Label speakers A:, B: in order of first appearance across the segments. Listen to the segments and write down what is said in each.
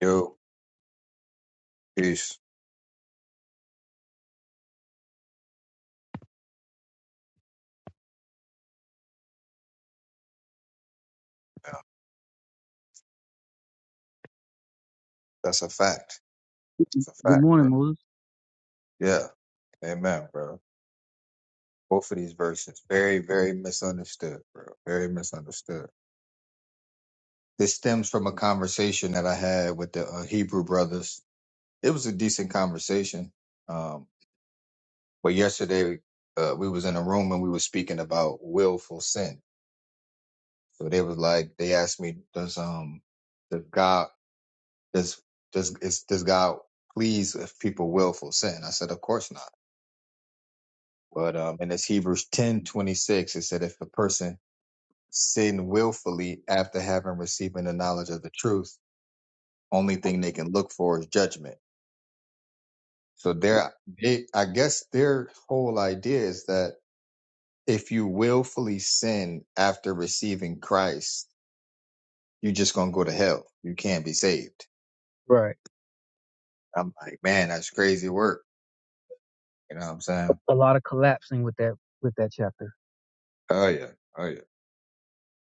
A: Yo, peace. Yeah, that's a fact. That's a
B: Good
A: fact, bro.
B: morning, Moses.
A: Yeah, amen, bro. Both of these verses, very, very misunderstood, bro. Very misunderstood. This stems from a conversation that I had with the uh, Hebrew brothers. It was a decent conversation, um, but yesterday uh, we was in a room and we was speaking about willful sin. So they was like, they asked me, does um, does God does does is, does God please if people willful sin? I said, of course not. But um, and it's Hebrews ten twenty six. It said, if a person sin willfully after having received the knowledge of the truth, only thing they can look for is judgment. So their, they, I guess their whole idea is that if you willfully sin after receiving Christ, you're just gonna go to hell. You can't be saved.
B: Right.
A: I'm like, man, that's crazy work. You know what I'm saying?
B: A, a lot of collapsing with that with that chapter.
A: Oh yeah, oh yeah.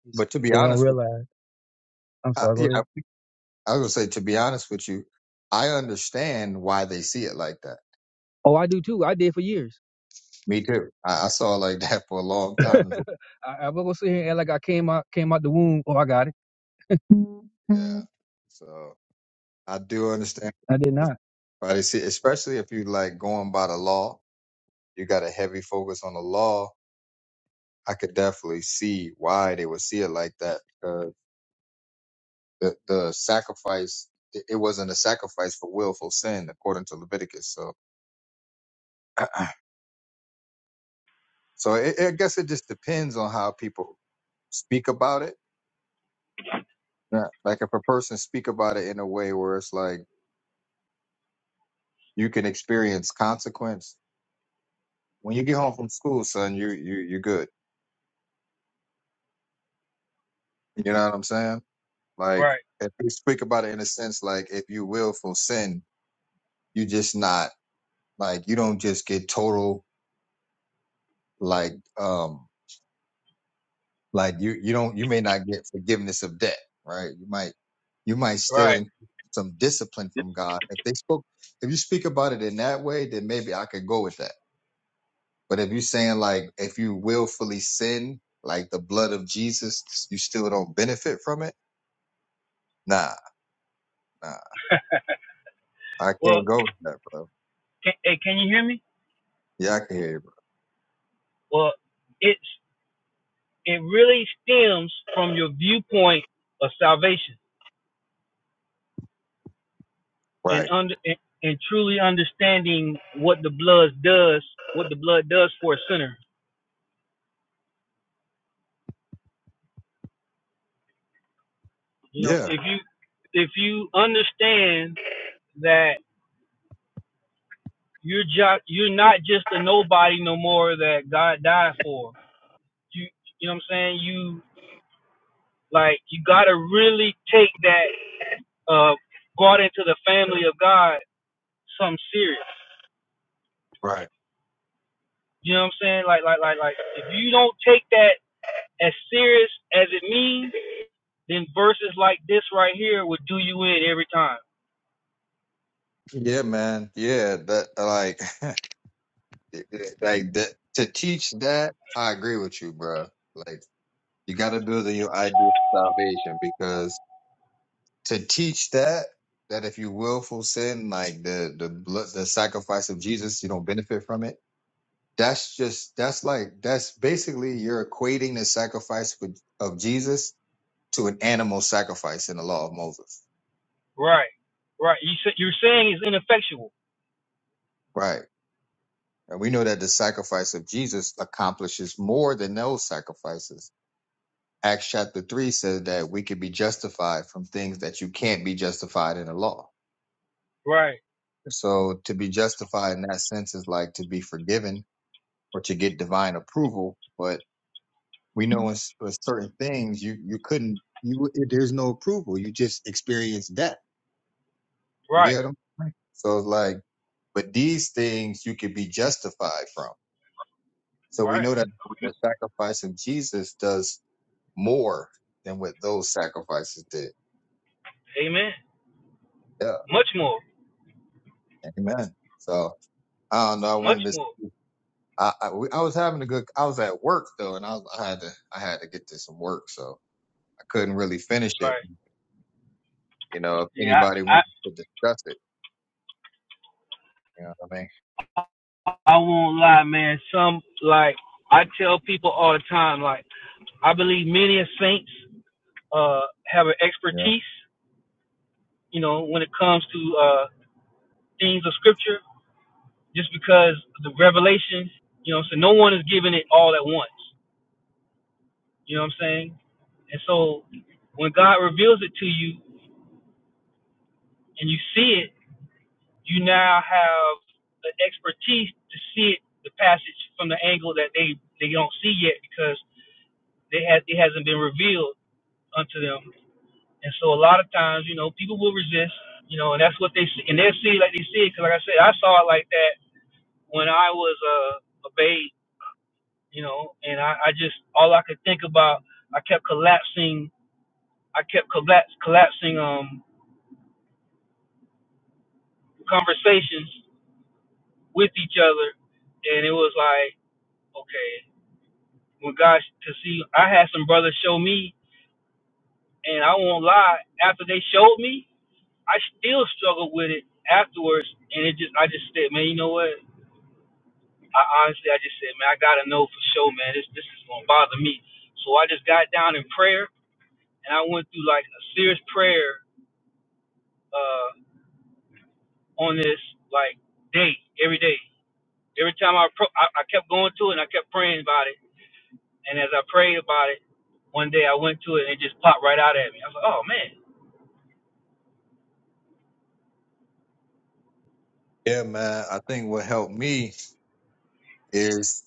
B: It's-
A: But to be
B: They don't
A: honest with,
B: realize. I'm
A: you,
B: sorry. Go
A: I,
B: ahead.
A: yeah, I was gonna say, to be honest with you, I understand why they see it like that.
B: Oh, I do too. I did for years.
A: Me too. I, I saw it like that for a long time as
B: I, I was gonna sit here and act like I came out came out the womb. Oh, I got it.
A: well. Yeah. So I do understand
B: I did not.
A: why they see, it, especially if you like going by the law. You got a heavy focus on the law. I could definitely see why they would see it like that. Uh, the the sacrifice it it wasn't a sacrifice for willful sin according to Leviticus. So so it, I guess it just depends on how people speak about it Not, like if a person speak about it in a way where it's like you can experience consequence when you get home from school, son, you you you're good. You know what I'm saying? Like
B: Right.
A: if you speak about it in a sense like if you willful sin, you just not like you don't just get total like um like you you don't you may not get forgiveness of debt, right? You might you might still in some discipline from God. If they spoke if you speak about it in that way, then maybe I could go with that. But if you're saying like if you willfully sin, like the blood of Jesus, you still don't benefit from it. Nah, nah, I
B: Well,
A: can't go with that, bro.
B: can you hear me?
A: Yeah, I can hear you.
B: Well, it's it really stems from your viewpoint of salvation
A: Bro.
B: and
A: Right.
B: under and, and truly understanding what the blood does, what the blood does for a sinner. You know,
A: Yeah.
B: if you if you understand that. You're just you're not just a nobody no more that God died for. You you know what I'm saying? You like you gotta really take that uh brought into the family of God something serious.
A: Right.
B: You know what I'm saying? Like like like like if you don't take that as serious as it means, then verses like this right here would do you in every time.
A: Yeah, man. Yeah, that like it- it- like that to teach that. I agree with you, bro. Like you got to build in your idea of salvation because to teach that that if you willful sin, like the the blood, the sacrifice of Jesus, you don't benefit from it That's just that's like that's basically you're equating the sacrifice with, of Jesus to an animal sacrifice in the law of Moses,
B: Right. Right. You sa- you're saying it's ineffectual.
A: right? And we know that the sacrifice of Jesus accomplishes more than those sacrifices. Acts chapter three says that we can be justified from things that you can't be justified in the law.
B: Right.
A: So to be justified in that sense is like to be forgiven or to get divine approval, but we know in s- with certain things you you couldn't you there's no approval you just experience death you
B: Right.
A: get them so it's like but these things you could be justified from so we
B: Right.
A: know that the sacrifice of jesus does more than what those sacrifices did
B: Amen.
A: yeah
B: Much more.
A: amen so i don't know i
B: Much
A: wanted to
B: more.
A: I I, we- I was having a good i was at work though and I, was, I had to i had to get to some work so i couldn't really finish it
B: Right.
A: you know if anybody
B: Yeah.
A: wanted to discuss it you know what i
B: I won't lie, man. Some like I tell people all the time, like I believe many of saints uh have an
A: mean
B: expertise, you know, when it comes to uh things of scripture, just because the revelation, you know, so no one is giving it all at once. You know what I'm saying? And so when God reveals it to you and you see it, you now have the expertise to see it, the passage from the angle that they, they don't see yet because they ha- it hasn't been revealed unto them. And so a lot of times, you know, people will resist, you know, and that's what they see. And they'll see it like they see it. Cause like I said, I saw it like that when I was uh, a babe, you know, and I, I just, all I could think about, I kept collapsing, I kept collapse, collapsing um, conversations with each other. And it was like, okay, when God, cause see, I had some brothers show me, and I won't lie, after they showed me, I still struggled with it afterwards, and it just I just said, man, you know what? I honestly, I just said, man, I gotta know for sure, man. This this is gonna bother me. So I just got down in prayer, and I went through like a serious prayer uh, on this like day, every day. Every time I, pro- I I kept going to it, and I kept praying about it. And as I prayed about it, one day I went to it, and it just popped right out at me. I was like, oh man,
A: Yeah, man. I think what helped me is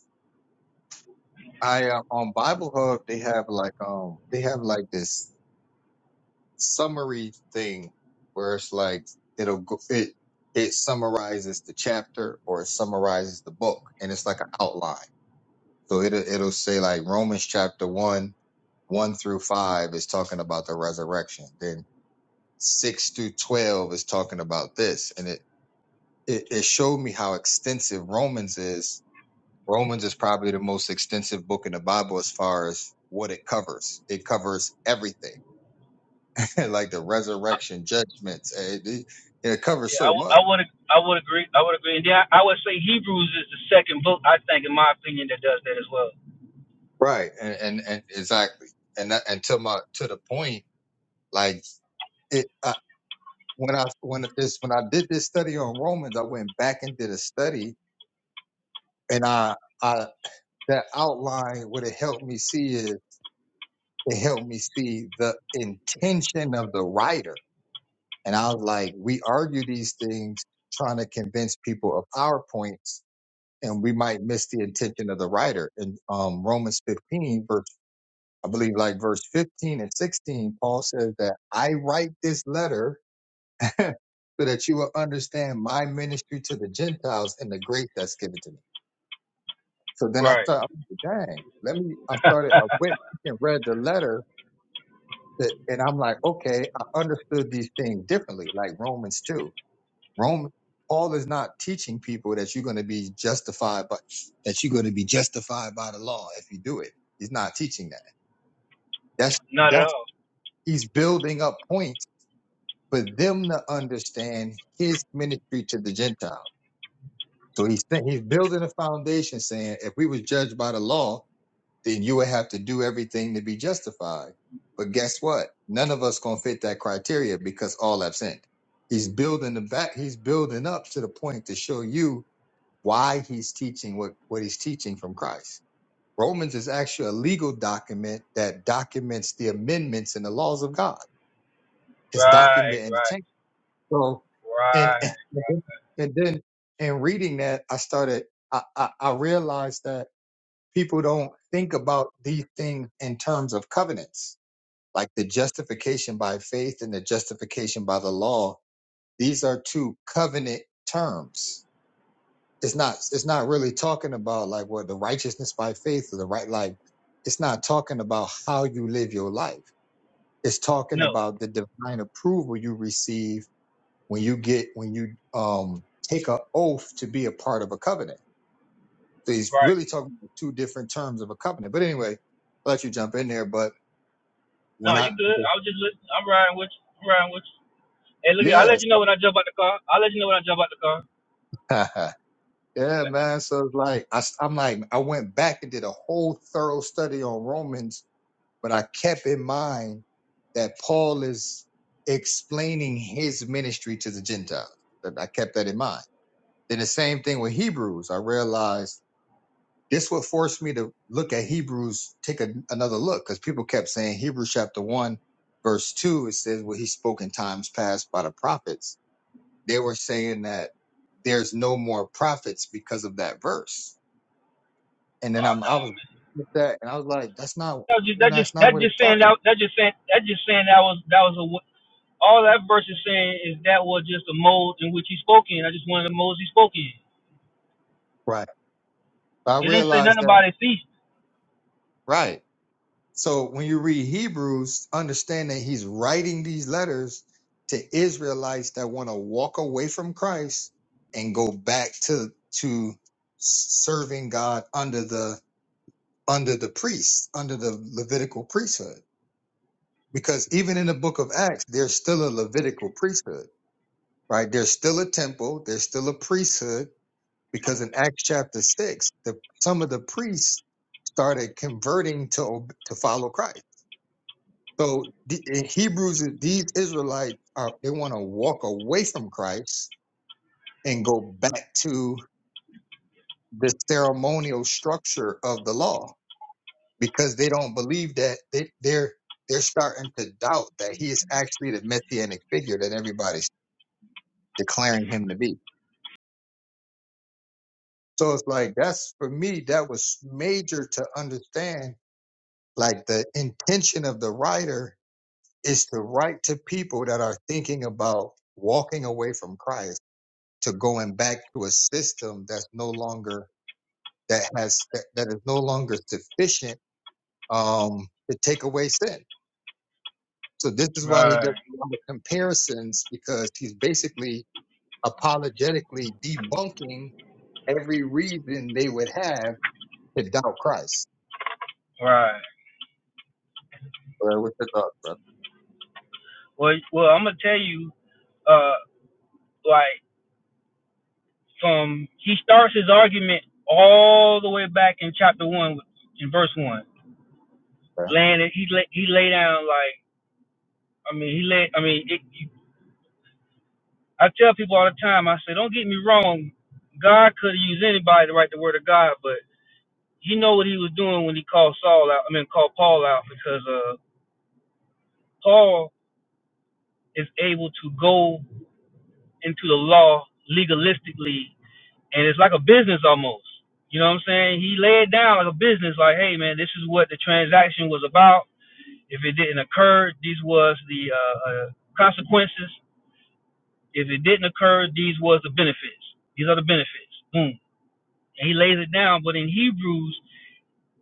A: I uh, on Bible Hub they have like um they have like this summary thing where it's like it'll go it it summarizes the chapter or it summarizes the book and it's like an outline. So it'll it'll say like Romans chapter one one through five is talking about the resurrection. Then six through twelve is talking about this, and it it, it showed me how extensive Romans is Romans is probably the most extensive book in the Bible as far as what it covers. It covers everything, like the resurrection, judgments. eh, It, it- it covers
B: yeah, I,
A: so
B: w-
A: much,
B: I would I would agree, I would agree. And then I, I would say Hebrews is the second book I think, in my opinion, that does that as well.
A: right? And and, and exactly. And that, and to my to the point, like it I, when I when this when I did this study on Romans, I went back and did a study, and I I that outline what it helped me see is it helped me see the intention of the writer And I was like, we argue these things trying to convince people of our points, and we might miss the intention of the writer. In um, Romans 15, verse, I believe like verse 15 and 16, Paul says that I write this letter so that you will understand my ministry to the Gentiles and the grace that's given to me. So then I
B: Right.
A: started, I'm like, dang, let me, I started, I went and read the letter that, and I'm like, okay, I understood these things differently, like Romans 2. Roman Paul is not teaching people that you're going to be justified but that you're going to be justified by the law if you do it. He's not teaching that. That's
B: Not at
A: that's
B: all.
A: he's building up points for them to understand his ministry to the Gentiles. So he's th- he's building a foundation saying if we was judged by the law, then you would have to do everything to be justified. But guess what? None of us gonna fit that criteria because all have sinned. He's building the back. He's building up to the point to show you why he's teaching what, what he's teaching from Christ. Romans is actually a legal document that documents the amendments and the laws of God. It's
B: Right.
A: documenting the
B: Right.
A: change. So, and
B: Right.
A: and then in reading that, I started. I, I, I realized that people don't think about these things in terms of covenants, like the justification by faith and the justification by the law. These are two covenant terms it's not it's not really talking about like what the righteousness by faith or the right like it's not talking about how you live your life it's talking
B: No.
A: about the divine approval you receive when you get when you um take an oath to be a part of a covenant so he's
B: Right.
A: really talking about two different terms of a covenant but anyway I'll let you jump in there but when
B: No,
A: i
B: you good. I was just listening. I'm riding with you. I'm riding with you. Hey, look, I'll let
A: yes
B: you know when I jump out the car. I'll let you know when I jump out the car.
A: yeah man so it's like I, i'm like i went back and did a whole thorough study on romans but I kept in mind that Paul is explaining his ministry to the Gentiles. That I kept that in mind. Then the same thing with Hebrews. I realized this would force me to look at Hebrews, take a, another look, because people kept saying Hebrews chapter one, verse two. It says, "Well, he spoke in times past by the prophets." They were saying that there's no more prophets because of that verse. And then
B: Oh
A: I'm,
B: no,
A: I was
B: man.
A: with that, and I was like, "That's not,
B: That was just
A: you
B: that
A: know,
B: just
A: that's not
B: that
A: what it's
B: just saying
A: talking."
B: that that just saying that just saying that was that was a w- all that verse is saying is that was just a mode in which he spoke in. I just wanted the modes he spoke in.
A: I
B: It didn't say
A: realized
B: nothing
A: that.
B: about his feast.
A: Right. So when you read Hebrews, understand that he's writing these letters to Israelites that want to walk away from Christ and go back to to serving God under the under the priest, under the Levitical priesthood. Because even in the book of Acts, there's still a Levitical priesthood, right? There's still a temple, there's still a priesthood, because in Acts chapter six, the some of the priests started converting to ob- to follow Christ So the, in Hebrews, these Israelites are they want to walk away from Christ and go back to the ceremonial structure of the law because they don't believe that they, they're they're starting to doubt that he is actually the messianic figure that everybody's declaring him to be. So it's like that's for me that was major to understand. Like the intention of the writer is to write to people that are thinking about walking away from Christ to going back to a system that's no longer that has that, that is no longer sufficient um, to take away sin. So this is why he does
B: Right,
A: a lot of comparisons because he's basically apologetically debunking every reason they would have to doubt Christ.
B: right.
A: Well, what's your thoughts, brother?
B: Well, well, I'm gonna tell you, uh, like from he starts his argument all the way back in chapter one, in verse one.
A: Okay.
B: landed. He lay, he lay down like I mean he lay. I mean it, you- I tell people all the time. I say don't get me wrong. God could have used anybody to write the word of God, but he know what he was doing when he called Saul out. I mean called Paul out because uh Paul is able to go into the law legalistically, and it's like a business almost. You know what I'm saying? He laid down like a business, like, hey man, this is what the transaction was about. If it didn't occur, these was the uh, uh, consequences If it didn't occur, these was the benefits. These are the benefits. Boom. And he lays it down. But in Hebrews,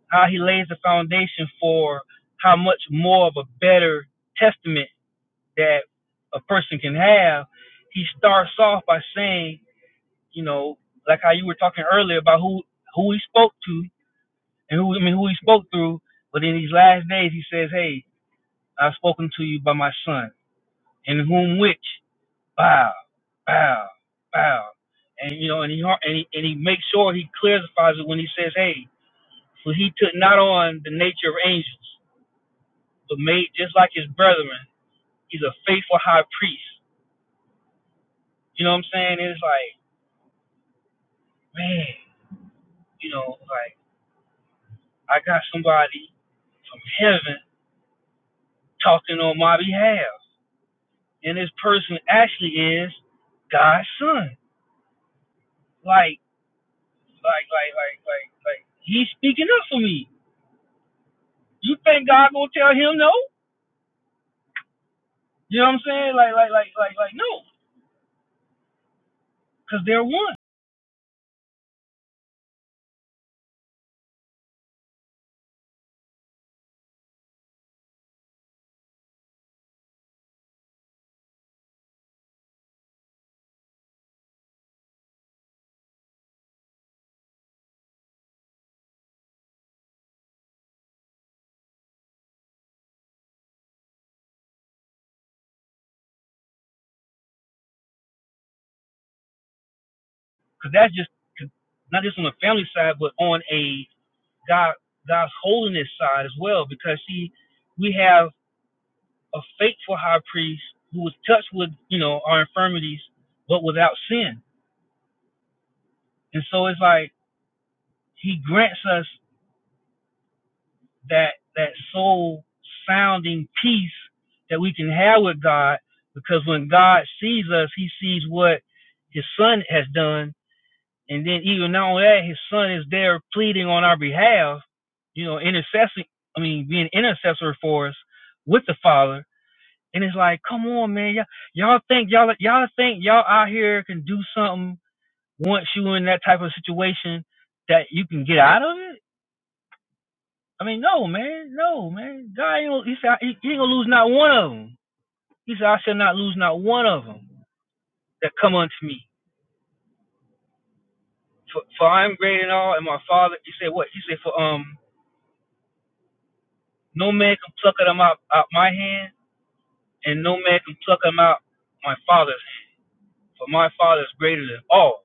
B: how he lays the foundation for how much more of a better testament that a person can have, he starts off by saying, you know, like how you were talking earlier about who who he spoke to and who I mean who he spoke through. But in these last days, he says, "Hey, I've spoken to you by my son, in whom which." bow, bow, bow. And you know, and he har- and he, and he makes sure he clarifies it when he says, "Hey, for he took not on the nature of angels, but made just like his brethren. He's a faithful high priest." You know what I'm saying? It's like, man, you know, like I got somebody from heaven talking on my behalf, and this person actually is God's son. Like, like, like, like, like, like, he's speaking up for me. You think God gonna tell him no? You know what I'm saying? Like, like, like, like, like, no, because they're one. Because that's just 'cause not just on the family side, but on a God, God's holiness side as well. Because see, we have a faithful high priest who was touched with, you know, our infirmities, but without sin. And so it's like He grants us that that soul sounding peace that we can have with God. Because when God sees us, He sees what His Son has done And then even not only that, his son is there pleading on our behalf, you know, intercessing I mean, being intercessor for us with the Father. And it's like, come on, man, y'all, y'all think y'all y'all think y'all out here can do something once you in that type of situation that you can get out of it? I mean, no, man, no, man. God ain't gonna, he said he, he ain't gonna lose not one of them. He said, I shall not lose not one of them that come unto me. For, for I am great and all, and my Father. He said, what? He said, for um, No man can pluck them out, out my hand, and no man can pluck them out my father's hand. For my father is greater than all.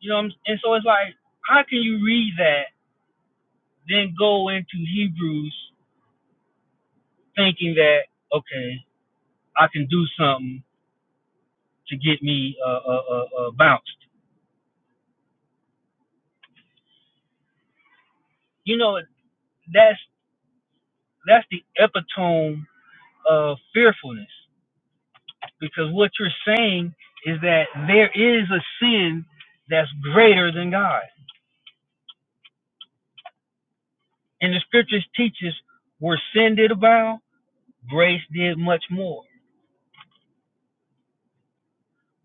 B: You know what I'm saying? and so it's like, how can you read that, then go into Hebrews thinking that, okay, I can do something to get me uh, uh, uh, uh, bounced. You know, that's that's the epitome of fearfulness. Because what you're saying is that there is a sin that's greater than God. And the scriptures teaches where sin did abound, grace did much more.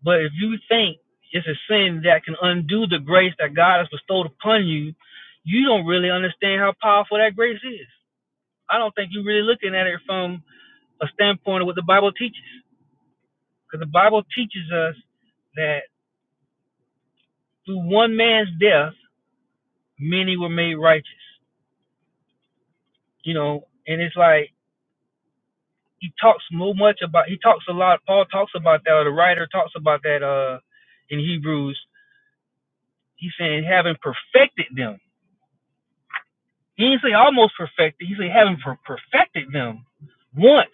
B: But if you think it's a sin that can undo the grace that God has bestowed upon you, you don't really understand how powerful that grace is. I don't think you're really looking at it from a standpoint of what the Bible teaches. Because the Bible teaches us that through one man's death, many were made righteous. You know, and it's like he talks so much about he talks a lot paul talks about that or the writer talks about that uh in hebrews he's saying having perfected them he didn't say almost perfected he said having per- perfected them once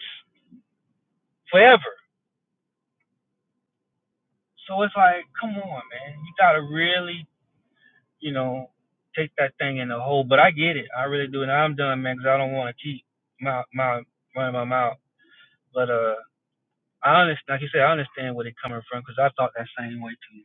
B: forever so it's like come on man you gotta really you know take that thing in the hole but i get it i really do and i'm done man because i don't want to keep my my running my mouth but uh I understand, like you said, I understand where they're coming from because I thought that same way too.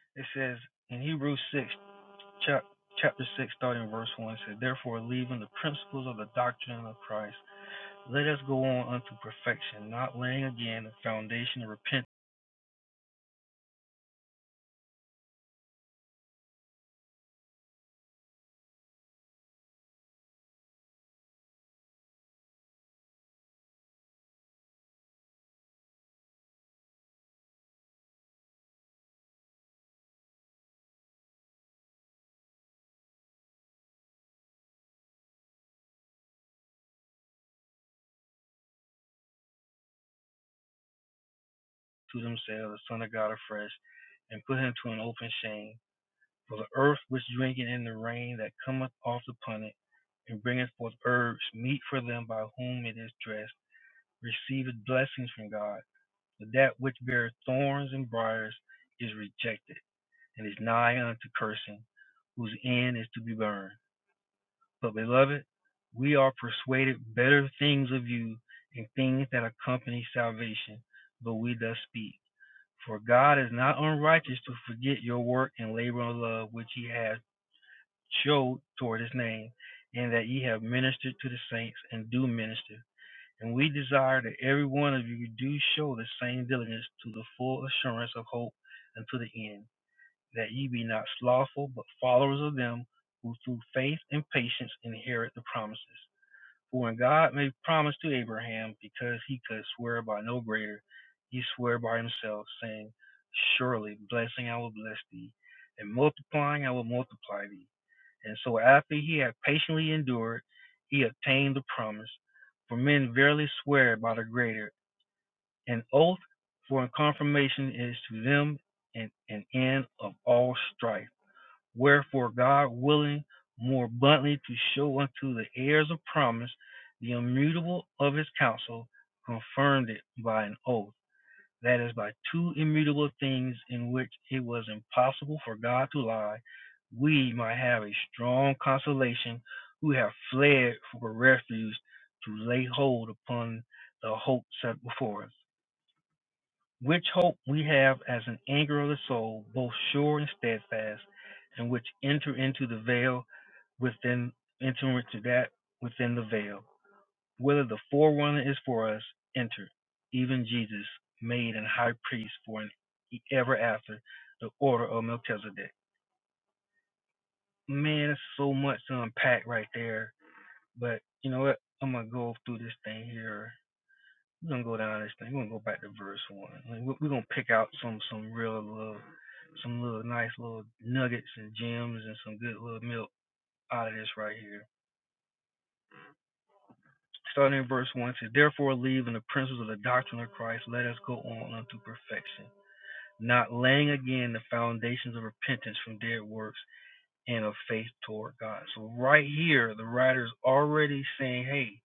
B: man. It says in Hebrews 6 chapter 6, starting verse 1 says, Therefore, leaving the principles of the doctrine of Christ, let us go on unto perfection, not laying again the foundation of repentance to themselves, the Son of God afresh, and put him to an open shame. For the earth which drinketh in the rain that cometh oft upon it, and bringeth forth herbs, meet for them by whom it is dressed, receiveth blessings from God. But that which beareth thorns and briars is rejected, and is nigh unto cursing, whose end is to be burned. But beloved, we are persuaded better things of you and things that accompany salvation, But we thus speak. For God is not unrighteous to forget your work and labor of love which ye have showed toward his name, and that ye have ministered to the saints and do minister. And we desire that every one of you do show the same diligence to the full assurance of hope unto the end, that ye be not slothful, but followers of them who through faith and patience inherit the promises. For when God made promise to Abraham, because he could swear by no greater, he swore by himself, saying, Surely blessing I will bless thee, and multiplying I will multiply thee. And so after he had patiently endured, he obtained the promise. For men verily swear by the greater, an oath for a confirmation is to them an, an end of all strife. Wherefore God willing more abundantly to show unto the heirs of promise the immutable of his counsel, confirmed it by an oath, that is, by two immutable things in which it was impossible for God to lie, we might have a strong consolation who have fled for refuge to lay hold upon the hope set before us which hope we have as an anchor of the soul, both sure and steadfast, and which enter into the veil within enter into that within the veil, whether the forerunner is for us, enter, even Jesus, made an high priest for an e, ever after the order of Melchizedek. Man, it's so much to unpack right there. But you know what? I'm gonna go through this thing here We're gonna go down this thing. We're gonna go back to verse one. Like, we- we're gonna pick out some some real little, some little nice little nuggets and gems and some good little milk out of this right here. Starting in verse one, it says, "Therefore, leaving the principles of the doctrine of Christ, let us go on unto perfection, not laying again the foundations of repentance from dead works and of faith toward God." So right here, the writer's already saying, "Hey,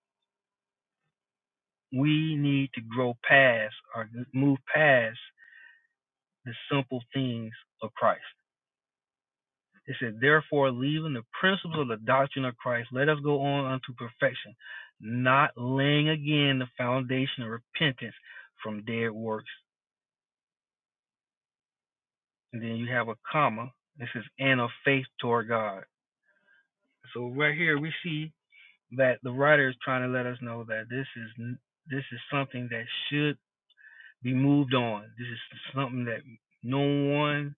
B: we need to grow past or move past the simple things of Christ. It said, Therefore, leaving the principles of the doctrine of Christ, let us go on unto perfection, not laying again the foundation of repentance from dead works. And then you have a comma. This is and of faith toward God. So right here we see that the writer is trying to let us know that this is this is something that should be moved on. This is something that no one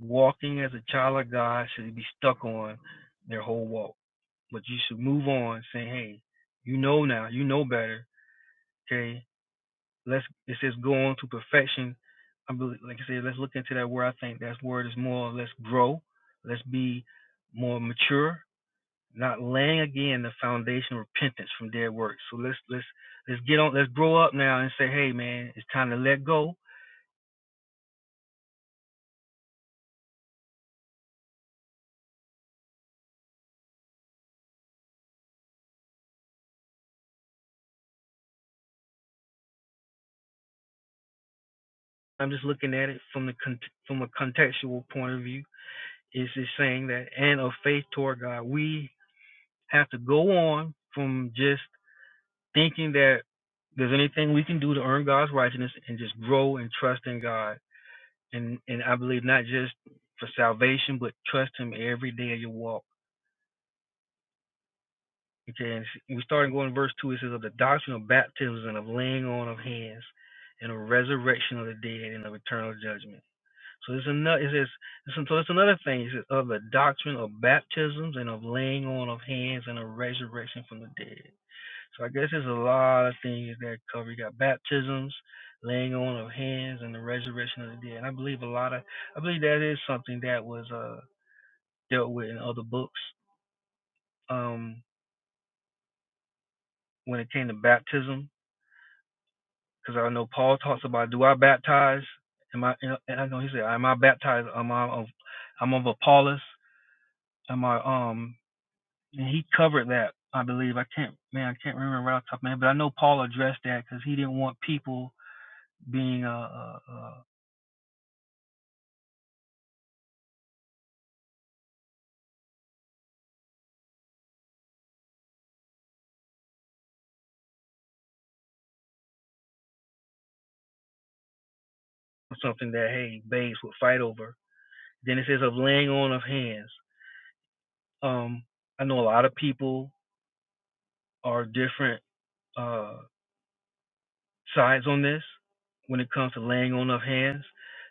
B: walking as a child of God should be stuck on their whole walk. but you should move on saying, hey, you know now, you know better. Okay, let's it says go on to perfection. I believe, like I said, let's look into that word. I think that word is more let's grow, let's be more mature, not laying again the foundation of repentance from dead works. So let's let's let's get on, let's grow up now and say, hey man, it's time to let go. I'm just looking at it from the from a contextual point of view. It's just saying that and of faith toward God, we have to go on from just thinking that there's anything we can do to earn God's righteousness and just grow and trust in God. And and I believe not just for salvation, but trust Him every day of your walk. Okay, and we started going to verse two. It says of the doctrine of baptisms and of laying on of hands, and a resurrection of the dead and of eternal judgment. So there's another. It says so. so It's another thing. It says of the doctrine of baptisms and of laying on of hands and a resurrection from the dead. So I guess there's a lot of things that cover. You got baptisms, laying on of hands, and the resurrection of the dead. And I believe a lot of, I believe that is something that was uh, dealt with in other books um, when it came to baptism. Because I know Paul talks about, do I baptize? Am I? And I know he said, am I baptized? Am I of? I'm of Apollos. Am I? Um, and he covered that. I believe I can't, man, I can't remember right off the top of my head, but I know Paul addressed that because he didn't want people being uh, uh, uh, something that hey babes would fight over. Then it says of laying on of hands. Um, I know a lot of people are different uh, sides on this when it comes to laying on of hands.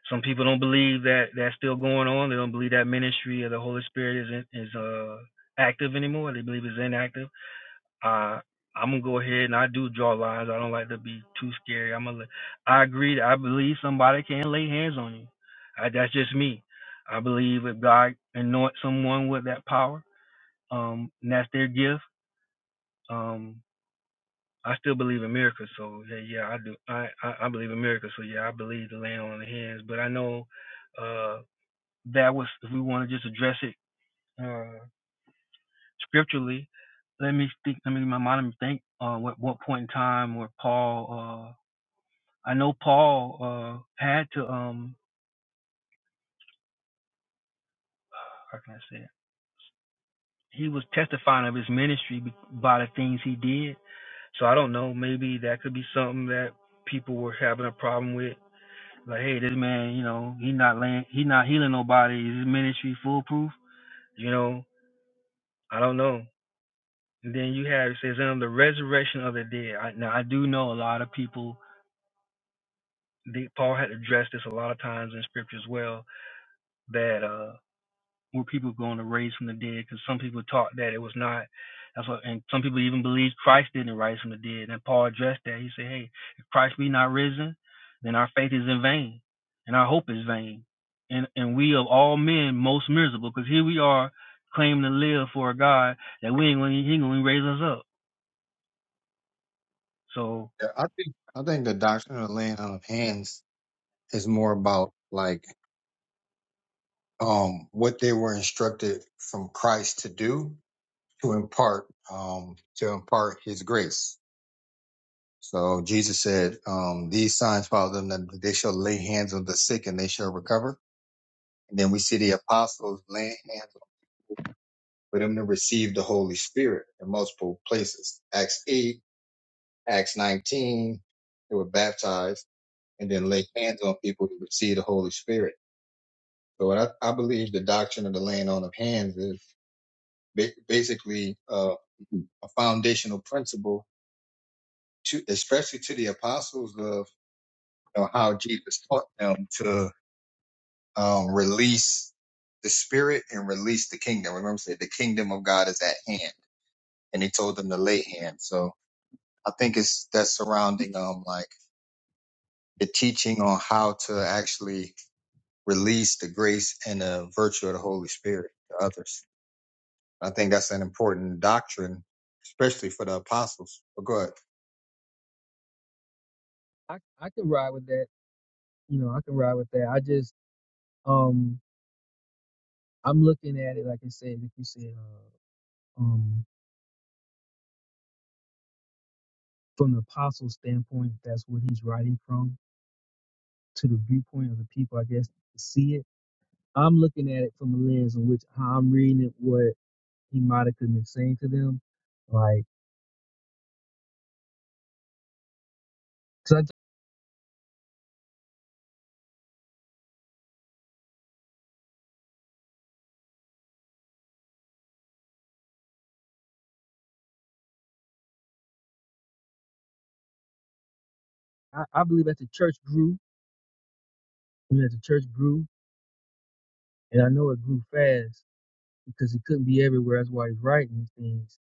B: Some people don't believe that that's still going on. They don't believe that ministry of the Holy Spirit is in, is uh, active anymore. They believe it's inactive Uh, I'm gonna go ahead and I do draw lines. I don't like to be too scary. I'm gonna. I agree. that I believe somebody can lay hands on you. I, that's just me. I believe if God anoints someone with that power, um, and that's their gift. Um, I still believe in miracles. So yeah, yeah, I do. I, I I believe in miracles. So yeah, I believe the laying on the hands. But I know uh, that was if we want to just address it. Uh, scripturally, let me think. I mean, my mind let me think. Uh, what what point in time where Paul? Uh, I know Paul uh had to um. How can I say it? He was testifying of his ministry be- by the things he did. So I don't know. Maybe that could be something that people were having a problem with. Like, hey, this man, you know, he not laying, he not healing nobody. Is his ministry foolproof? You know, I don't know. And then you have it says, um, the resurrection of the dead. I, now I do know a lot of people the, Paul had addressed this a lot of times in scripture as well that uh, were people going to raise from the dead? Because some people taught that it was not. That's what, and some people even believed Christ didn't rise from the dead. And Paul addressed that. He said, hey, if Christ be not risen, then our faith is in vain and our hope is vain. And, and we of all men most miserable because here we are claiming to live for a God that we ain't going to raise us up. So,
A: Yeah, I think I think the doctrine of laying on of hands is more about like um what they were instructed from Christ to do to impart um to impart his grace. So Jesus said, um, these signs follow them that they shall lay hands on the sick and they shall recover. And then we see the apostles laying hands on for them to receive the Holy Spirit in multiple places. Acts eight, Acts nineteen, they were baptized and then lay hands on people to receive the Holy Spirit. So what I, I believe the doctrine of the laying on of hands is ba- basically uh, a foundational principle to, especially to the apostles of know, how Jesus taught them to um, release the spirit and release the kingdom. Remember, he said the kingdom of God is at hand, and he told them to lay hand. So I think it's that surrounding um like the teaching on how to actually release the grace and the virtue of the Holy Spirit to others. I think that's an important doctrine, especially for the apostles. But go ahead.
B: I I can ride with that. You know, I can ride with that. I just um I'm looking at it, like I said, like you said, uh, um, from the apostle standpoint, that's what he's writing from to the viewpoint of the people, I guess, to see it. I'm looking at it from a lens in which how I'm reading it, what he might have been saying to them. Like, cause I, I I believe that the church grew, I mean, that the church grew, and I know it grew fast because he couldn't be everywhere. That's why he's writing these things.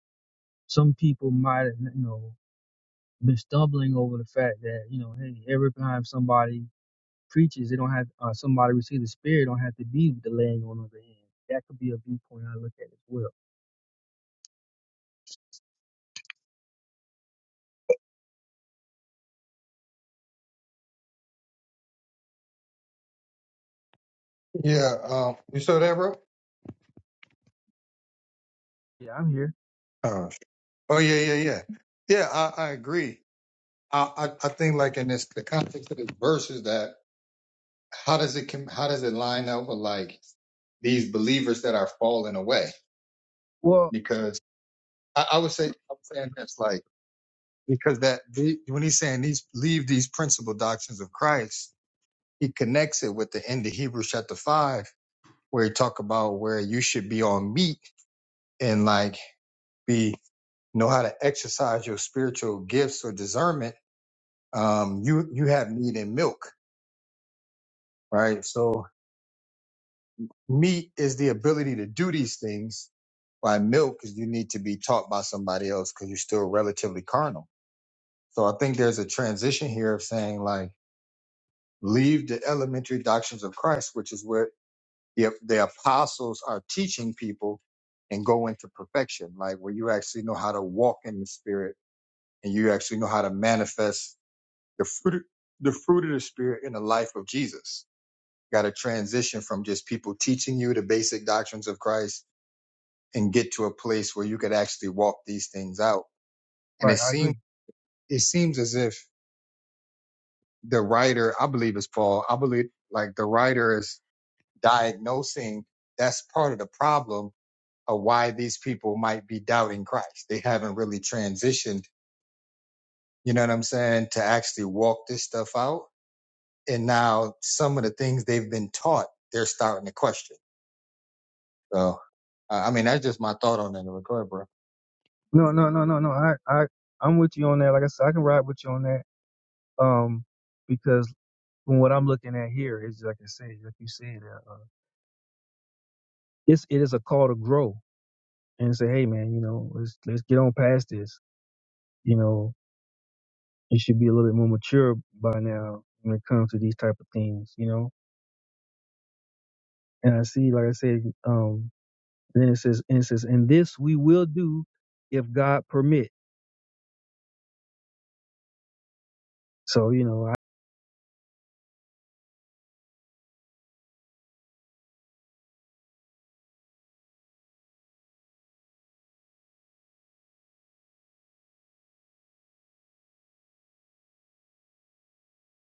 B: Some people might have, you know, been stumbling over the fact that, you know, hey, every time somebody preachers, they don't have uh, somebody receive the spirit don't have to be with the laying on of the hand. That could be a viewpoint I look at as well.
A: Yeah, um, you saw that, bro?
B: Yeah, I'm here.
A: Oh, sh- oh yeah, yeah, yeah, yeah. I, I agree. I, I I think like in this the context of this verse is that how does it com- how does it line up with like these believers that are falling away?
B: Well,
A: Because I, I would say I'm saying this like because that the, when he's saying these leave these principal doctrines of Christ, he connects it with the end of Hebrews chapter five where he talk about where you should be on meat and like be know how to exercise your spiritual gifts or discernment. Um, you you have need in milk, right? So Meat is the ability to do these things. By milk is you need to be taught by somebody else because you're still relatively carnal. So I think there's a transition here of saying like, leave the elementary doctrines of Christ, which is where the, the apostles are teaching people and go into perfection, like where you actually know how to walk in the spirit and you actually know how to manifest the fruit, the fruit of the spirit in the life of Jesus. Got to transition from just people teaching you the basic doctrines of Christ and get to a place where you could actually walk these things out. And it
B: right, I
A: seems
B: agree.
A: it seems as if the writer, I believe it's Paul, I believe like the writer is diagnosing that's part of the problem of why these people might be doubting Christ. They haven't really transitioned, you know what I'm saying, to actually walk this stuff out. And now some of the things they've been taught, they're starting to question. So, I I mean, that's just my thought on it. Go ahead, bro.
B: No, no, no, no, no. I, I, I'm with you on that. Like I said, I can ride with you on that. Um, because from what I'm looking at here is like I said, like you said, uh, uh, it's it is a call to grow and say, hey man, you know, let's let's get on past this. You know, you should be a little bit more mature by now when it comes to these type of things. You know, and I see, like I said, um. And then it says, and it says, and this we will do if God permit. So, you know, I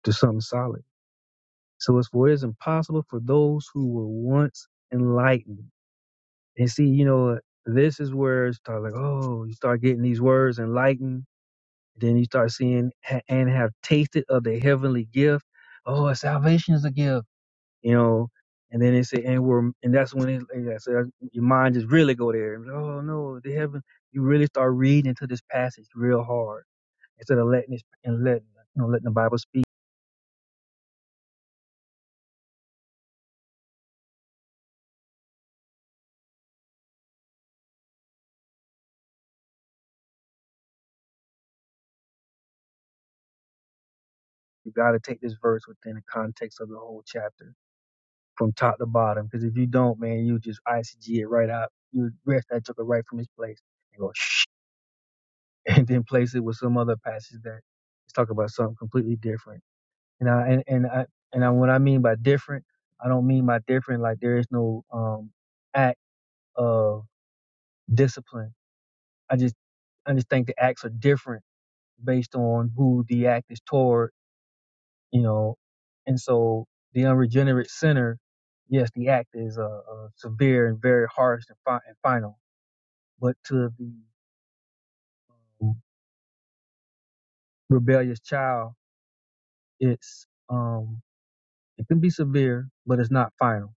B: do something solid. So it's for it is impossible for those who were once enlightened. And see, you know, this is where it starts like, oh, you start getting these words enlightened. Then you start seeing "Ha- and have tasted of the heavenly gift. Oh, salvation is a gift, you know. And then they say, and we're, and that's when it, like I said, your mind just really go there. Oh no, the heaven. You really start reading into this passage real hard instead of letting this and letting you know letting the Bible speak, you got to take this verse within the context of the whole chapter from top to bottom. Because if you don't, man, you just ICG it right out. You rest that took it right from its place and go shh, and then place it with some other passage that is talking about something completely different. And I and and I and I, what I mean by different, I don't mean by different like there is no um act of discipline. I just I just think the acts are different based on who the act is toward you know. And so the unregenerate sinner, yes, the act is uh, uh, severe and very harsh and, fi- and final, but to the um, rebellious child, it's um, it can be severe, but it's not final.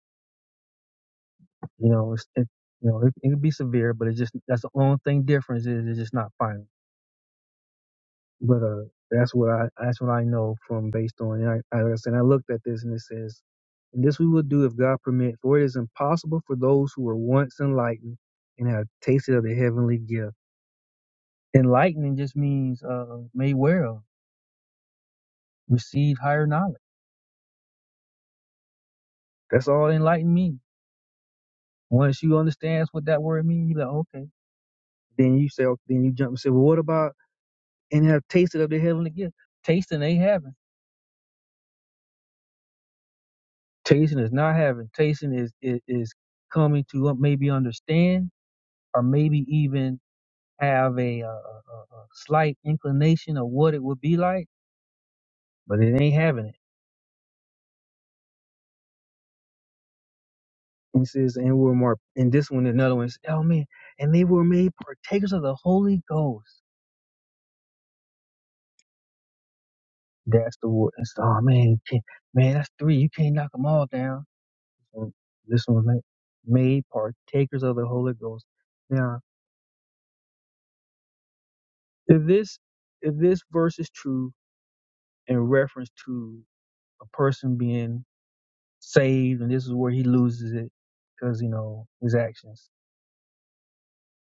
B: You know, it's, it you know it, it can be severe, but it's just that's the only thing difference is it's just not final. But uh, that's what I that's what I know from based on. And I, I like I said, I looked at this and it says, "And this we will do if God permit, for it is impossible for those who were once enlightened and have tasted of the heavenly gift." Enlightening just means uh, made aware of, receive higher knowledge. That's all enlightened means. Once you understand what that word means, you're like, okay. Then you say, "Okay," then you jump and say, well, what about and have tasted of the heavenly gift? Tasting, they haven't. Tasting is not having. Tasting is, is is coming to maybe understand or maybe even have a, uh a, a a slight inclination of what it would be like, but it ain't having it. And it says, and we're more. And this one, another one says, oh man, and they were made partakers of the Holy Ghost. That's the word. That's oh man, you can't, man, that's three. You can't knock them all down. So this one's like made partakers of the Holy Ghost. Now, if this if this verse is true in reference to a person being saved, and this is where he loses it because you know his actions.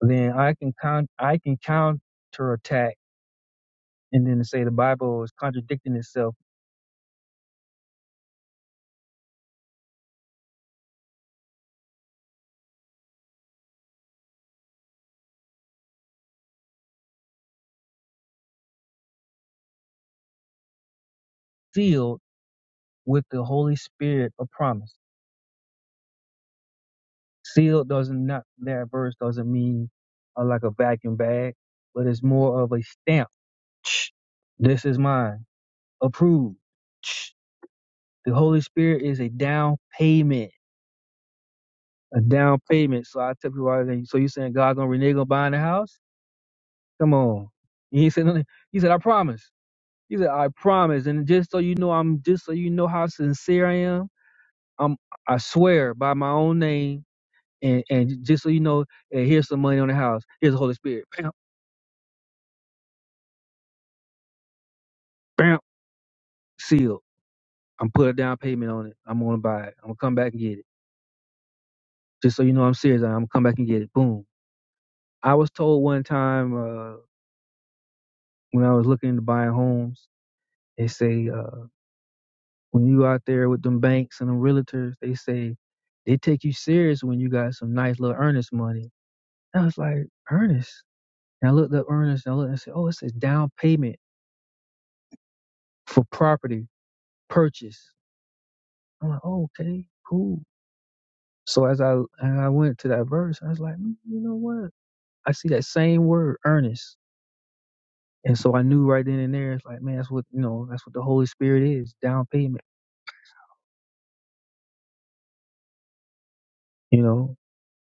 B: Then I can count, I can counterattack, and then to say the Bible is contradicting itself, sealed with the Holy Spirit of promise. Sealed doesn't not that verse doesn't mean uh, like a vacuum bag, but it's more of a stamp. This is mine, approved. The Holy Spirit is a down payment a down payment. So I tell people, all day, so you saying God gonna renege on buying the house? Come on. And he said, nothing. he said, I promise. He said, I promise. And just so you know, I'm just so you know how sincere I am. I'm, I swear by my own name. And and just so you know, and here's some money on the house. Here's the Holy Spirit. Bam, bam, sealed. I'm put a down payment on it. I'm gonna buy it. I'm gonna come back and get it. Just so you know, I'm serious. I'm gonna come back and get it. Boom. I was told one time uh, when I was looking into buying homes, they say. Uh, When you out there with them banks and them realtors, they say they take you serious when you got some nice little earnest money. And I was like, earnest? And I looked up earnest and I looked and I said, oh, it says down payment for property purchase. I'm like, oh, okay, cool. So as I and I went to that verse, I was like, "Mm, you know what? I see that same word, earnest. And so I knew right then and there, it's like, man, that's what you know, that's what the Holy Spirit is, down payment. You know.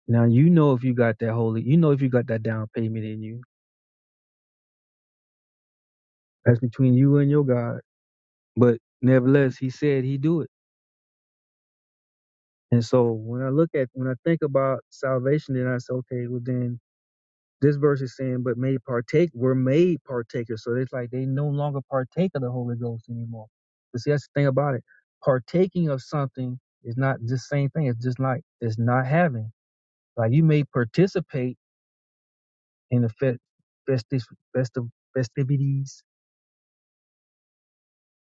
B: Now you know if you got that holy, you know if you got that down payment in you. That's between you and your God. But nevertheless, he said he do it. And so when I look at when I think about salvation, then I say, okay, well then this verse is saying, but made partake, we're made partakers. So it's like they no longer partake of the Holy Ghost anymore. But see, that's the thing about it. Partaking of something is not the same thing. It's just like it's not having. Like you may participate in the fe- festive, festive festivities,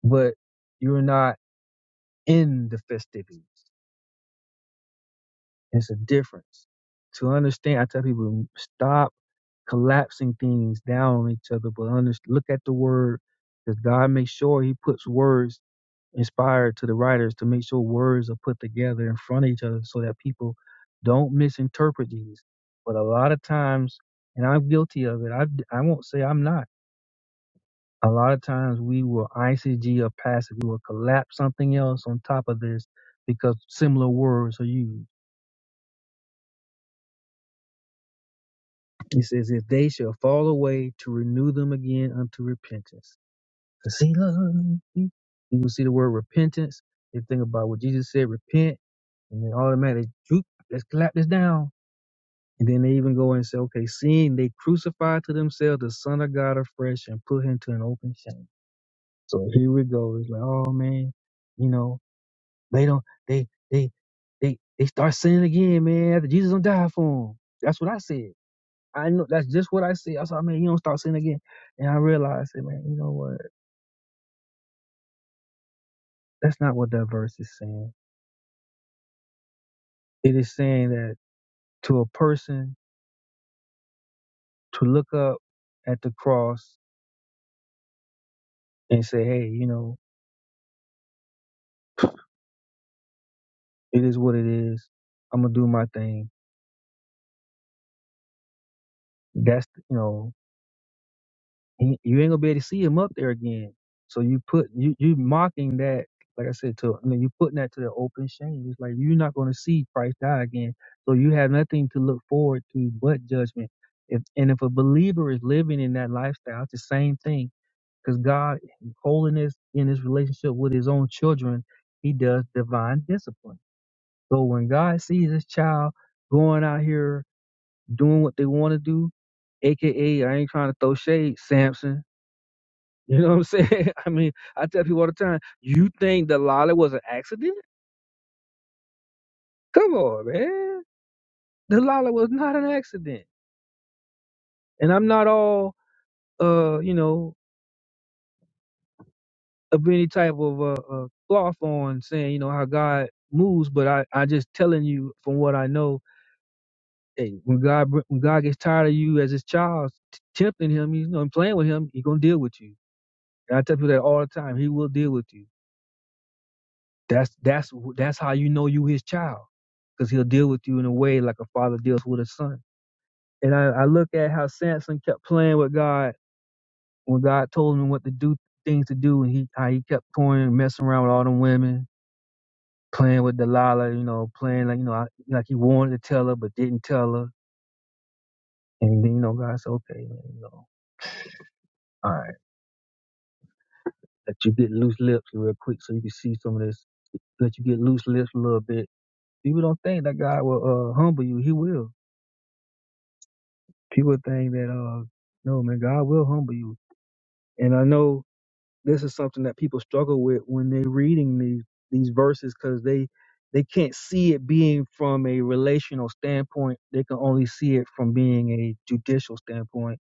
B: but you're not in the festivities. It's a difference. To understand, I tell people, mm, stop collapsing things down on each other, but under, look at the word, because God makes sure He puts words inspired to the writers to make sure words are put together in front of each other so that people don't misinterpret these. But a lot of times, and I'm guilty of it, I, I won't say I'm not. A lot of times we will ICG or passive, we will collapse something else on top of this because similar words are used He says, if they shall fall away to renew them again unto repentance. 'Cause he loves me. You will see the word repentance. They think about what Jesus said, repent, and then automatically, "Oop, let's clap this down. And then they even go and say, okay, seeing they crucify to themselves the Son of God afresh and put him to an open shame. So here we go. It's like, oh man, you know, they don't, they, they, they, they start sinning again, man, after Jesus don't die for them. That's what I said. I know that's just what I see. I said, I mean, you don't start sinning again. And I realized that, man, you know what? That's not what that verse is saying. It is saying that to a person to look up at the cross and say, hey, you know, it is what it is. I'm going to do my thing. That's, you know, and you ain't gonna be able to see him up there again. So you put you you mocking that, like I said to I mean you putting that to the open shame. It's like you're not gonna see Christ die again. So you have nothing to look forward to but judgment. If and if a believer is living in that lifestyle, it's the same thing. Because God holiness in his relationship with his own children, he does divine discipline. So when God sees his child going out here doing what they want to do, aka I ain't trying to throw shade, Samson. You know what I'm saying? I mean, I tell people all the time, you think the lolly was an accident? Come on, man. The lolly was not an accident. And I'm not all, uh, you know, of any type of uh, uh, cloth on saying, you know, how God moves, but I, I just telling you from what I know, hey, when God br- when God gets tired of you as his child, t- tempting him, you know, and playing with him, He gonna deal with you. And I tell people that all the time. He will deal with you. That's that's that's how you know you his child, because he'll deal with you in a way like a father deals with a son. And I, I look at how Samson kept playing with God when God told him what to do, things to do, and he how he kept toying, messing around with all them women, playing with Delilah, you know, playing like you know, I, like he wanted to tell her but didn't tell her. And then you know, God said, okay, man, you know, all right, let you get loose lips real quick so you can see some of this. Let you get loose lips a little bit. People don't think that God will uh, humble you. He will. people think that uh no man god will humble you and i know this is something that people struggle with when they're reading these these verses because they they can't see it being from a relational standpoint they can only see it from being a judicial standpoint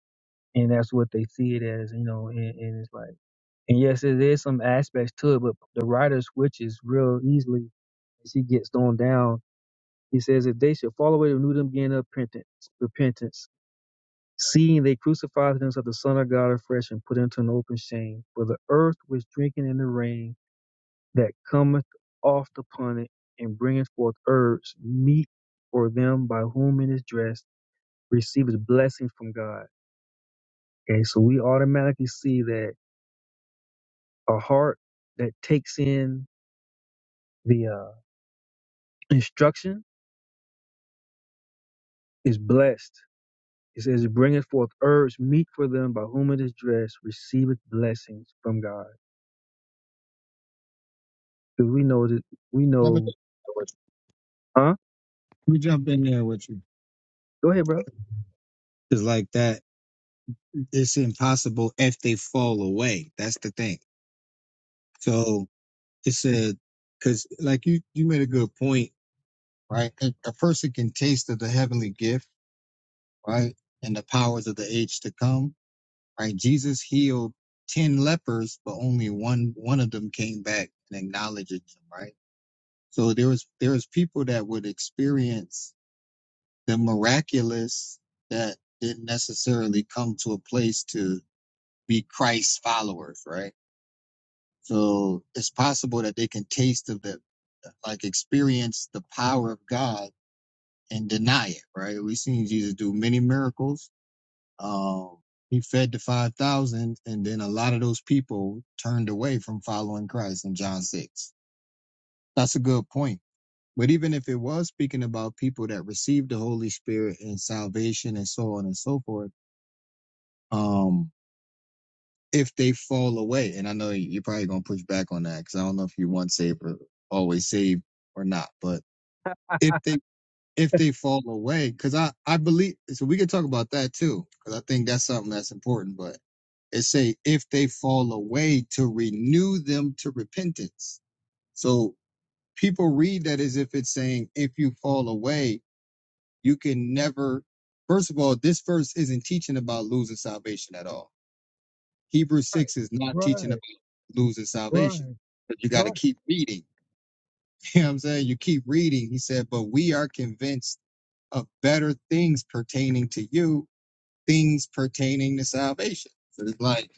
B: and that's what they see it as you know and, and it's like and yes there is some aspects to it but the writer switches real easily as he gets thrown down he says if they should fall away renew them again of repentance repentance. Seeing they crucified him of the Son of God afresh and put into an open shame. For the earth was drinking in the rain that cometh oft upon it, and bringeth forth herbs, meat for them by whom it is dressed, receives blessing from God. Okay, so we automatically see that a heart that takes in the uh, instruction is blessed. It says, bringeth forth herbs, meat for them by whom it is dressed, receiveth blessings from God. Because we know that we
A: Let me,
B: know,
A: Let
B: huh?
A: me jump in there with you.
B: Go ahead, bro.
A: It's like that. it's impossible if they fall away. That's the thing. So it's a because like you you made a good point, right? A, a person can taste of the heavenly gift, right, and the powers of the age to come, right? Jesus healed ten lepers, but only one one of them came back and acknowledged him, right? So there was there was people that would experience the miraculous that didn't necessarily come to a place to be Christ's followers, right? So it's possible that they can taste of the, like experience the power of God and deny it, right? We've seen Jesus do many miracles. Um, he fed the 5,000 and then a lot of those people turned away from following Christ in John 6. That's a good point. But even if it was speaking about people that received the Holy Spirit and salvation and so on and so forth, um, if they fall away. And I know you're probably gonna push back on that because I don't know if you want saved or always saved or not. But if they if they fall away, because I I believe so, we can talk about that too because I think that's something that's important. But it say if they fall away to renew them to repentance. So people read that as if it's saying if you fall away, you can never. First of all, this verse isn't teaching about losing salvation at all Hebrews
B: Right,
A: 6 is not
B: right, right,
A: teaching about losing salvation. But you got to
B: right,
A: keep reading. You know what I'm saying? You keep reading. He said, But we are convinced of better things pertaining to you, things pertaining to salvation. So it's like,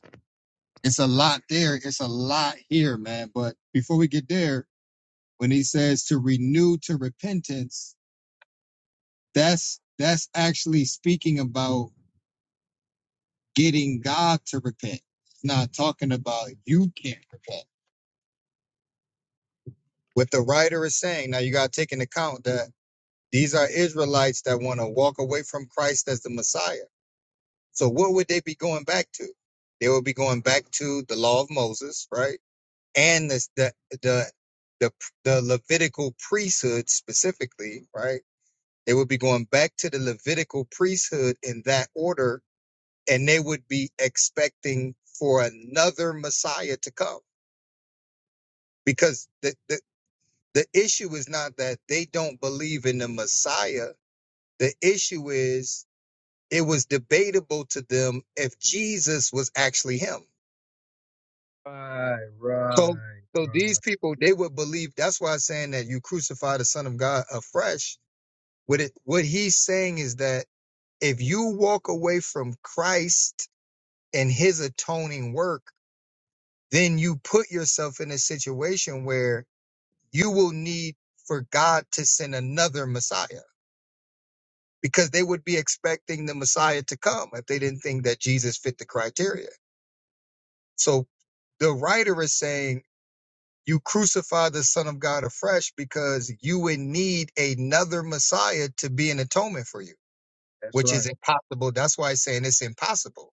A: it's a lot there. It's a lot here, man. But before we get there, when he says to renew to repentance, that's that's actually speaking about getting God to repent. It's not talking about you can't repent. what the writer is saying. Now you got to take into account that these are Israelites that want to walk away from Christ as the Messiah. So what would they be going back to? They would be going back to the law of Moses, right? And this, the the the the Levitical priesthood specifically, right? They would be going back to the Levitical priesthood in that order, and they would be expecting for another Messiah to come because the the. The issue is not that they don't believe in the Messiah. The issue is it was debatable to them if Jesus was actually him.
B: right,
A: So,
B: right,
A: so these
B: right.
A: people they would believe. That's why I'm saying that you crucify the Son of God afresh. What it, what he's saying is that if you walk away from Christ and His atoning work, then you put yourself in a situation where you will need for God to send another Messiah. because they would be expecting the Messiah to come if they didn't think that Jesus fit the criteria. So the writer is saying, You crucify the Son of God afresh because you would need another Messiah to be an atonement for you,
B: That's
A: which is
B: right.
A: impossible. That's why it's saying it's impossible.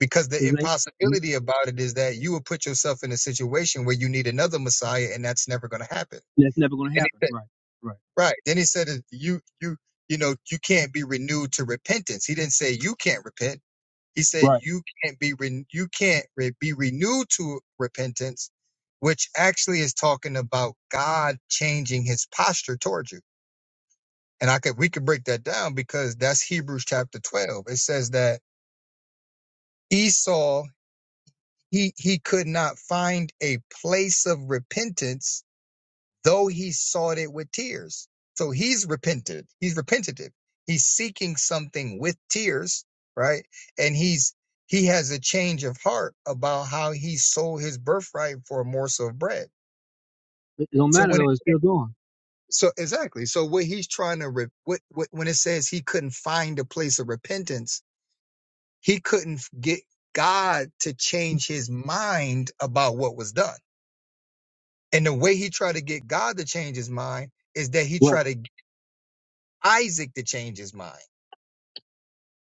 A: Because the
B: Because
A: impossibility about it is that you will put yourself in a situation where you need another Messiah, and that's never going to happen.
B: that's never going to
A: And
B: happen.
A: he said,
B: Right. Right,
A: right. Then he said, you, you, you know, you can't be renewed to repentance. He didn't say you can't repent. He said,
B: right.
A: "You can't be re- you can't re- be renewed to repentance," which actually is talking about God changing His posture towards you. And I could we could break that down because that's Hebrews chapter twelve. It says that Esau he he could not find a place of repentance though he sought it with tears. So he's repented. He's repentative. He's seeking something with tears, right? And he's he has a change of heart about how he sold his birthright for a morsel of bread.
B: It it don't
A: So
B: matter
A: when it,
B: though. It's still going.
A: so exactly. So what he's trying to re, what, what when it says he couldn't find a place of repentance, he couldn't get God to change his mind about what was done. And the way he tried to get God to change his mind is that he
B: Right,
A: tried to Isaac to change his mind.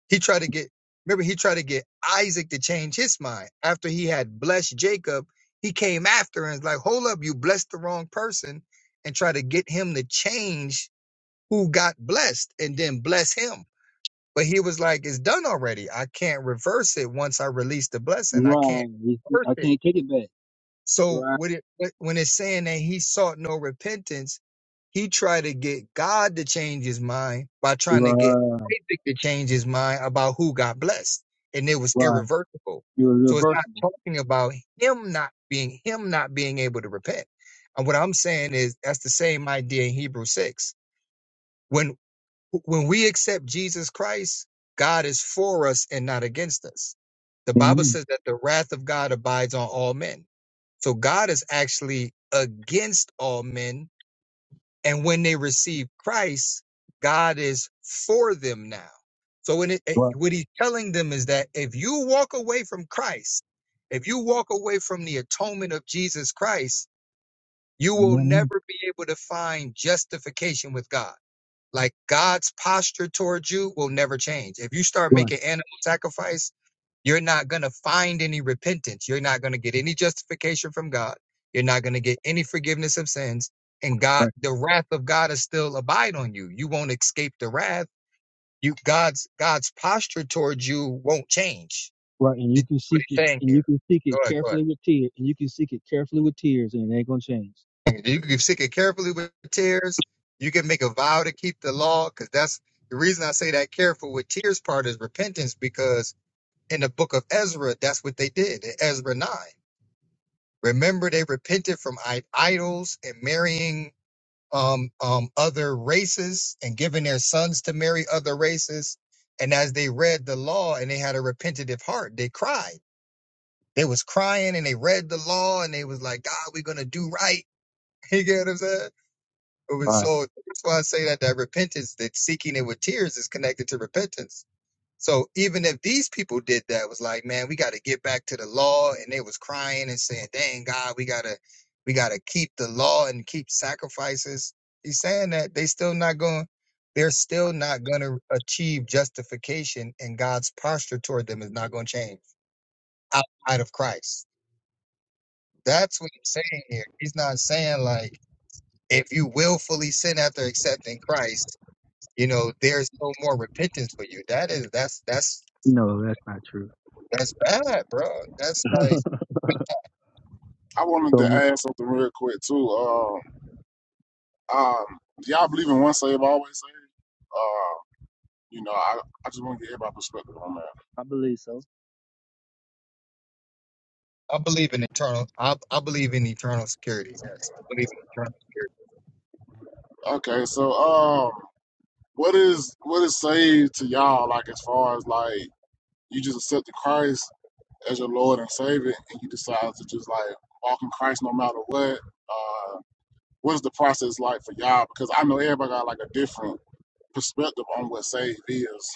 A: He tried to get, remember, he tried to get Isaac to change his mind. After he had blessed Jacob, he came after and was like, hold up, you blessed the wrong person, and try to get him to change who got blessed and then bless him. But he was like, it's done already. I can't reverse it once I release the blessing. I can't
B: right. It's-
A: reverse
B: I
A: it.
B: can't take it back.
A: So
B: Right,
A: with it, when it's saying that he sought no repentance, He tried to get God to change his mind by trying to get
B: right,
A: Isaac to change his mind about who got blessed, and it was
B: right,
A: irreversible.
B: You're
A: So it's not
B: irreversible.
A: talking about him not being him not being able to repent. And what I'm saying is that's the same idea in Hebrew six. When when we accept Jesus Christ, God is for us and not against us. The Bible
B: Amen.
A: says that the wrath of God abides on all men. So God is actually against all men and when they receive Christ, God is for them now. So when it, it-
B: right.
A: what he's telling them is that if you walk away from Christ, if you walk away from the atonement of Jesus Christ, you will
B: Amen.
A: never be able to find justification with God like God's posture towards you will never change. If you start
B: Right.
A: making animal sacrifice, you're not going to find any repentance. You're not going to get any justification from God. You're not going to get any forgiveness of sins. And God,
B: Right.
A: the wrath of God is still abide on you. You won't escape the wrath. You God's God's posture towards you won't change.
B: Right. And you
A: That's
B: can
A: what
B: seek
A: he's
B: it.
A: saying
B: And you
A: here.
B: can seek
A: Go
B: it
A: ahead, go ahead.
B: carefully with tears. And you can seek it carefully with tears. And it ain't gonna change.
A: You can seek it carefully with tears. You can make a vow to keep the law, because that's the reason I say that careful with tears part is repentance, because in the book of Ezra, that's what they did in Ezra 9. Remember, they repented from i- idols and marrying um, um, other races and giving their sons to marry other races. And as they read the law and they had a repentative heart, they cried. They was crying and they read the law and they was like, God, we're going to do right. You get what I'm saying? It was
B: Right.
A: so that's why I say that that repentance, that seeking it with tears, is connected to repentance. So even if these people did that, it was like, man, we got to get back to the law, and they was crying and saying, "Dang God, we gotta, we gotta keep the law and keep sacrifices." He's saying that they still not going, they're still not gonna achieve justification, and God's posture toward them is not gonna change outside of Christ. That's what he's saying here. He's not saying like if you willfully sin after accepting Christ you know, there's no more repentance for you. That is that's that's
B: No, that's not true.
A: that's bad, bro. That's like
C: I wanted
B: So
C: to
B: ma-
C: add something real quick too. Um, um, do y'all believe in one save always save? Uh, you know, I, I just want to get everybody's perspective on that.
B: I believe so.
A: I believe in eternal. I I believe in eternal security. Yes, I believe in eternal.
C: Okay, so um, what is what is saved to y'all? Like as far as like you just accepted Christ as your Lord and Savior, and you decide to just like walk in Christ no matter what. Uh, what is the process like for y'all? Because I know everybody got like a different perspective on what save is.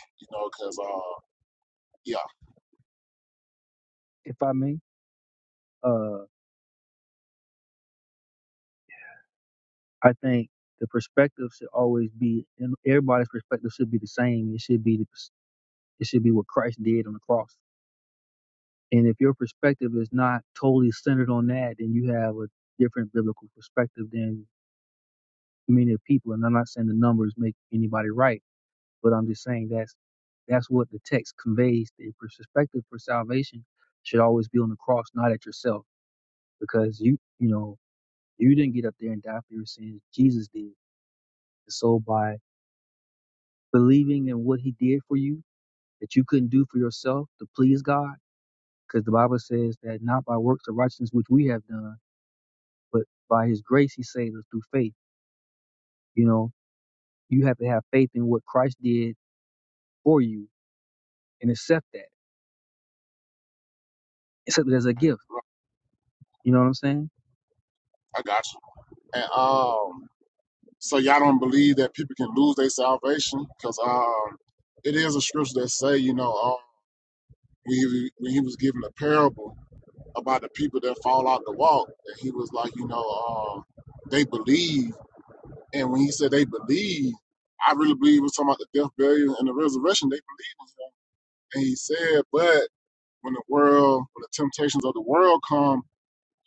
C: You know, because uh, yeah,
B: if I may. Uh, I think the perspective should always be, and everybody's perspective should be the same. It should be, the, it should be what Christ did on the cross. And if your perspective is not totally centered on that, then you have a different biblical perspective than many of people. And I'm not saying the numbers make anybody right, but I'm just saying that's that's what the text conveys. The perspective for salvation should always be on the cross, not at yourself, because you you know you didn't get up there and die for your sins. Jesus did. So by believing in what he did for you that you couldn't do for yourself to please God? Because the Bible says that not by works of righteousness which we have done, but by his grace he saved us through faith. You know, you have to have faith in what Christ did for you and accept that. Accept it as a gift.
C: I
B: You know what I'm saying?
C: got you. And um, so y'all don't believe that people can lose their salvation because um, it is a scripture that say, you know, um, when, he, when he was given a parable about the people that fall out the walk, and he was like, you know, um, they believe. And when he said they believe, I really believe we're talking about the death, burial, and the resurrection. They believe in him. And he said, but when the world, when the temptations of the world come,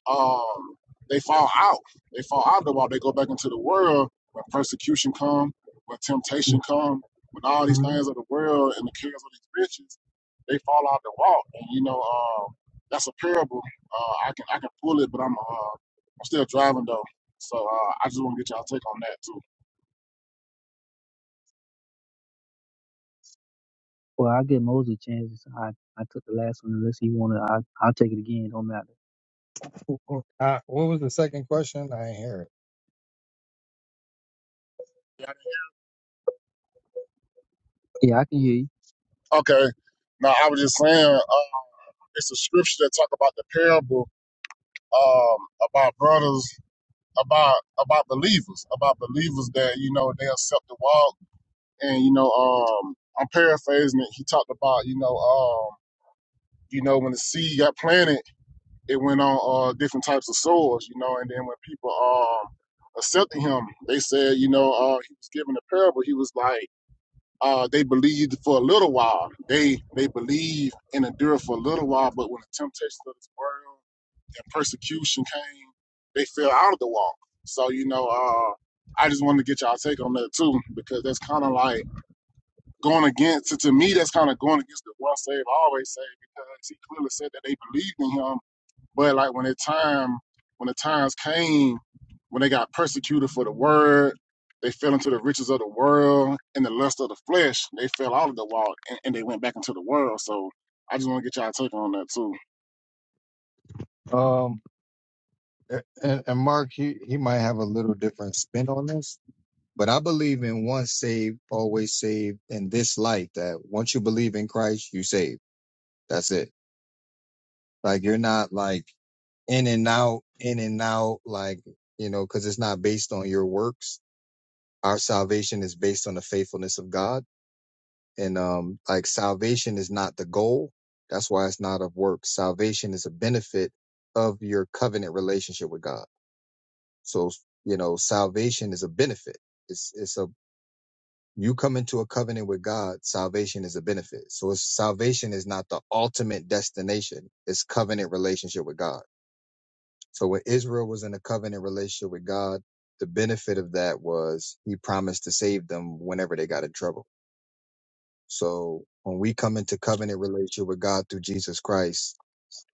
C: um, they fall out. They fall out of the walk. They go back into the world when persecution come, when temptation come, when all these
B: hmm
C: things of the world and the cares of these riches, they fall out the walk. And you know, um, that's a parable. Uh, I can I can pull it, but I'm uh, I'm still driving though. So uh, I just want to get y'all take on that too.
B: Well, I'll give Moses a chance. I, I took the last one. Unless he wanted, I, I'll take it again. Don't matter.
A: Uh, what was the second question? I didn't hear
B: Yeah, I can hear you.
C: Okay. Now I was just saying, uh, it's a scripture that talk about the parable um, about brothers. about about believers, about believers that you know they accept the walk, and you know, um, I'm paraphrasing it. He talked about you know, um, you know, when the seed got planted, it went on uh, different types of soils, you know, and then when people um accepted him, they said, you know, uh, he was given a parable. He was like. Uh, they believed for a little while. They they believe and endure for a little while, but when the temptations of this world and persecution came, they fell out of the walk. So, you know, uh, I just wanted to get y'all take on that too, because that's kind of like going against, to, to me, that's kind of going against the one save, always save, because he clearly said that they believed in him. But like when the time, when the times came, when they got persecuted for the word, they fell into the riches of the world and the lust of the flesh. They fell out of the walk and, and they went back into the world. So I just want to get y'all take on that too.
A: it. Um, and, and Mark, he he might have a little different spin on this, but I believe in once saved, always saved in this life. That once you believe in Christ, you saved. That's it. Like you're not like in and out, in and out, like you know, because it's not based on your works Our salvation is based on the faithfulness of God. And um, like salvation is not the goal. That's why it's not of works. Salvation is a benefit of your covenant relationship with God. So, you know, salvation is a benefit. It's, it's a, you come into a covenant with God, salvation is a benefit. So it's, salvation is not the ultimate destination. It's covenant relationship with God. So when Israel was in a covenant relationship with God, the benefit of that was he promised to save them whenever they got in trouble. So when we come into covenant relationship with God through Jesus Christ,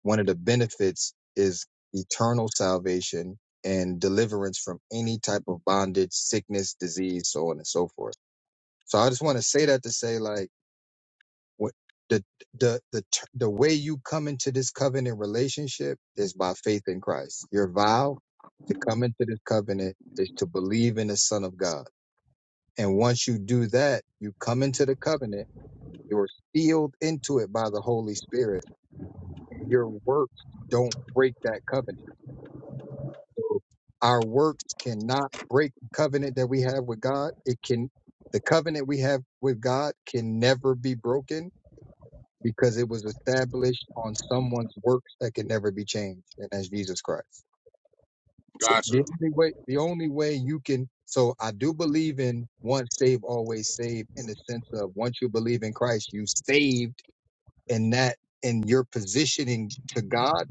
A: one of the benefits is eternal salvation and deliverance from any type of bondage, sickness, disease, so on and so forth. So I just want to say that to say like what the the the t- the way you come into this covenant relationship is by faith in Christ. Your vow to come into this covenant is to believe in the Son of God. And once you do that, you come into the covenant you're sealed into it by the Holy Spirit. And your works don't break that covenant. So our works cannot break the covenant that we have with God. It can, the covenant we have with God can never be broken because it was established on someone's works that can never be changed, and that's Jesus Christ. So the
C: Gotcha.
A: only way, the only way you can, so I do believe in once saved, always saved in the sense of once you believe in Christ, you saved and that and your positioning to God,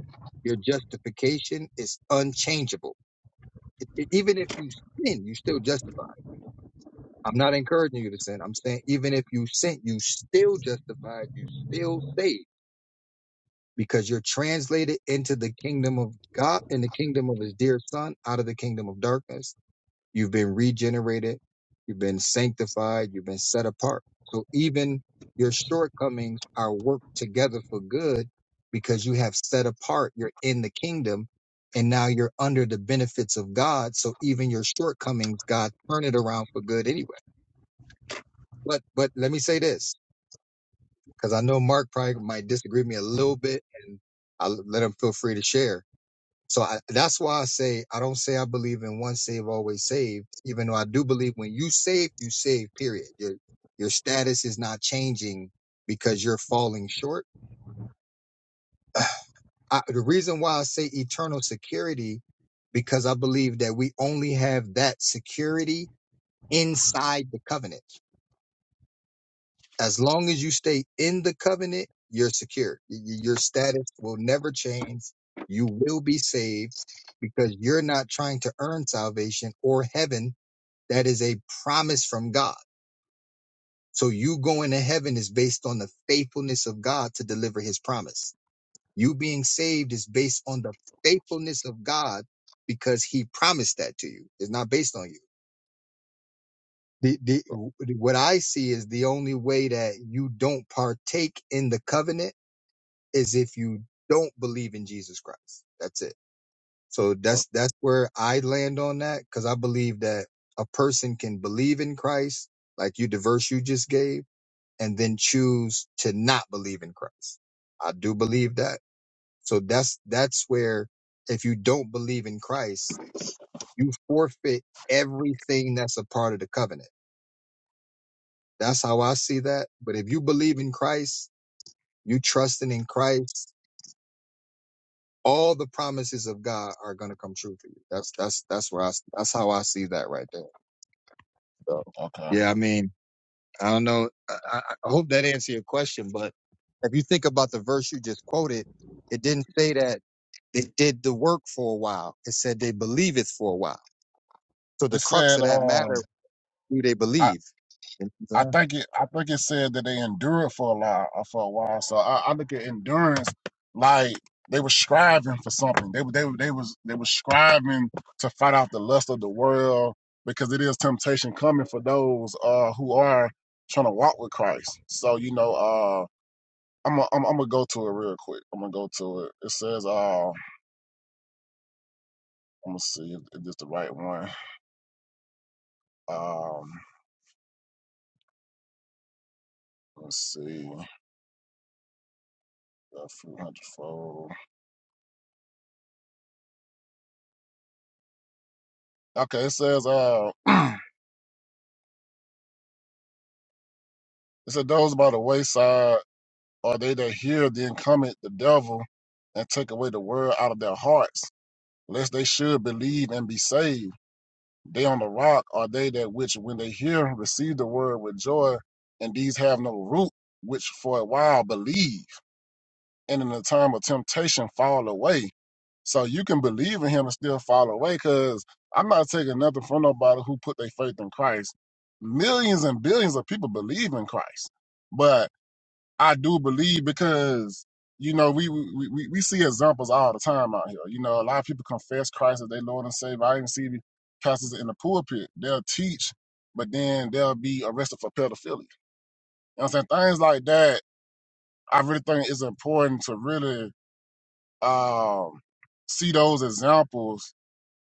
A: your justification is unchangeable. It, it- even if you sin, you still justified. I'm not encouraging you to sin. I'm saying even if you sin, you still justified. You still saved because you're translated into the kingdom of God in the kingdom of His dear Son out of the kingdom of darkness You've been regenerated. You've been sanctified. You've been set apart. So even your shortcomings are worked together for good because you have set apart. You're in the kingdom and now you're under the benefits of God. So even your shortcomings, God turn it around for good anyway. But, but let me say this because I know Mark probably might disagree with me a little bit and I'll let him feel free to share so I, that's why I say I don't say I believe in once saved always saved, even though I do believe when you save, you save. Period. Your your status is not changing because you're falling short. I, the reason why I say eternal security, because I believe that we only have that security inside the covenant. as long as you stay in the covenant, you're secure. Y- y- Your status will never change. You will be saved because you're not trying to earn salvation or heaven. That is a promise from God. So you going to heaven is based on the faithfulness of God to deliver his promise. You being saved is based on the faithfulness of God because he promised that to you. It's not based on you. The, the, what I see is the only way that you don't partake in the covenant is if you don't believe in Jesus Christ. That's it. So that's that's where I land on that because I believe that a person can believe in Christ, like you the verse you just gave, and then choose to not believe in Christ. I do believe that. So that's that's where if you don't believe in Christ, you forfeit everything that's a part of the covenant. That's how I see that. But if you believe in Christ, you trusting in Christ, all the promises of God are going to come true for you. That's that's that's where I that's how I see that right there. So
C: Okay.
A: yeah, I mean, I don't know. I, I I hope that answered your question, but if you think about the verse you just quoted, it didn't say that it did the work for a while. It said they believe it for a while. So
C: It
A: the crux
C: said,
A: of that
C: um,
A: matter, do they
C: I
A: believe? You know what
C: I
A: I'm
C: think it I think it said that they endured for a lot uh, for a while. So I, I look at endurance like they were striving for something. They were they were they was they were striving to fight off the lust of the world because it is temptation coming for those uh who are trying to walk with Christ. So you know, uh, I'm i I'm I'm gonna go to it real quick. I'm gonna go to it. It says, uh, I'm gonna see if, if this the right one. Um, let's see, a few hundredfold. Okay, it says, uh, it said, those by the wayside are they that hear, then cometh the devil and take away the word out of their hearts, lest they should believe and be saved. They on the rock are they that which, when they hear, receive the word with joy, and these have no root, which for a while believe. and in the time of temptation fall away. So you can believe in him and still fall away because I'm not taking nothing from nobody who put their faith in Christ. Millions and billions of people believe in Christ. But I do believe because, you know, we we, we we see examples all the time out here. You know, a lot of people confess Christ as their Lord and Savior. I even see pastors in the pulpit. They'll teach, but then they'll be arrested for pedophilia. You know what I'm saying? Things like that, I really think it's important to really um, see those examples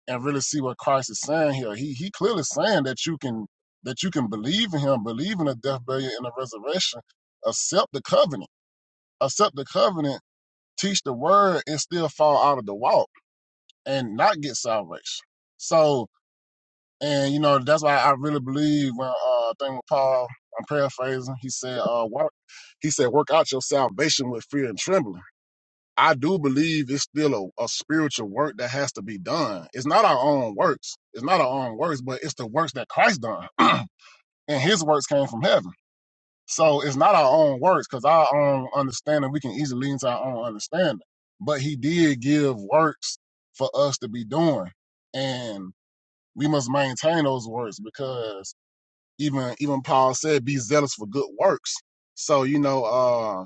C: and really see what Christ is saying here. He he clearly saying that you can that you can believe in him, believe in the death, burial, and the resurrection, accept the covenant, accept the covenant, teach the word, and still fall out of the walk and not get salvation. So and you know that's why I really believe when uh thing with Paul, I'm paraphrasing, he said uh work he said work out your salvation with fear and trembling I do believe it's still a, a spiritual work that has to be done. It's not our own works. It's not our own works, but it's the works that Christ done. and his works came from heaven. So it's not our own works because our own understanding, we can easily lean to our own understanding. But he did give works for us to be doing. And we must maintain those works because even even Paul said, be zealous for good works. So, you know, uh.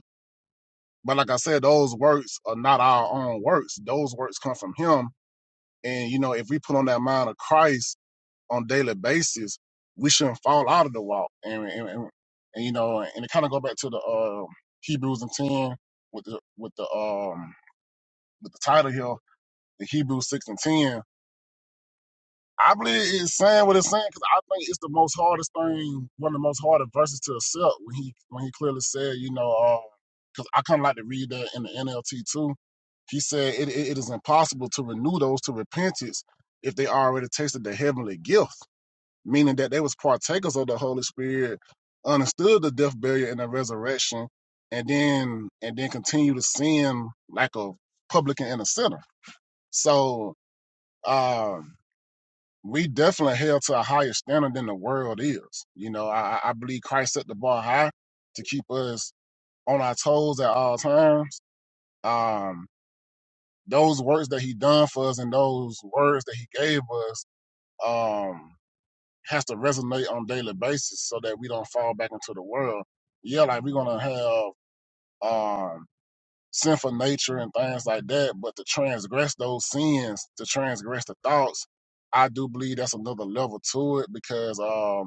C: But like I said, those works are not our own works. Those works come from Him. And, you know, if we put on that mind of Christ on a daily basis, we shouldn't fall out of the walk. And, and, and, and, you know, and it kind of go back to the uh, Hebrews and 10 with the, with the, um, with the title here, the Hebrews 6 and 10 I believe it's saying what it's saying because I think it's the most hardest thing, one of the most harder verses to accept when he when he clearly said, you know, because I kind of like to read that in the NLT too. He said it, it, it is impossible to renew those to repentance if they already tasted the heavenly gift, meaning that they was partakers of the Holy Spirit, understood the death, burial, and the resurrection, and then and then continue to sin like a publican and a sinner. So. um we definitely held to a higher standard than the world is. You know, I, I believe Christ set the bar high to keep us on our toes at all times. Um, those works that he done for us and those words that he gave us um, has to resonate on a daily basis so that we don't fall back into the world. Yeah, like we're gonna have um, sinful nature and things like that, but to transgress those sins, to transgress the thoughts, I do believe that's another level to it because um,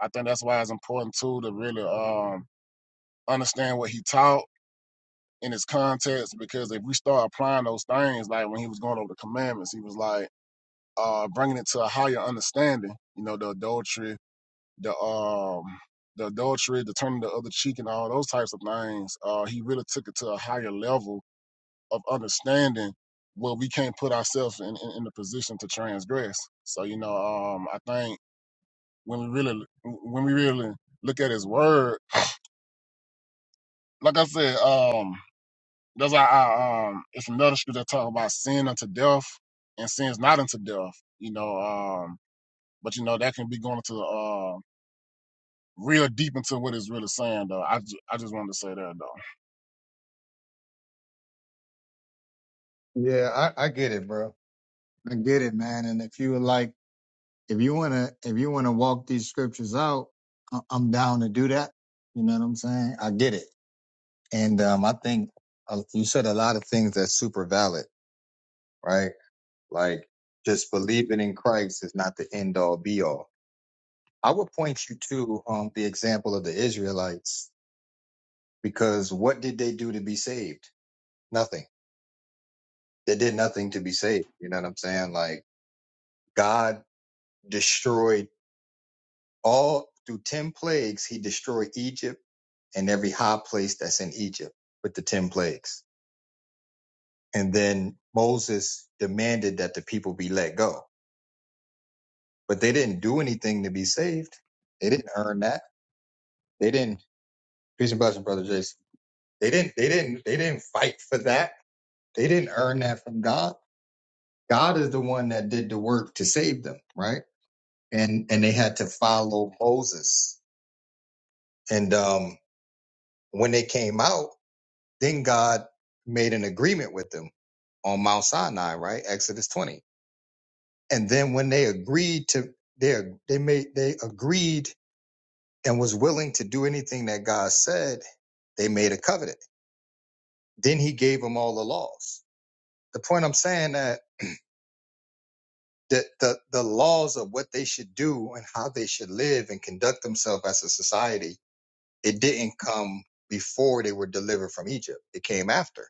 C: I think that's why it's important too to really um understand what he taught in his context because if we start applying those things, like when he was going over the commandments, he was like uh bringing it to a higher understanding. You know, the adultery, the um the adultery, the turning the other cheek, and all those types of things. Uh, he really took it to a higher level of understanding where we can't put ourselves in, in, in the position to transgress. So you know, um, I think when we really when we really look at his word like I said, um, that's why I um, it's another scripture that talk about sin unto death and sin's not unto death. You know, um, but you know that can be going into uh real deep into what it's really saying though. I ju- I just wanted to say that though.
A: saying? Yeah, I, I get it, bro. I get it, man. And if you would like. if you want to if you want to walk these scriptures out I- i'm down to do that you know what i'm saying i get it and um i think uh, you said a lot of things that's super valid right like just believing in christ is not the end all be all i would point you to um the example of the israelites because what did they do to be saved nothing they did nothing to be saved you know what i'm saying like god destroyed all through 10 plagues he destroyed egypt and every high place that's in Egypt with the 10 plagues. And then Moses demanded that the people be let go, but they didn't do anything to be saved. They didn't earn that. They didn't, peace and blessing, brother Jason. They didn't, they didn't, they didn't fight for that. They didn't earn that from God. God is the one that did the work to save them, right? And, and they had to follow Moses. And, um, when they came out, then God made an agreement with them on Mount Sinai, right? Exodus 20 and then when they agreed to they they made they agreed and was willing to do anything that God said, they made a covenant. Then he gave them all the laws. The point I'm saying that the the, the laws of what they should do and how they should live and conduct themselves as a society, it didn't come before they were delivered from Egypt. It came after.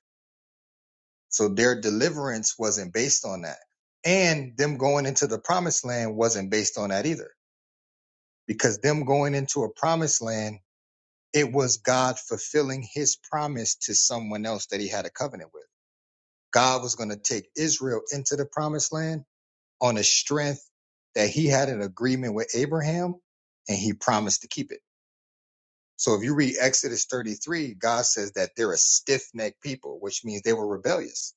A: So their deliverance wasn't based on that. And them going into the promised land wasn't based on that either because them going into a promised land It was God fulfilling his promise to someone else that he had a covenant with. God was going to take Israel into the promised land on the strength that he had an agreement with Abraham and he promised to keep it. So if you read Exodus 33, God says that they're a stiff necked people, which means they were rebellious.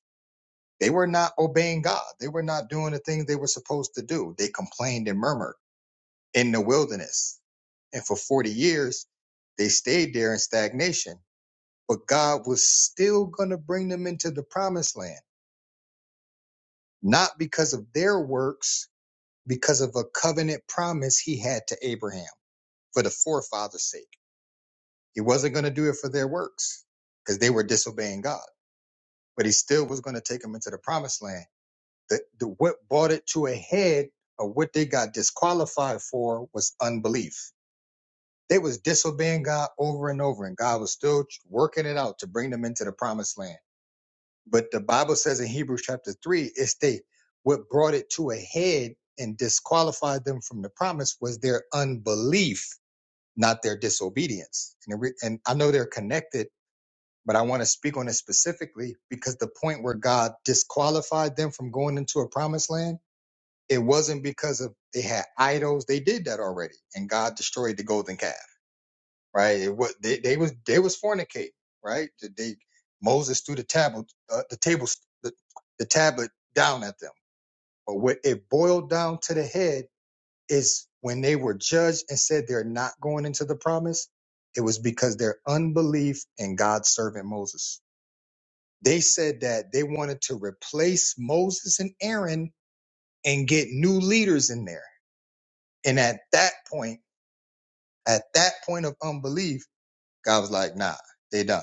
A: They were not obeying God. They were not doing the things they were supposed to do. They complained and murmured in the wilderness. And for 40 years, they stayed there in stagnation but God was still going to bring them into the promised land, not because of their works, because of a covenant promise he had to Abraham for the forefathers' sake. He wasn't going to do it for their works because they were disobeying God, but he still was going to take them into the promised land. The, the, what brought it to a head of what they got disqualified for was unbelief. They was disobeying God over and over, and God was still working it out to bring them into the promised land But the Bible says in Hebrews chapter three, it's they what brought it to a head and disqualified them from the promise was their unbelief, not their disobedience. And, it re- and I know they're connected, but I want to speak on it specifically because the point where God disqualified them from going into a promised land, it wasn't because of they had idols. They did that already, and God destroyed the golden calf right? It was they, they was they was fornicating, right? They Moses threw the tablet uh, the table, the, the tablet down at them. But what it boiled down to the head is when they were judged and said they're not going into the promise, it was because their unbelief in God's servant Moses. They said that they wanted to replace Moses and Aaron and get new leaders in there. And at that point, at that point of unbelief, God was like, nah, they done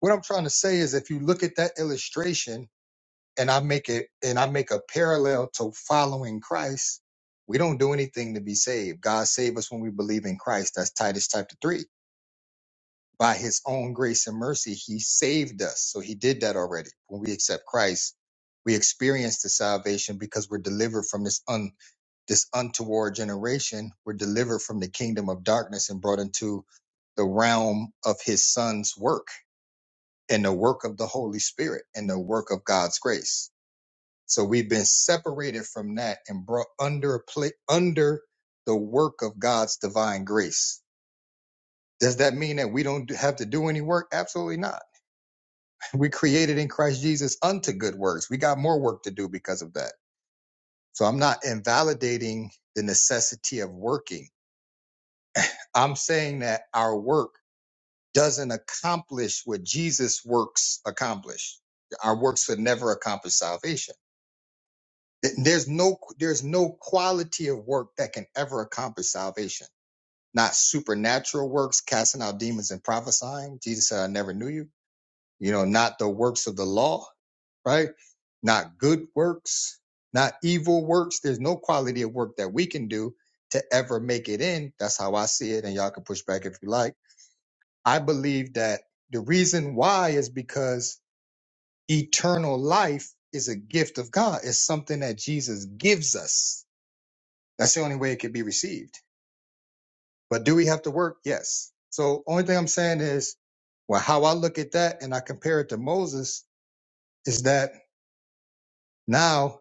A: what I'm trying to say is if you look at that illustration and I make it and I make a parallel to following Christ, we don't do anything to be saved. God saved us when we believe in Christ. That's Titus chapter three. By his own grace and mercy, he saved us. So he did that already. When we accept Christ, we experience the salvation because we're delivered from this un this untoward generation. We're delivered from the kingdom of darkness and brought into the realm of his son's work and the work of the Holy Spirit and the work of God's grace. So we've been separated from that and brought under a pla- under the work of God's divine grace. Does that mean that we don't have to do any work? Absolutely not. We created in Christ Jesus unto good works. We got more work to do because of that. So I'm not invalidating the necessity of working. I'm saying that our work doesn't accomplish what Jesus' works accomplish. Our works would never accomplish salvation Th- There's no there's no quality of work that can ever accomplish salvation. Not supernatural works, casting out demons and prophesying. Jesus said, "I never knew you." You know, not the works of the law, right? Not good works, not evil works. There's no quality of work that we can do to ever make it in. That's how I see it, and y'all can push back if you like. I believe that the reason why is because eternal life is a gift of God. It's something that Jesus gives us that's the only way it could be received. But do we have to work? Yes. So only thing I'm saying is, well, how I look at that and I compare it to Moses is that now,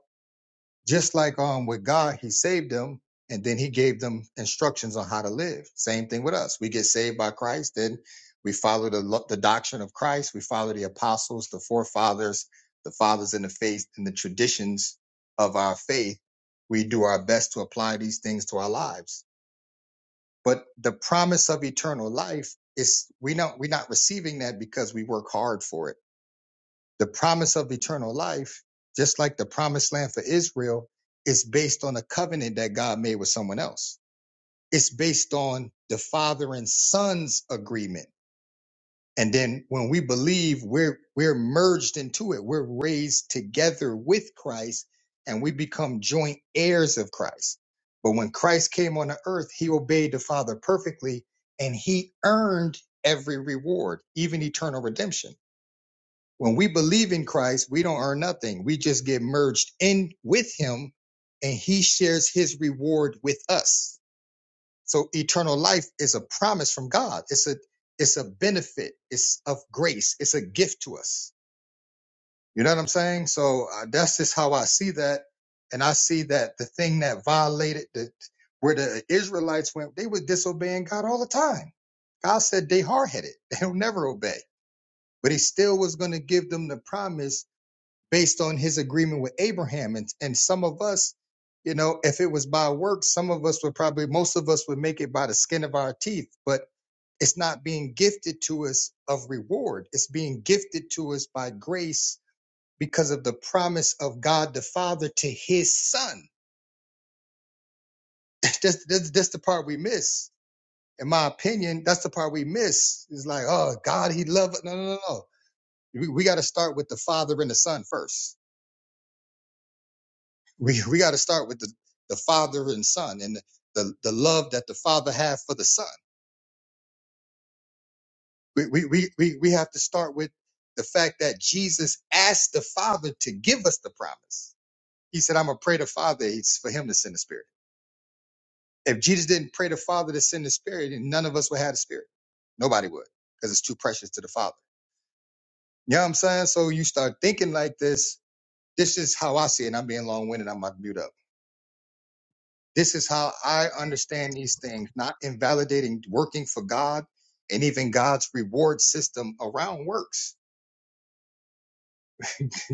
A: just like um with God, he saved them and then he gave them instructions on how to live. Same thing with us. We get saved by Christ, then we follow the lo- the doctrine of Christ, we follow the apostles, the forefathers, the fathers in the faith, and the traditions of our faith. We do our best to apply these things to our lives but the promise of eternal life is we don't we're not receiving that because we work hard for it the promise of eternal life just like the promised land for israel is based on a covenant that god made with someone else it's based on the father and son's agreement and then when we believe, we're we're merged into it. We're raised together with Christ and we become joint heirs of Christ. But when Christ came on the earth, he obeyed the Father perfectly and he earned every reward, even eternal redemption. When we believe in Christ, we don't earn nothing. We just get merged in with him and he shares his reward with us so eternal life is a promise from God. It's a it's a benefit. It's of grace. It's a gift to us. You know what I'm saying? So uh, that's just how I see that, and I see that the thing that violated the where the Israelites went, they were disobeying God all the time. God said they hard headed. They'll never obey, but He still was going to give them the promise based on his agreement with Abraham. And, and some of us, you know, if it was by works, some of us would probably, most of us would make it by the skin of our teeth, but it's not being gifted to us of reward. It's being gifted to us by grace because of the promise of God the Father to his son. that's, that's, that's the part we miss. In my opinion, that's the part we miss. It's like, oh, God, he loved. it. No, no, no, no. We, we got to start with the Father and the Son first we, we got to start with the, the father and son and the, the the love that the father have for the son we, we, we, we we have to start with the fact that jesus asked the father to give us the promise he said i'm going to pray to father it's for him to send the spirit if jesus didn't pray to father to send the spirit then none of us would have the spirit nobody would because it's too precious to the father you know what i'm saying so you start thinking like this this is how i see it and i'm being long-winded i'm about to mute up This is how I understand these things, not invalidating working for God and even God's reward system around works.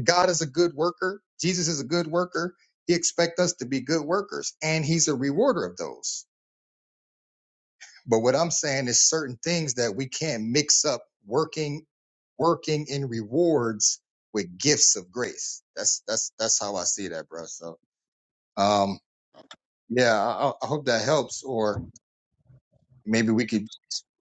A: God is a good worker. Jesus is a good worker. He expects us to be good workers, and He's a rewarder of those. But what I'm saying is certain things that we can't mix up working, working in rewards with gifts of grace. That's that's that's how I see that, bro. So, um, yeah, I, I I hope that helps. Or maybe we could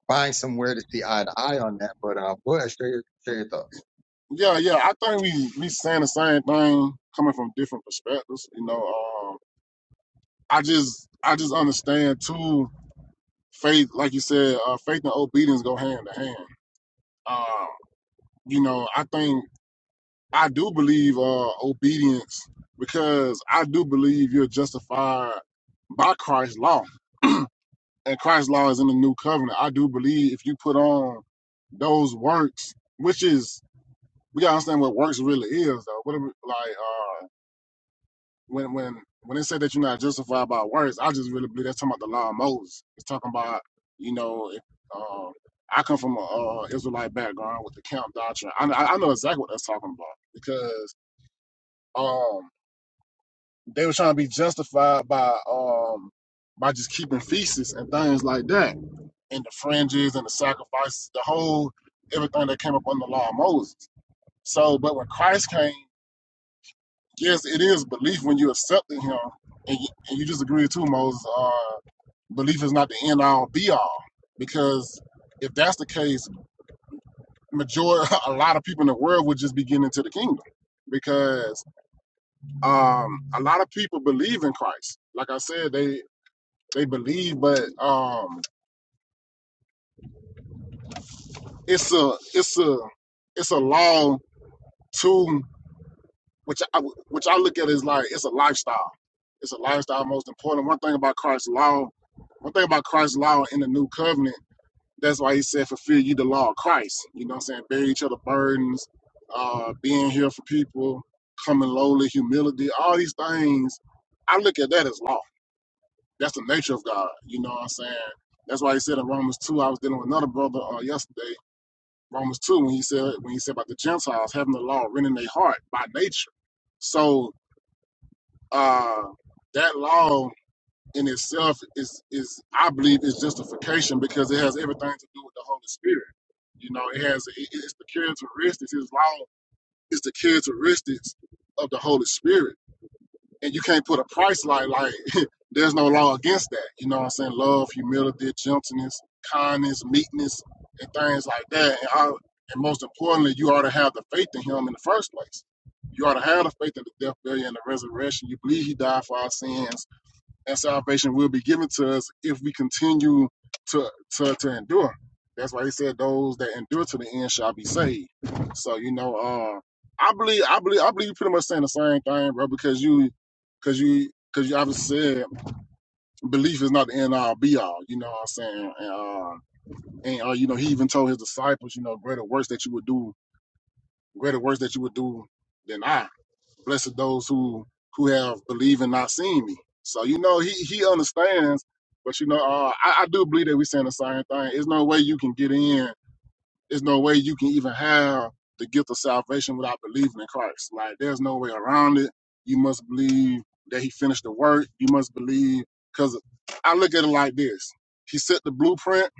A: find somewhere to see eye to eye on that. But um, go ahead, share your, share your thoughts.
C: Yeah, yeah, I think we we saying the same thing coming from different perspectives. You know, um, I just I just understand too. Faith, like you said, uh, faith and obedience go hand in hand. Um, you know, I think. I do believe uh, obedience because I do believe you're justified by Christ's law. and Christ's law is in the new covenant. I do believe if you put on those works, which is we gotta understand what works really is though. What are we, like uh when when when it said that you're not justified by works, I just really believe that's talking about the law of Moses. It's talking about you know if, uh, I come from a uh, Israelite background with the camp doctrine. I, I I know exactly what that's talking about because. um They were trying to be justified by um by just keeping feasts and things like that, and the fringes and the sacrifices, the whole everything that came up under the law of Moses. So, but when Christ came, yes, it is belief when you accepted Him, and you, and you just agree too, Moses. Uh, belief is not the end all be all, because if that's the case, majority a lot of people in the world would just be getting into the kingdom because um, a lot of people believe in Christ. Like I said, they They believe, but um, it's a it's a it's a law too, which I which I look at is like it's a lifestyle. It's a lifestyle. Most important. One thing about Christ's law. One thing about Christ's law in the new covenant. That's why he said, "Fulfill you the law of Christ." You know what I'm saying? Bear each other burdens, uh, being here for people, coming lowly, humility. All these things. I look at that as law. That's the nature of God. You know what I'm saying? That's why he said in Romans 2, I was dealing with another brother uh, yesterday. Romans 2 when he said when he said about the Gentiles having the law written in their heart by nature. So uh that law in itself is is I believe is justification because it has everything to do with the Holy Spirit. You know, it has it, it's the characteristics, his law is the characteristics of the Holy Spirit and you can't put a price like like there's no law against that. You know what I'm saying? Love, humility, gentleness, kindness, meekness, and things like that. And, I, and most importantly, you ought to have the faith in Him in the first place. You ought to have the faith in the death, burial, and the resurrection. You believe He died for our sins and salvation will be given to us if we continue to to, to endure. That's why he said those that endure to the end shall be saved. So you know, uh, I believe I believe I believe you pretty much saying the same thing, bro, because you because you because you obviously said belief is not the end all be all. You know what I'm saying? And uh, and uh, you know he even told his disciples, you know, greater works that you would do, greater works that you would do than I. Blessed those who who have believed and not seen me. So you know he he understands, but you know uh, I, I do believe that we're saying the same thing. There's no way you can get in. There's no way you can even have the gift of salvation without believing in Christ. Like there's no way around it. You must believe that He finished the work. You must believe because I look at it like this. He set the blueprint.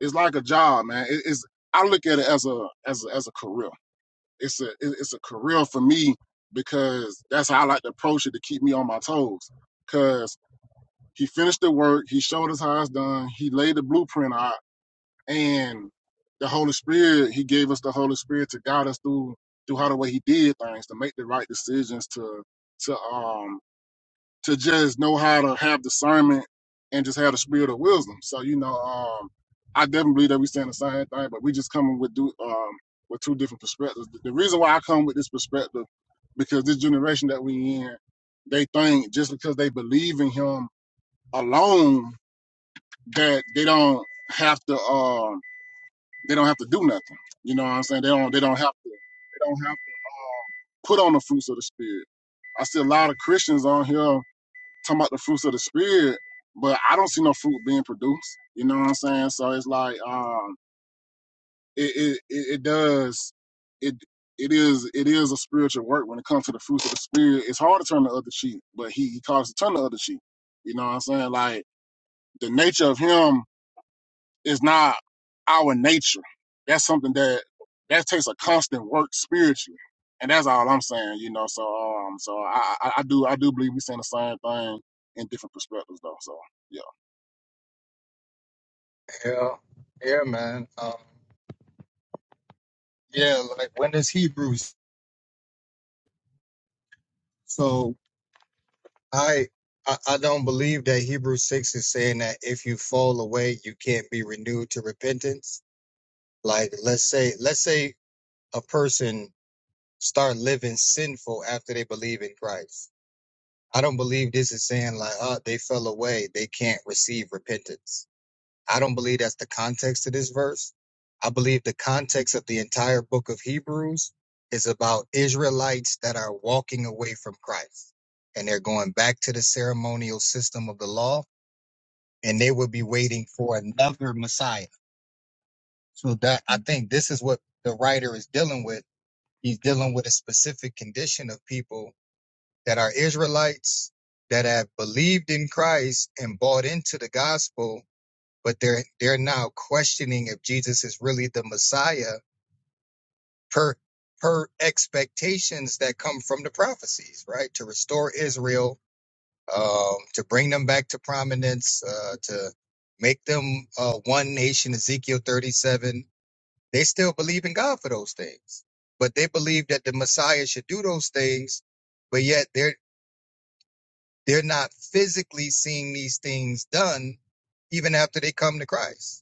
C: It's like a job, man. It- it's I look at it as a as a, as a career. It's a it- it's a career for me because that's how I like to approach it to keep me on my toes. Cause he finished the work, he showed us how it's done, he laid the blueprint out, and the Holy Spirit, he gave us the Holy Spirit to guide us through through how the way he did things, to make the right decisions, to to um to just know how to have discernment and just have the spirit of wisdom. So you know, um, I definitely believe that we saying the same thing, but we just coming with do um with two different perspectives. The the reason why I come with this perspective because this generation that we in, they think just because they believe in him alone that they don't have to um they don't have to do nothing. You know what I'm saying? They don't they don't have to they don't have to put on the fruits of the spirit. I see a lot of Christians on here talking about the fruits of the spirit, but I don't see no fruit being produced. You know what I'm saying? So it's like um it it, it does it it is it is a spiritual work when it comes to the fruits of the spirit. It's hard to turn the other cheek, but he, he calls to turn the other cheek. You know what I'm saying? Like the nature of him is not our nature. That's something that that takes a constant work spiritually. And that's all I'm saying, you know. So um so I I, I do I do believe we're saying the same thing in different perspectives though. So yeah.
A: Yeah, yeah, man. Um, yeah, like when is Hebrews? So I, I I don't believe that Hebrews six is saying that if you fall away, you can't be renewed to repentance. Like let's say let's say a person start living sinful after they believe in Christ. I don't believe this is saying like, oh, they fell away, they can't receive repentance I don't believe that's the context of this verse. I believe the context of the entire book of Hebrews is about Israelites that are walking away from Christ and they're going back to the ceremonial system of the law and they will be waiting for another Messiah. So that I think this is what the writer is dealing with. He's dealing with a specific condition of people that are Israelites that have believed in Christ and bought into the gospel but they're they're now questioning if Jesus is really the Messiah per per expectations that come from the prophecies, right? To restore Israel, um, to bring them back to prominence, uh, to make them uh, one nation, Ezekiel 37. They still believe in God for those things, but they believe that the Messiah should do those things, but yet they're they're not physically seeing these things done even after they come to Christ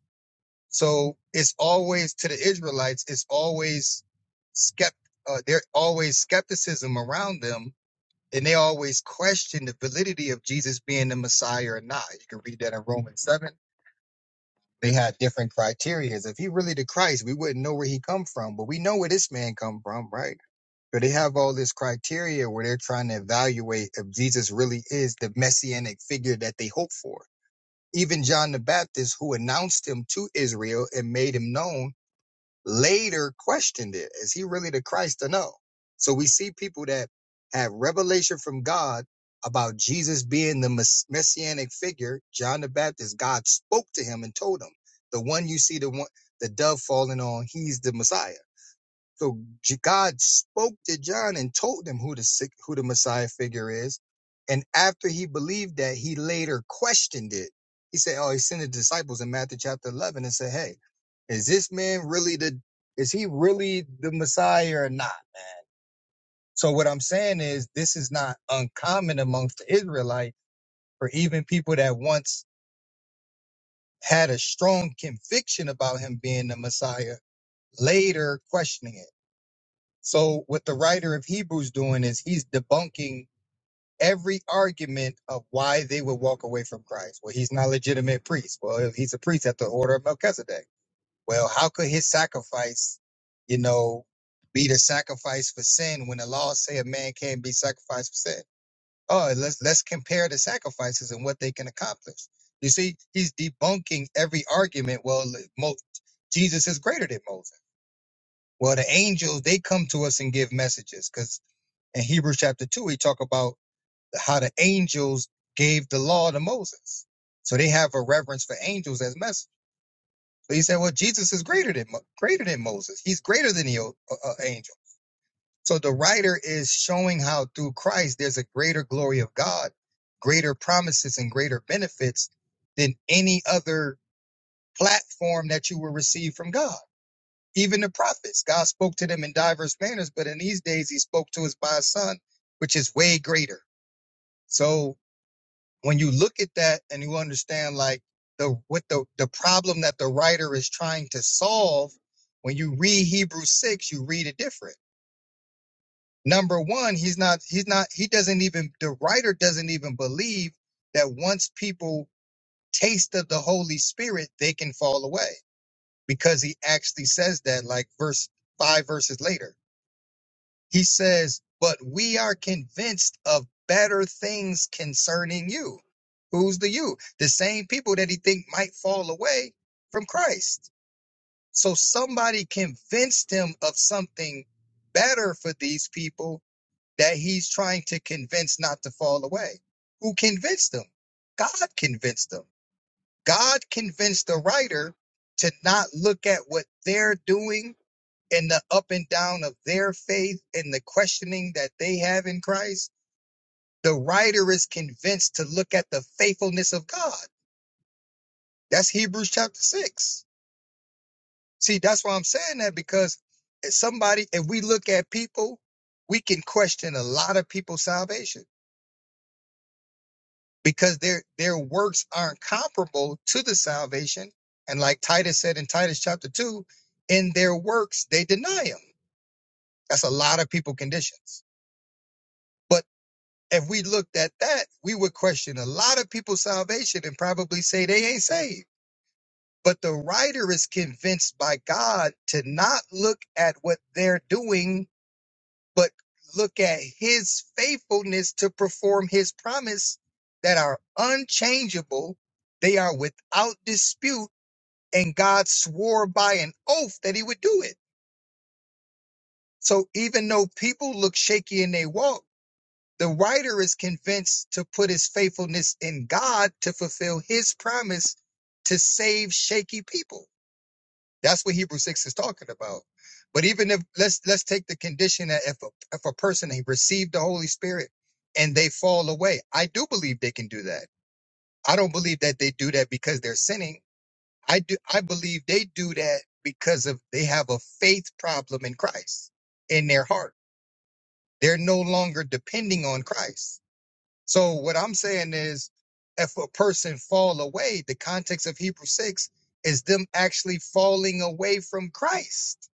A: So it's always to the Israelites, it's always skept uh, there always skepticism around them, and they always question the validity of Jesus being the Messiah or not. You can read that in Romans seven. They had different criteria. If he really the Christ, we wouldn't know where he come from, but we know where this man come from, right? But they have all this criteria where they're trying to evaluate if Jesus really is the messianic figure that they hope for. Even John the Baptist, who announced him to Israel and made him known, later questioned it. Is he really the Christ or no? So we see people that have revelation from God about Jesus being the mess- messianic figure, John the Baptist. God spoke to him and told him, the one you see, the one, the dove falling on, he's the Messiah. So God spoke to John and told him who the who the Messiah figure is. And after he believed that, he later questioned it. He said, "Oh, he sent the disciples in Matthew chapter 11 and said, "Hey, is this man really the is he really the Messiah or not?" So what I'm saying is this is not uncommon amongst the Israelites for even people that once had a strong conviction about him being the Messiah later questioning it. So what the writer of Hebrews doing is he's debunking every argument of why they would walk away from Christ. Well, he's not a legitimate priest. Well, if he's a priest at the order of Melchizedek. Well, how could his sacrifice, you know, be the sacrifice for sin when the laws say a man can't be sacrificed for sin? Oh, let's let's compare the sacrifices and what they can accomplish. You see, he's debunking every argument. Well, Mo- Jesus is greater than Moses. Well, the angels they come to us and give messages 'cause in Hebrews chapter 2, he talk about how the angels gave the law to Moses. So they have a reverence for angels as messengers. So he said, well, Jesus is greater than greater than Moses. He's greater than the uh, uh, angel. So the writer is showing how through Christ there's a greater glory of God, greater promises and greater benefits than any other platform that you will receive from God. Even the prophets, God spoke to them in diverse manners, but in these days he spoke to us by His son, which is way greater. So when you look at that and you understand like the what the the problem that the writer is trying to solve when you read hebrews 6 you read it different number one he's not he's not he doesn't even the writer doesn't even believe that once people taste of the holy spirit they can fall away because he actually says that like verse 5 verses later He says, But we are convinced of better things concerning you. Who's the you? The same people that he think might fall away from Christ. So somebody convinced him of something better for these people that he's trying to convince not to fall away. Who convinced them? God convinced them. God convinced the writer to not look at what they're doing and the up and down of their faith and the questioning that they have in Christ, the writer is convinced to look at the faithfulness of God. That's Hebrews chapter 6. See, that's why I'm saying that because if somebody, if we look at people, we can question a lot of people's salvation because their their works aren't comparable to the salvation. And like Titus said in Titus chapter 2, in their works they deny him. That's a lot of people conditions but. If we looked at that, we would question a lot of people's salvation and probably say they ain't saved. But the writer is convinced by God to not look at what they're doing, but look at his faithfulness to perform his promise that are unchangeable, they are without dispute, and God swore by an oath that he would do it. So even though people look shaky in their walk, The writer is convinced to put his faithfulness in God to fulfill his promise to save shaky people. That's what Hebrews 6 is talking about. But even if let's let's take the condition that if a, if a person they received the Holy Spirit and they fall away, I do believe they can do that. I don't believe that they do that because they're sinning. I do I believe they do that because of they have a faith problem in Christ in their heart. They're no longer depending on Christ so what I'm saying is, if a person fall away, the context of Hebrew six is them actually falling away from Christ.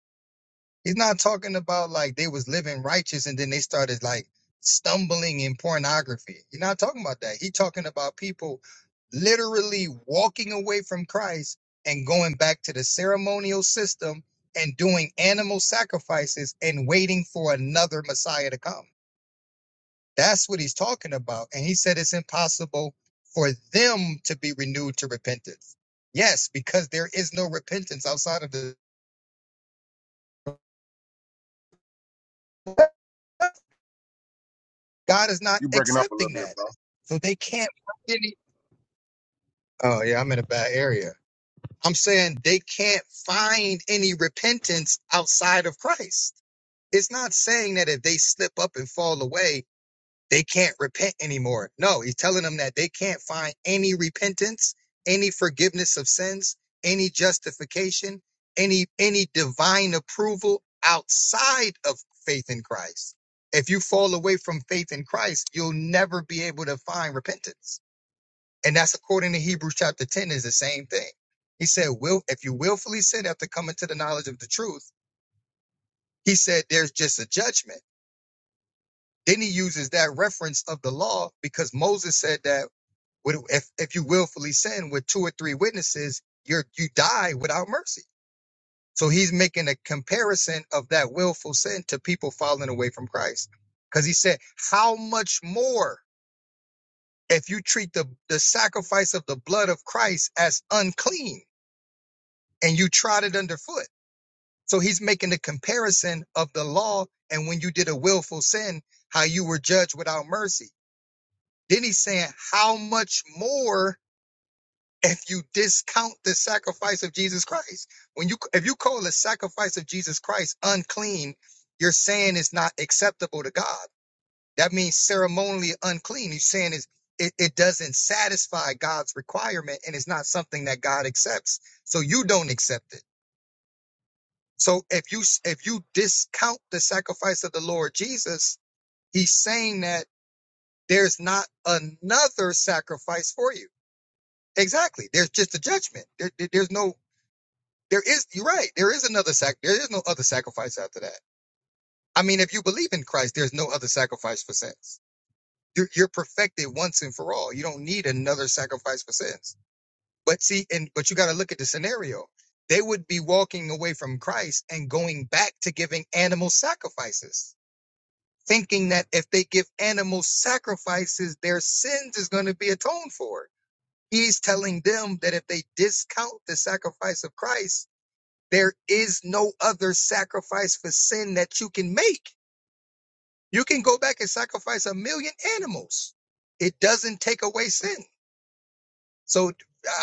A: He's not talking about like they was living righteous and then they started like stumbling in pornography. You're not talking about that. He's talking about people literally walking away from Christ and going back to the ceremonial system and doing animal sacrifices and waiting for another Messiah to come. That's what he's talking about. And he said it's impossible for them to be renewed to repentance. Yes, because there is no repentance outside of the God is not
C: You breaking up a little
A: accepting
C: bit,
A: that.
C: bro.
A: So they can't find any Oh yeah, I'm in a bad area. I'm saying they can't find any repentance outside of Christ. It's not saying that if they slip up and fall away They can't repent anymore. No, he's telling them that they can't find any repentance, any forgiveness of sins, any justification, any any divine approval outside of faith in Christ. If you fall away from faith in Christ, you'll never be able to find repentance. And that's according to Hebrews chapter 10 is the same thing. He said, "Will if you willfully sin after coming to the knowledge of the truth, he said there's just a judgment." Then he uses that reference of the law because Moses said that With- If if you willfully sin with two or three witnesses, you're you die without mercy. So he's making a comparison of that willful sin to people falling away from Christ. Because he said, How much more if you treat the, the sacrifice of the blood of Christ as unclean and you trod it underfoot? So he's making the comparison of the law and when you did a willful sin, how you were judged without mercy. Then he's saying, How much more? if you discount the sacrifice of Jesus Christ. When you if you call the sacrifice of Jesus Christ unclean, you're saying it's not acceptable to God. That means ceremonially unclean. You're saying it's, it, it doesn't satisfy God's requirement and it's not something that God accepts. So you don't accept it. So if you if you discount the sacrifice of the Lord Jesus, he's saying that there's not another sacrifice for you. Exactly. There's just a judgment. There- there- there's no There is, you're right. There is another sac. There is no other sacrifice after that. I mean, if you believe in Christ, there's no other sacrifice for sins. You're, you're perfected once and for all. You don't need another sacrifice for sins. But see, and but you got to look at the scenario. They would be walking away from Christ and going back to giving animal sacrifices, thinking that if they give animal sacrifices, their sins is going to be atoned for. He's telling them that if they discount the sacrifice of Christ, There is no other sacrifice for sin that you can make. You can go back and sacrifice a million animals. It doesn't take away sin. So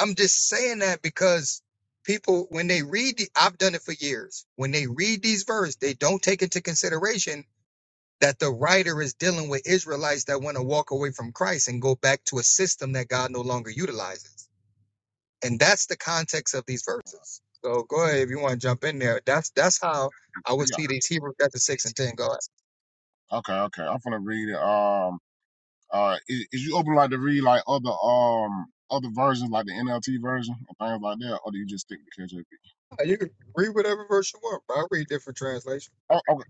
A: I'm just saying that because people, when they read, the, I've done it for years. When they read these verses, they don't take into consideration that the writer is dealing with Israelites that want to walk away from Christ and go back to a system that God no longer utilizes. and that's the context of these verses. So go ahead if you want to jump in there. That's that's how I would see these Hebrews chapter six and ten. Go ahead.
C: Yeah. Okay, okay. I'm gonna read it. Um uh is, is you open like to read like other um other versions like the NLT version and things like that, or do you just stick to KJV?
A: You can read whatever verse you want, but I read different translations.
C: Oh, oh,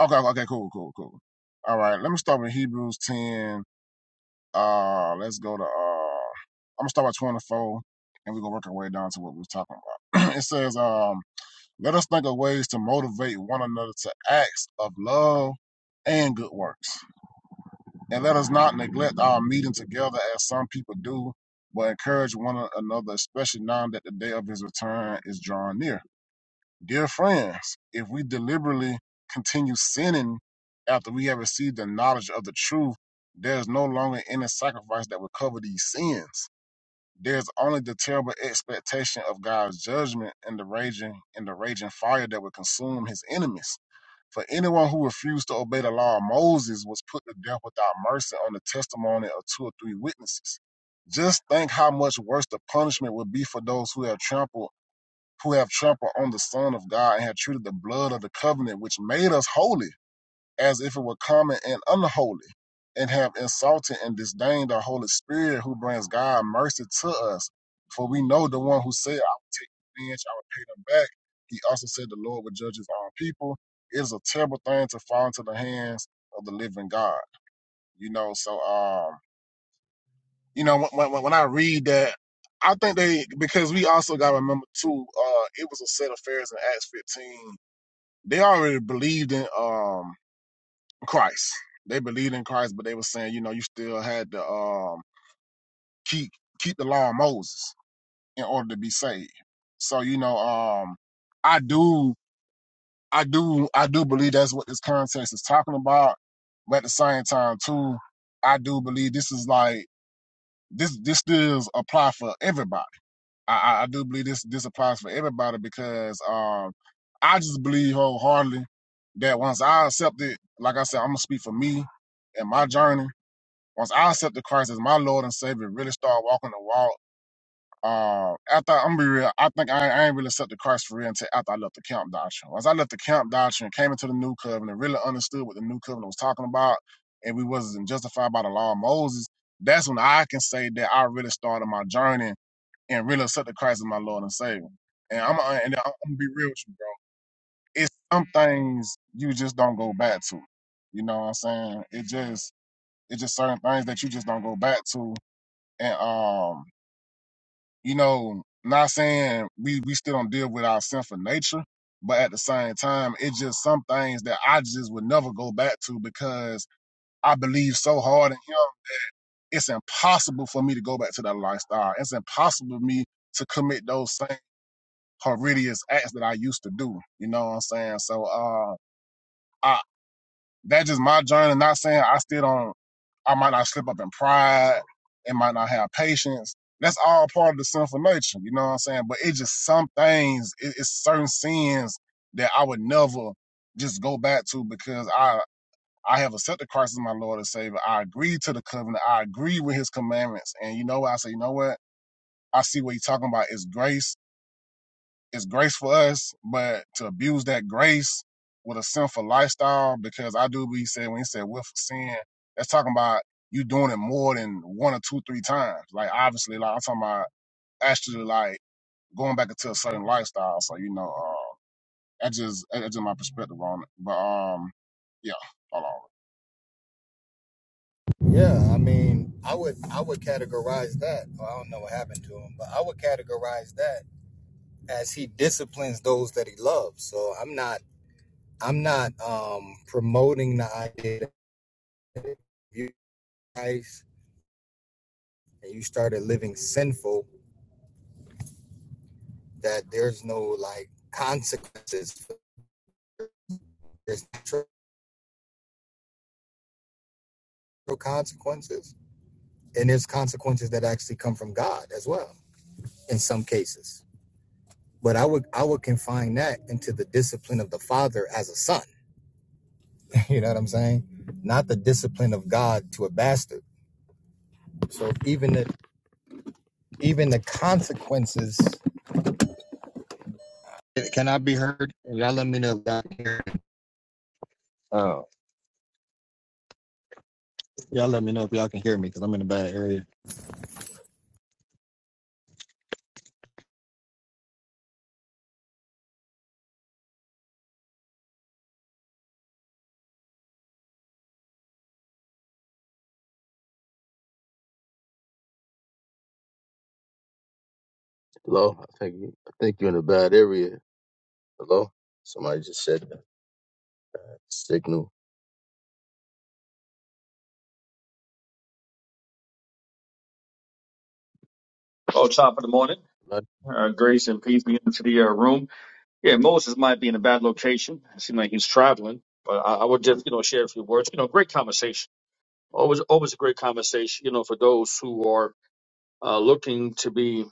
C: okay, okay, okay, cool, cool, cool. All right, let me start with Hebrews ten. Uh let's go to uh I'm gonna start with twenty four and we're gonna work our way down to what we was talking about. it says, um, let us think of ways to motivate one another to acts of love and good works. And let us not neglect our meeting together as some people do, but encourage one another, especially now that the day of his return is drawing near. Dear friends, if we deliberately continue sinning after we have received the knowledge of the truth, there is no longer any sacrifice that will cover these sins. There's only the terrible expectation of God's judgment and the raging and the raging fire that will consume his enemies. For anyone who refused to obey the law of Moses was put to death without mercy on the testimony of two or three witnesses. Just think how much worse the punishment would be for those who have trampled who have trampled on the Son of God and have treated the blood of the covenant which made us holy as if it were common and unholy, and have insulted and disdained the Holy Spirit who brings God mercy to us. For we know the one who said, I will take revenge, I will pay them back. He also said the Lord will judge his own people. It is a terrible thing to fall into the hands of the living God. You know, so um, you know, when, when, when I read that, I think they because we also got to remember too, uh, it was a set of Pharisees in Acts 15. They already believed in um Christ. They believed in Christ, but they were saying, you know, you still had to um, keep keep the law of Moses in order to be saved. So you know, um, I do, I do, I do believe that's what this context is talking about. But at the same time, too, I do believe this is like this. This does apply for everybody. I, I, I do believe this this applies for everybody because um, I just believe wholeheartedly that once I accept it, like I said, I'm gonna speak for me and my journey Once I accepted Christ as my Lord and Savior, really started walking the walk. Uh, after I'm gonna be real, I think I, I ain't really accepted Christ for real until after I left the camp doctrine. Once I left the camp doctrine, came into the new covenant, really understood what the new covenant was talking about, and we wasn't justified by the law of Moses. That's when I can say that I really started my journey and really accepted Christ as my Lord and Savior. And I'm and I'm gonna be real with you, bro. It's some things you just don't go back to. You know what I'm saying? It just it's just certain things that you just don't go back to and um, you know, not saying we we still don't deal with our sinful nature, but at the same time, it's just some things that I just would never go back to because I believe so hard in him. It's impossible for me to go back to that lifestyle. It's impossible for me to commit those same horrendous acts that I used to do. You know what I'm saying? So uh I. That's just my journey. Not saying I still don't. I might not slip up in pride. It might not have patience. That's all part of the sinful nature. You know what I'm saying? But it's just some things. It, it's certain sins that I would never just go back to because I I have accepted Christ as my Lord and Savior. I agree to the covenant. I agree with His commandments. And you know what? I say, you know what? I see what you're talking about. It's grace it's grace for us, but to abuse that grace with a sinful lifestyle, because I do believe he said when he said willful sin, that's talking about you doing it more than one or two, three times. Like obviously, like I'm talking about actually like going back into a certain lifestyle. So you know, uh, that's just that's just my perspective on it. But um, yeah, hold on.
A: Yeah, I mean, I would I would categorize that. Well, I don't know what happened to him, but I would categorize that as he disciplines those that he loves. So I'm not I'm not um promoting the idea that you guys and you started living sinful that there's no like consequences. There's consequences and there's consequences that actually come from god as well in some cases but i would i would confine that into the discipline of the father as a son you know what i'm saying not the discipline of god to a bastard so even the even the consequences can i be heard y'all let me know if y'all can hear me. oh y'all let me know if y'all can hear me because i'm in a bad area
D: Hello, I think you- I think you're in a bad area. Hello, somebody just said that signal.
E: Oh, top of the morning.
D: But,
E: Uh, grace and peace be into the uh, room. Yeah, Moses might be in a bad location. It seemed like he's traveling, but I, I would just, you know, share a few words. You know, great conversation. Always, always a great conversation, you know, for those who are uh, looking to be,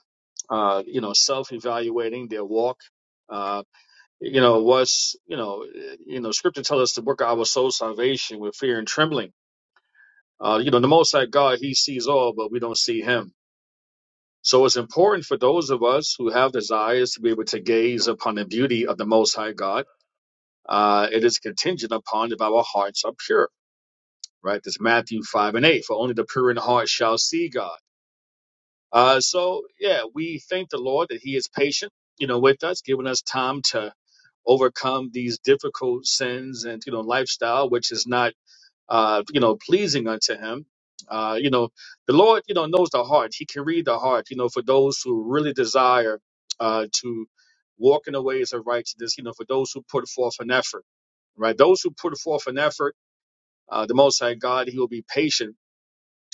E: uh, you know, self-evaluating their walk. Uh, you know, what's, you know, eh, you know, scripture tells us to work out our soul salvation with fear and trembling. Uh, you know, the Most High God, He sees all, but we don't see Him. So it's important for those of us who have desires to be able to gaze upon the beauty of the Most High God. Uh, it is contingent upon if our hearts are pure, right? That's Matthew 5 and 8. For only the pure in heart shall see God. Uh, so, yeah, we thank the Lord that He is patient, you know, with us, giving us time to overcome these difficult sins and, you know, lifestyle, which is not uh, you know, pleasing unto him. Uh, you know, the Lord, you know, knows the heart. He can read the heart, you know, for those who really desire uh, to walk in the ways of righteousness, you know, for those who put forth an effort, right? Those who put forth an effort, uh, the Most High God, He will be patient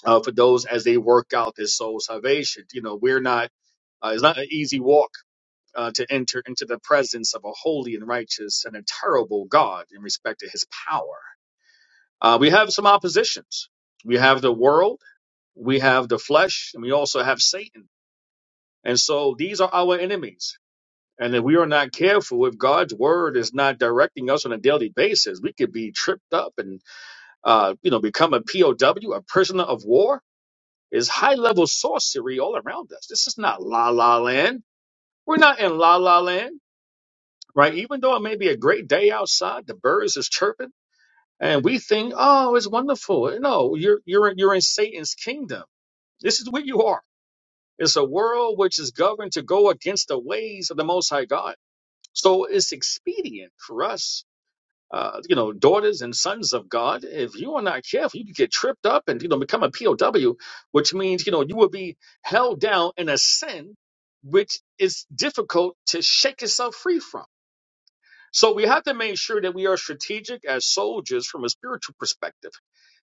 E: uh, for those as they work out their soul salvation. You know, we're not, uh, it's not an easy walk. Uh, to enter into the presence of a holy and righteous and a terrible God in respect to his power. Uh, we have some oppositions. We have the world, we have the flesh and we also have Satan. And so these are our enemies. And if we are not careful, if God's word is not directing us on a daily basis, we could be tripped up and, uh, you know, become a POW, a prisoner of war. Is high level sorcery all around us. This is not la la land. We're not in la la land, right? Even though it may be a great day outside, the birds is chirping, and we think, oh, it's wonderful. No, you're you're you're in Satan's kingdom. This is where you are. It's a world which is governed to go against the ways of the Most High God. So it's expedient for us, uh, you know, daughters and sons of God. If you are not careful, you could get tripped up and, you know, become a POW, which means, you know, you will be held down in a sin which is difficult to shake yourself free from. So we have to make sure that we are strategic as soldiers from a spiritual perspective,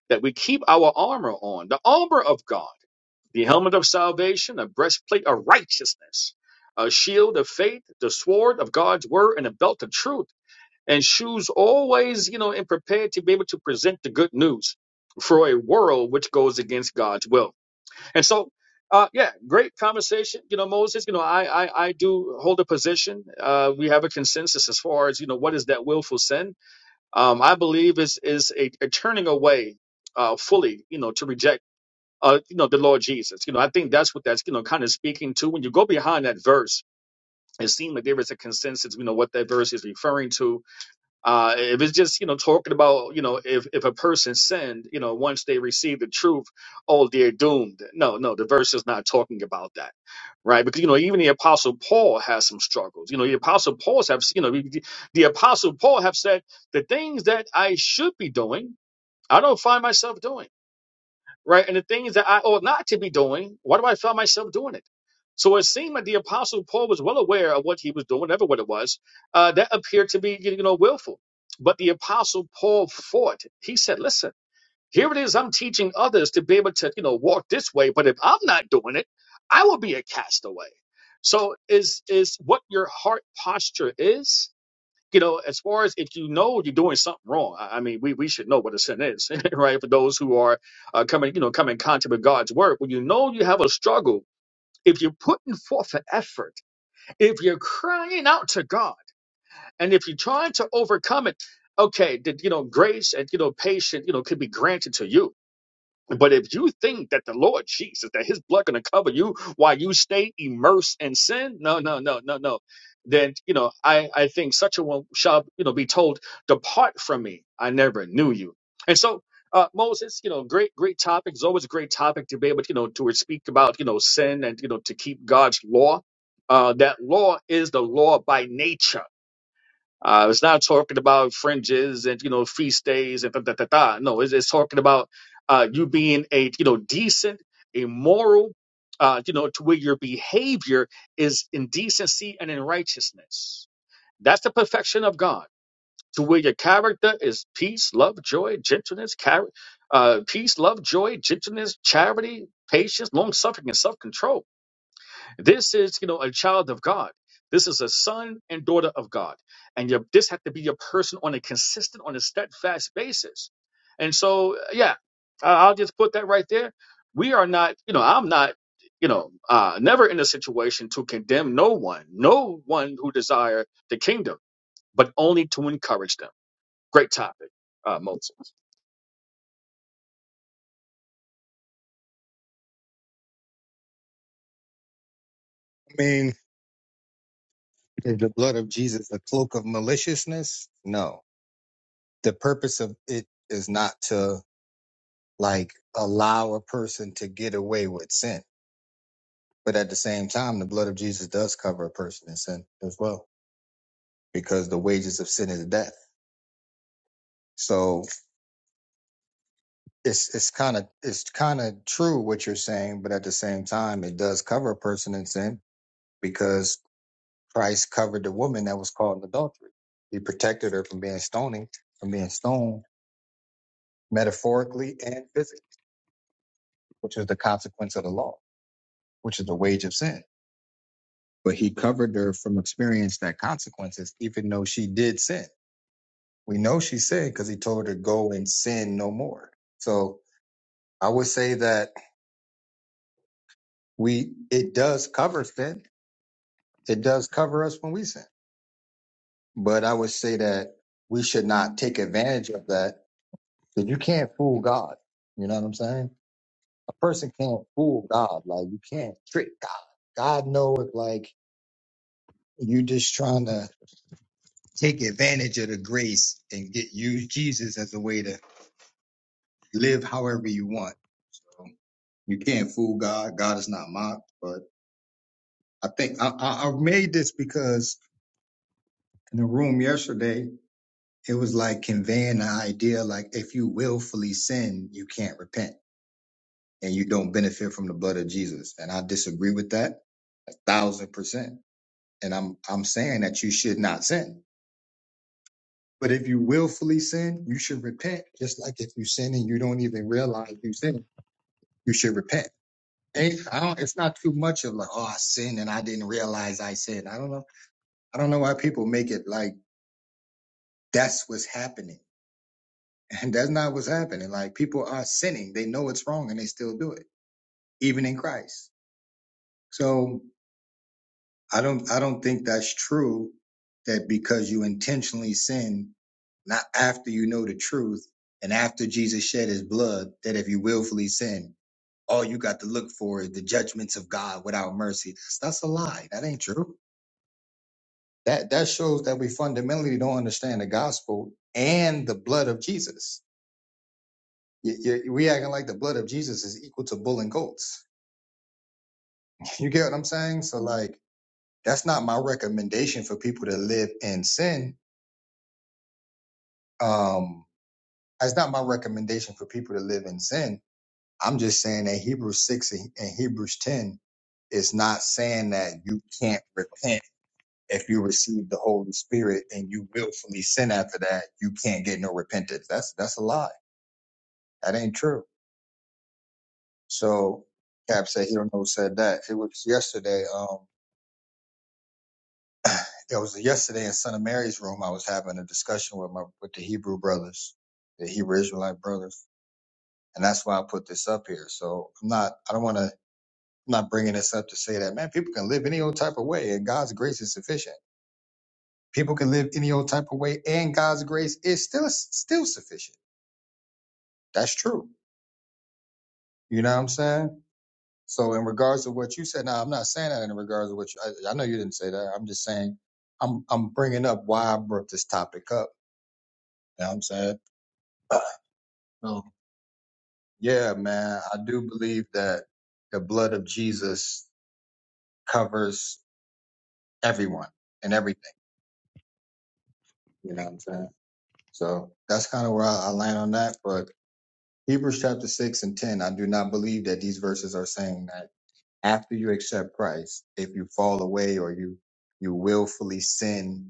E: that we keep our armor on, the armor of God the helmet of salvation, a breastplate of righteousness, a shield of faith, the sword of God's word, and a belt of truth, and shoes always, you know, and prepared to be able to present the good news for a world which goes against God's will. And so, uh, yeah, great conversation. You know, Moses, you know, I, I, I do hold a position. Uh, we have a consensus as far as, you know, what is that willful sin? Um, I believe is, is a, a turning away, uh, fully, you know, to reject uh, you know, the Lord Jesus. You know, I think that's what that's, you know, kind of speaking to. When you go behind that verse, it seems like there is a consensus, you know, what that verse is referring to. Uh, if it's just, you know, talking about, you know, if, if a person sinned, you know, once they receive the truth, oh, they're doomed. No, no, the verse is not talking about that. Right, because you know even the apostle Paul has some struggles. You know the apostle Paul's have you know the, the apostle Paul have said the things that I should be doing, I don't find myself doing right? And the things that I ought not to be doing, why do I find myself doing it? So it seemed that the Apostle Paul was well aware of what he was doing, whatever what it was. Uh, that appeared to be, you know, willful. But the Apostle Paul fought. He said, listen, here it is. I'm teaching others to be able to, you know, walk this way. But if I'm not doing it, I will be a castaway. So is is what your heart posture is? you know, as far as if you know you're doing something wrong, I I mean, we, we should know what a sin is, right? For those who are uh, coming, you know, coming in contact with God's word, when you know you have a struggle, if you're putting forth an effort, if you're crying out to God, and if you're trying to overcome it, okay, that you know, grace and you know, patience, you know, could be granted to you but if you think that the Lord Jesus, that his blood gonna cover you while you stay immersed in sin, no, no, no, no, no. Then you know, I, I think such a one shall, you know, be told, Depart from me. I never knew you. And so uh, Moses, you know, great, great topic. It's always a great topic to be able, to, you know, to speak about, you know, sin and you know to keep God's law. Uh, that law is the law by nature uh, it's not talking about fringes and you know feast days and da da da da. No, it's, it's talking about uh, you being a you know decent, a moral, uh, you know, to where your behavior is in decency and in righteousness. That's the perfection of God. To where your character is peace, love, joy, gentleness, char- uh, peace, love, joy, gentleness, charity, patience, long suffering, and self control this is, you know, a child of God. This is a son and daughter of God. And your, this had to be your person on a consistent, on a steadfast basis. And so, uh, yeah, I- I'll just put that right there. We are not, you know, I'm not, you know, uh, never in a situation to condemn no one, no one who desire the kingdom, but only to encourage them. Great topic, uh, Moses.
A: i mean is the blood of jesus a cloak of maliciousness no the purpose of it is not to like allow a person to get away with sin. But at the same time, the blood of Jesus does cover a person in sin as well, because the wages of sin is death. So it's it's kind of it's kind of true what you're saying, but at the same time, it does cover a person in sin because Christ covered the woman that was caught in adultery. He protected her from being stoning, from being stoned metaphorically and physically, which is the consequence of the law, which is the wage of sin. but he covered her from experience that consequences, even though she did sin. We know she sinned because he told her to go and sin no more. So I would say that we it does cover sin. It does cover us when we sin. But I would say that we should not take advantage of that. Because you can't fool God. You know what I'm saying? A person can't fool God. Like you can't trick God. God know if like you just trying to take advantage of the grace and get use Jesus as a way to live however you want. So you can't fool God. God is not mocked. But I think I, I I made this because in the room yesterday, it was like conveying the idea like if you willfully sin, you can't repent and you don't benefit from the blood of Jesus. And I disagree with that a thousand percent. And I'm I'm saying that you should not sin. But if you willfully sin, you should repent. Just like if you sin and you don't even realize you sin, you should repent ain't I don't it's not too much of like, oh I sinned and I didn't realize I sinned. I don't know. I don't know why people make it like that's what's happening. And that's not what's happening. Like people are sinning. They know it's wrong and they still do it, even in Christ. So I don't I don't think that's true that because you intentionally sin, not after you know the truth and after Jesus shed his blood, that if you willfully sin, all you got to look for is the judgments of God without mercy. That's a lie. That ain't true. That that shows that we fundamentally don't understand the gospel and the blood of Jesus. You, you, we acting like the blood of Jesus is equal to bull and goats. You get what I'm saying? So like that's not my recommendation for people to live in sin. Um, that's not my recommendation for people to live in sin. I'm just saying that Hebrews six and and Hebrews ten is not saying that you can't repent if you receive the Holy Spirit and you willfully sin after that, you can't get no repentance. That's that's a lie. That ain't true. So Cap said he don't know who said that. It was yesterday. Um, it was yesterday in Son of Mary's room. I was having a discussion with my with the Hebrew brothers, the Hebrew Israelite brothers, and that's why I put this up here. So I'm not. I don't want to. I'm not bringing this up to say that man, people can live any old type of way, and God's grace is sufficient. People can live any old type of way, and God's grace is still still sufficient. That's true. You know what I'm saying? So in regards to what you said, now I'm not saying that in regards to what you, I, I know you didn't say that. I'm just saying I'm I'm bringing up why I brought this topic up. You know what I'm saying? So yeah, man, I do believe that the blood of Jesus covers everyone and everything. You know what I'm saying? So that's kind of where I, I land on that. But Hebrews chapter six and ten, I do not believe that these verses are saying that after you accept Christ, if you fall away or you you willfully sin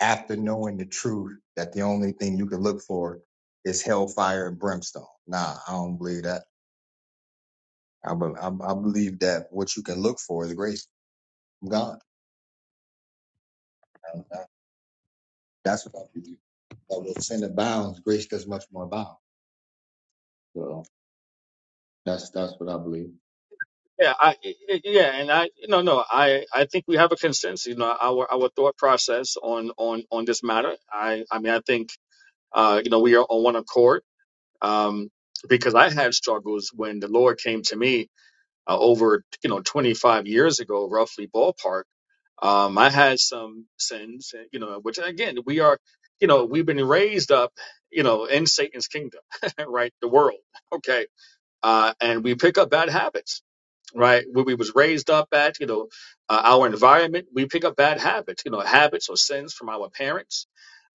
A: after knowing the truth that the only thing you can look for is hellfire and brimstone. Nah, I don't believe that. I, be, I, I believe that what you can look for is grace from God. And uh, That's what I believe. That what sin abounds, grace does much more abound. So that's that's what I believe.
E: Yeah, I, yeah, and I, no, no, I, I think we have a consensus. You know, our our thought process on on on this matter. I, I mean, I think, uh, you know, we are on one accord. Um, because I had struggles when the Lord came to me uh, over, you know, 25 years ago, roughly ballpark. Um, I had some sins, you know, which again, we are, you know, we've been raised up, you know, in Satan's kingdom, right? The world, okay, uh, and we pick up bad habits right? Where we was raised up at, you know, uh, our environment, we pick up bad habits, you know, habits or sins from our parents.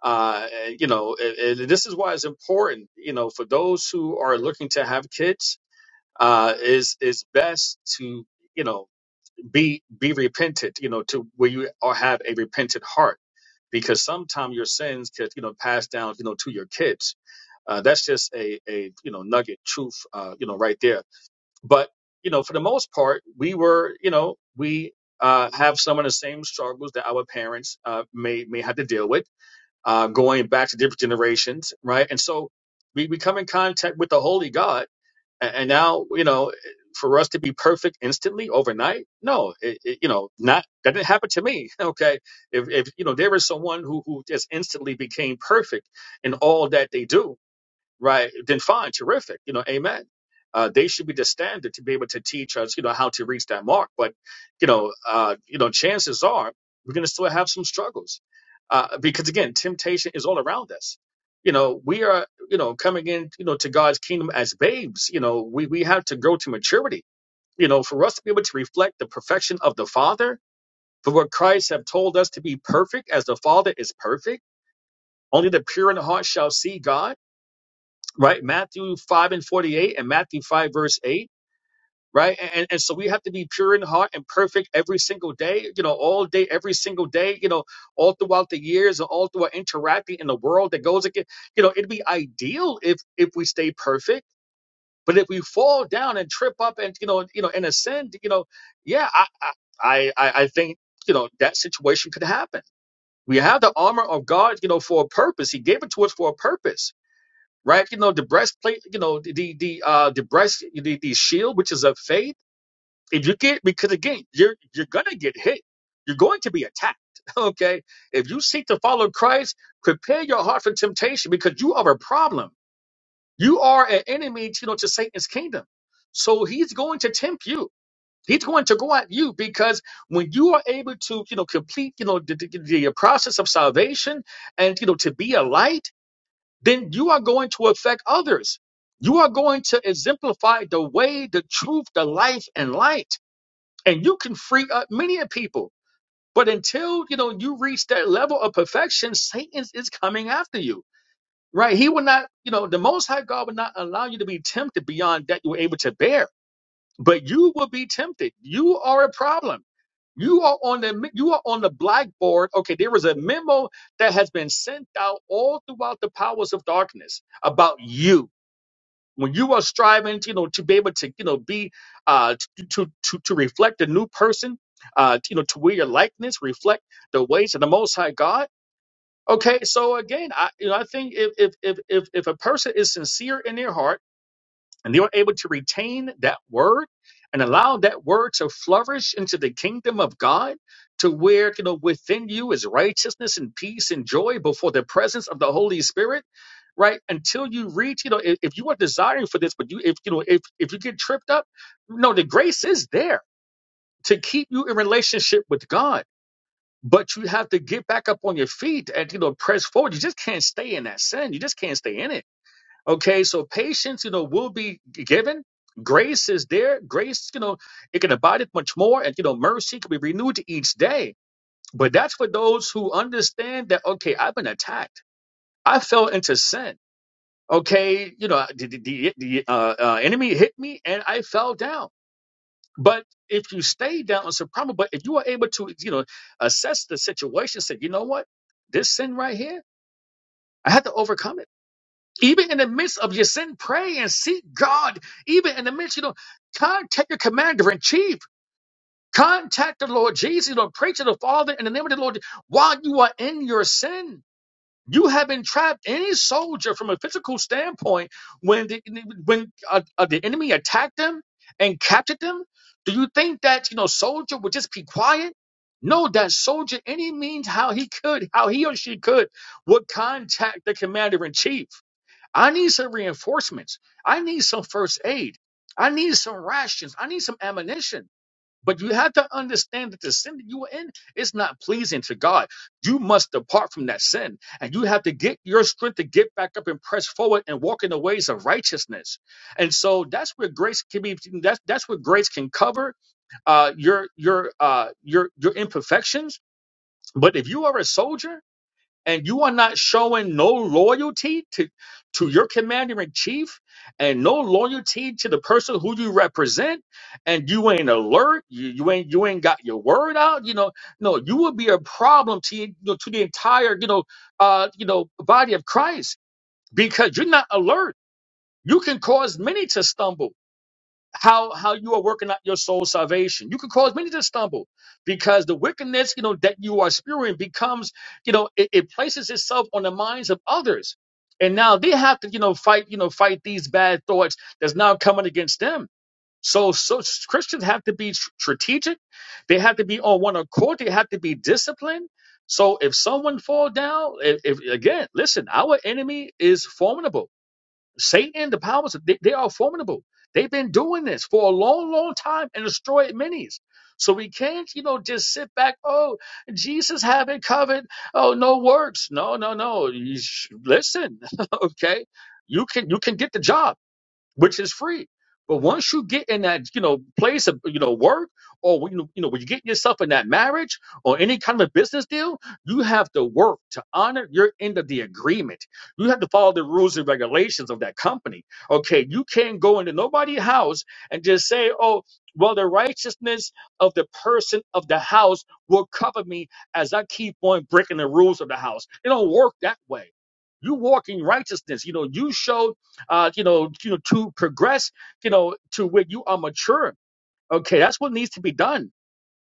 E: Uh, and, you know, and, and this is why it's important, you know, for those who are looking to have kids, uh, is is best to, you know, be be repentant, you know, to where you are have a repentant heart, because sometimes your sins could, you know, pass down, you know, to your kids. Uh, that's just a, a you know nugget truth, uh, you know, right there but you know for the most part we were you know we uh, have some of the same struggles that our parents uh, may may have to deal with uh, going back to different generations right and so we, we come in contact with the holy god and, and now you know for us to be perfect instantly overnight no it, it, you know not that didn't happen to me okay if, if you know there is someone who who just instantly became perfect in all that they do right? Then fine, terrific. You know, amen. Uh, they should be the standard to be able to teach us, you know, how to reach that mark. But, you know, uh, you know, chances are we're going to still have some struggles uh, because again, temptation is all around us. You know, we are, you know, coming in, you know, to God's kingdom as babes. You know, we we have to grow to maturity. You know, for us to be able to reflect the perfection of the Father, for what Christ have told us to be perfect, as the Father is perfect. Only the pure in heart shall see God right? Matthew 5 and 48 and Matthew 5 verse 8, right? And, and so we have to be pure in heart and perfect every single day, you know, all day, every single day, you know, all throughout the years and all throughout interacting in the world that goes again. You know, it'd be ideal if if we stay perfect. But if we fall down and trip up and you know, you know, and ascend, you know, yeah, I I, I I think you know that situation could happen. We have the armor of God, you know, for a purpose. He gave it to us for a purpose right? You know, the breastplate, you know, the the uh the breast the, the shield, which is of faith. If you get because again, you're you're gonna get hit. You're going to be attacked. Okay. If you seek to follow Christ, prepare your heart for temptation because you are a problem. You are an enemy, you know, to Satan's kingdom. So he's going to tempt you. He's going to go at you because when you are able to, you know, complete, you know, the, the the process of salvation and, you know, to be a light, then you are going to affect others. You are going to exemplify the way, the truth, the life, and light. And you can free up many of people. But until you know you reach that level of perfection, Satan is coming after you. Right? He will not, you know, the most high God will not allow you to be tempted beyond that you were able to bear but you will be tempted. You are a problem. You are on the you are on the blackboard. Okay, there is a memo that has been sent out all throughout the powers of darkness about you. When you are striving, you know, to be able to, you know, be uh to to to, to reflect a new person, uh, you know, to wear your likeness, reflect the ways of the Most High God. Okay, so again, I you know I think if if if if, if a person is sincere in their heart and they were able to retain that word and allow that word to flourish into the kingdom of God to where, you know, within you is righteousness and peace and joy before the presence of the Holy Spirit, right? Until you reach, you know, if, if you are desiring for this, but you, if, you know, if, if you get tripped up, no, the grace is there to keep you in relationship with God. But you have to get back up on your feet and, you know, press forward. You just can't stay in that sin. You just can't stay in it Okay, so patience, you know, will be given. Grace is there. Grace, you know, it can abide it much more, and you know, mercy can be renewed each day. But that's for those who understand that okay, I've been attacked. I fell into sin. Okay, you know, the the, the, the uh, uh, enemy hit me, and I fell down. But if you stay down on some problem, but if you are able to, you know, assess the situation, say, you know what, this sin right here, I had to overcome it. Even in the midst of your sin, pray and seek God. Even in the midst, you know, contact your commander in chief. Contact the Lord Jesus. You know, pray to the Father in the name of the Lord while you are in your sin. You have been trapped. Any soldier, from a physical standpoint, when the, when uh, uh, the enemy attacked them and captured them, do you think that you know soldier would just be quiet? No, that soldier, any means how he could, how he or she could, would contact the commander in chief I need some reinforcements. I need some first aid. I need some rations. I need some ammunition. But you have to understand that the sin that you are in is not pleasing to God. You must depart from that sin. And you have to get your strength to get back up and press forward and walk in the ways of righteousness. And so that's where grace can be that's that's where grace can cover uh your your uh your your imperfections. But if you are a soldier and you are not showing no loyalty to to your commander in chief and no loyalty to the person who you represent and you ain't alert you, you ain't you ain't got your word out you know no you would be a problem to you know, to the entire you know uh you know body of christ because you're not alert you can cause many to stumble how how you are working out your soul salvation. You could cause many to stumble because the wickedness, you know, that you are spewing becomes, you know, it, it places itself on the minds of others. And now they have to, you know, fight, you know, fight these bad thoughts that's now coming against them. So, so Christians have to be tr- strategic. They have to be on one accord. They have to be disciplined. So if someone fall down, if, if again, listen, our enemy is formidable Satan the powers, they, they are formidable. They've been doing this for a long, long time and destroyed many. So we can't, you know, just sit back. Oh, Jesus haven't covered. Oh, no works. No, no, no. You sh- listen, okay. You can you can get the job which is free. But once you get in that, you know, place of, you know, work or, when you you know, when you get yourself in that marriage or any kind of a business deal, you have to work to honor your end of the agreement. You have to follow the rules and regulations of that company. Okay. You can't go into nobody's house and just say, oh, well, the righteousness of the person of the house will cover me as I keep on breaking the rules of the house. It don't work that way. You walk in righteousness. You know, you show uh, you know, you know, to progress, you know, to where you are mature. Okay, that's what needs to be done.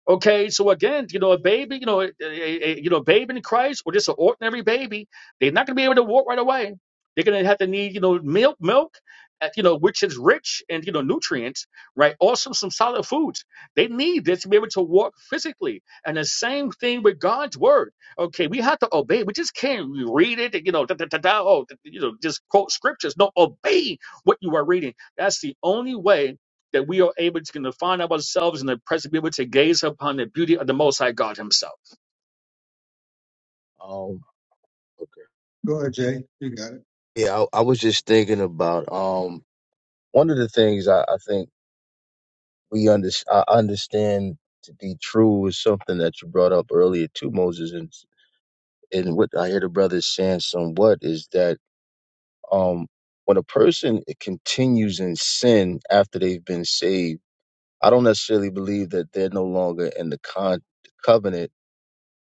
E: Okay, so again, you know, a baby, you know, a, a, a- you know, a babe in Christ or just an ordinary baby, they're not going to be able to walk right away. They're going to have to need, you know, milk, milk, uh, you know, which is rich and you know nutrients, right? Also some solid foods. They need this to be able to walk physically. And the same thing with God's word. Okay, we have to obey. We just can't read it, you know, da, da, da, da, oh, you know, just quote scriptures. No, obey what you are reading. That's the only way that we are able to kind of find ourselves in the present, be able to gaze upon the beauty of the Most High God Himself.
D: Um, okay.
A: Go ahead, Jay. You got it.
D: Yeah, I, I was just thinking about um one of the things I, I think we under I understand to be true is something that you brought up earlier too, Moses, and and what I hear the brothers saying somewhat is that um when a person continues in sin after they've been saved, I don't necessarily believe that they're no longer in the con covenant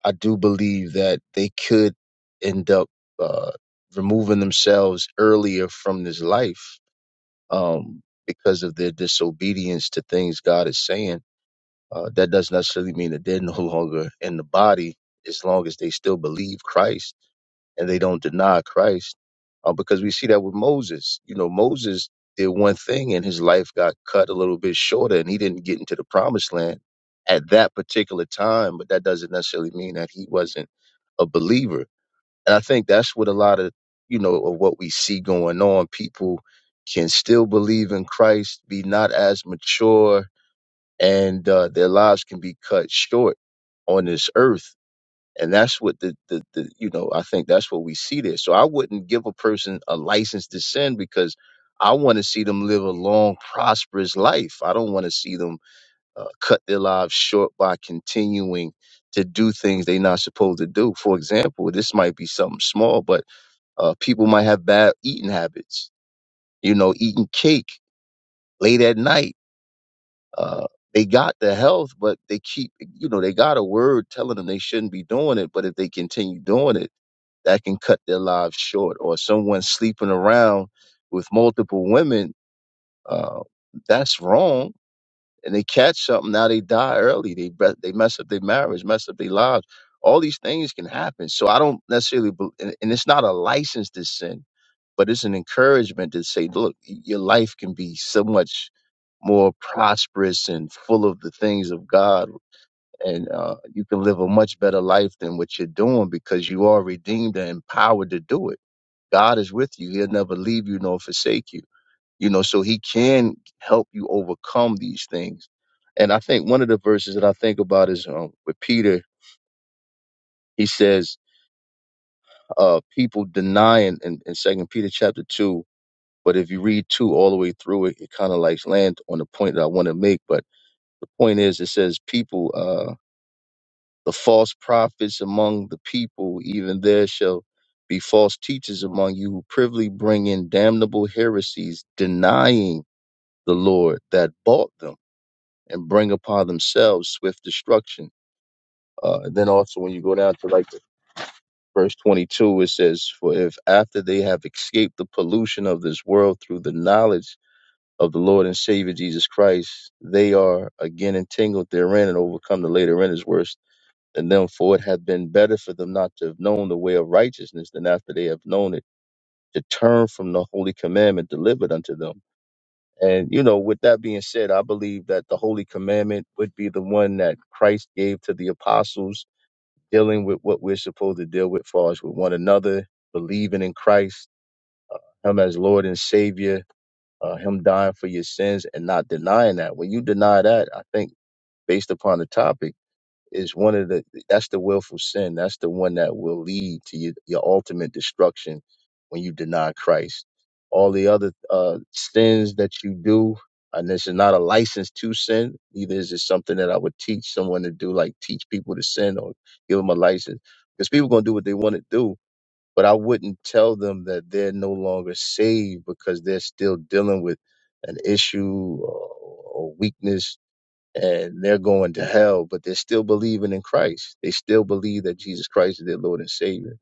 D: I do believe that they could end up uh, removing themselves earlier from this life um, because of their disobedience to things God is saying. Uh, that doesn't necessarily mean that they're no longer in the body as long as they still believe Christ and they don't deny Christ. Uh, because we see that with Moses. You know, Moses did one thing and his life got cut a little bit shorter and he didn't get into the promised land at that particular time, but that doesn't necessarily mean that he wasn't a believer. And I think that's what a lot of, you know, of what we see going on. People can still believe in Christ, be not as mature and uh, their lives can be cut short on this earth. And that's what the, the, the, you know, I think that's what we see there. So I wouldn't give a person a license to sin because I want to see them live a long, prosperous life. I don't want to see them uh, cut their lives short by continuing to do things they're not supposed to do. For example, this might be something small, but uh, people might have bad eating habits, you know, eating cake late at night uh, they got the health, but they keep, you know, they got a word telling them they shouldn't be doing it. But if they continue doing it, that can cut their lives short. Or someone sleeping around with multiple women, uh, that's wrong and they catch something now they die early they bre- they mess up their marriage mess up their lives all these things can happen so i don't necessarily bel and, and it's not a license to sin but it's an encouragement to say look your life can be so much more prosperous and full of the things of god and uh, you can live a much better life than what you're doing because you are redeemed and empowered to do it god is with you he'll never leave you nor forsake you you know so he can help you overcome these things and i think one of the verses that i think about is um, with peter he says uh people denying in, in second peter chapter 2 but if you read 2 all the way through it it kind of like land on the point that i want to make but the point is it says people uh the false prophets among the people even there shall be false teachers among you who privily bring in damnable heresies denying the lord that bought them and bring upon themselves swift destruction. Uh, then also, when you go down to like verse 22, it says, For if after they have escaped the pollution of this world through the knowledge of the Lord and Savior Jesus Christ, they are again entangled therein and overcome the later end is worse than them. For it had been better for them not to have known the way of righteousness than after they have known it to turn from the holy commandment delivered unto them. And, you know, with that being said, I believe that the Holy Commandment would be the one that Christ gave to the apostles, dealing with what we're supposed to deal with, as far as with one another, believing in Christ, Him as Lord and Savior, uh, Him dying for your sins, and not denying that. When you deny that, I think, based upon the topic, is one of the that's the willful sin that's the one that will lead to your, your ultimate destruction when you deny christ all the other uh sins that you do and this is not a license to sin neither is it something that i would teach someone to do like teach people to sin or give them a license because people going to do what they want to do but i wouldn't tell them that they're no longer saved because they're still dealing with an issue or, or weakness and they're going to hell, but they're still believing in Christ. They still believe that Jesus Christ is their Lord and Savior.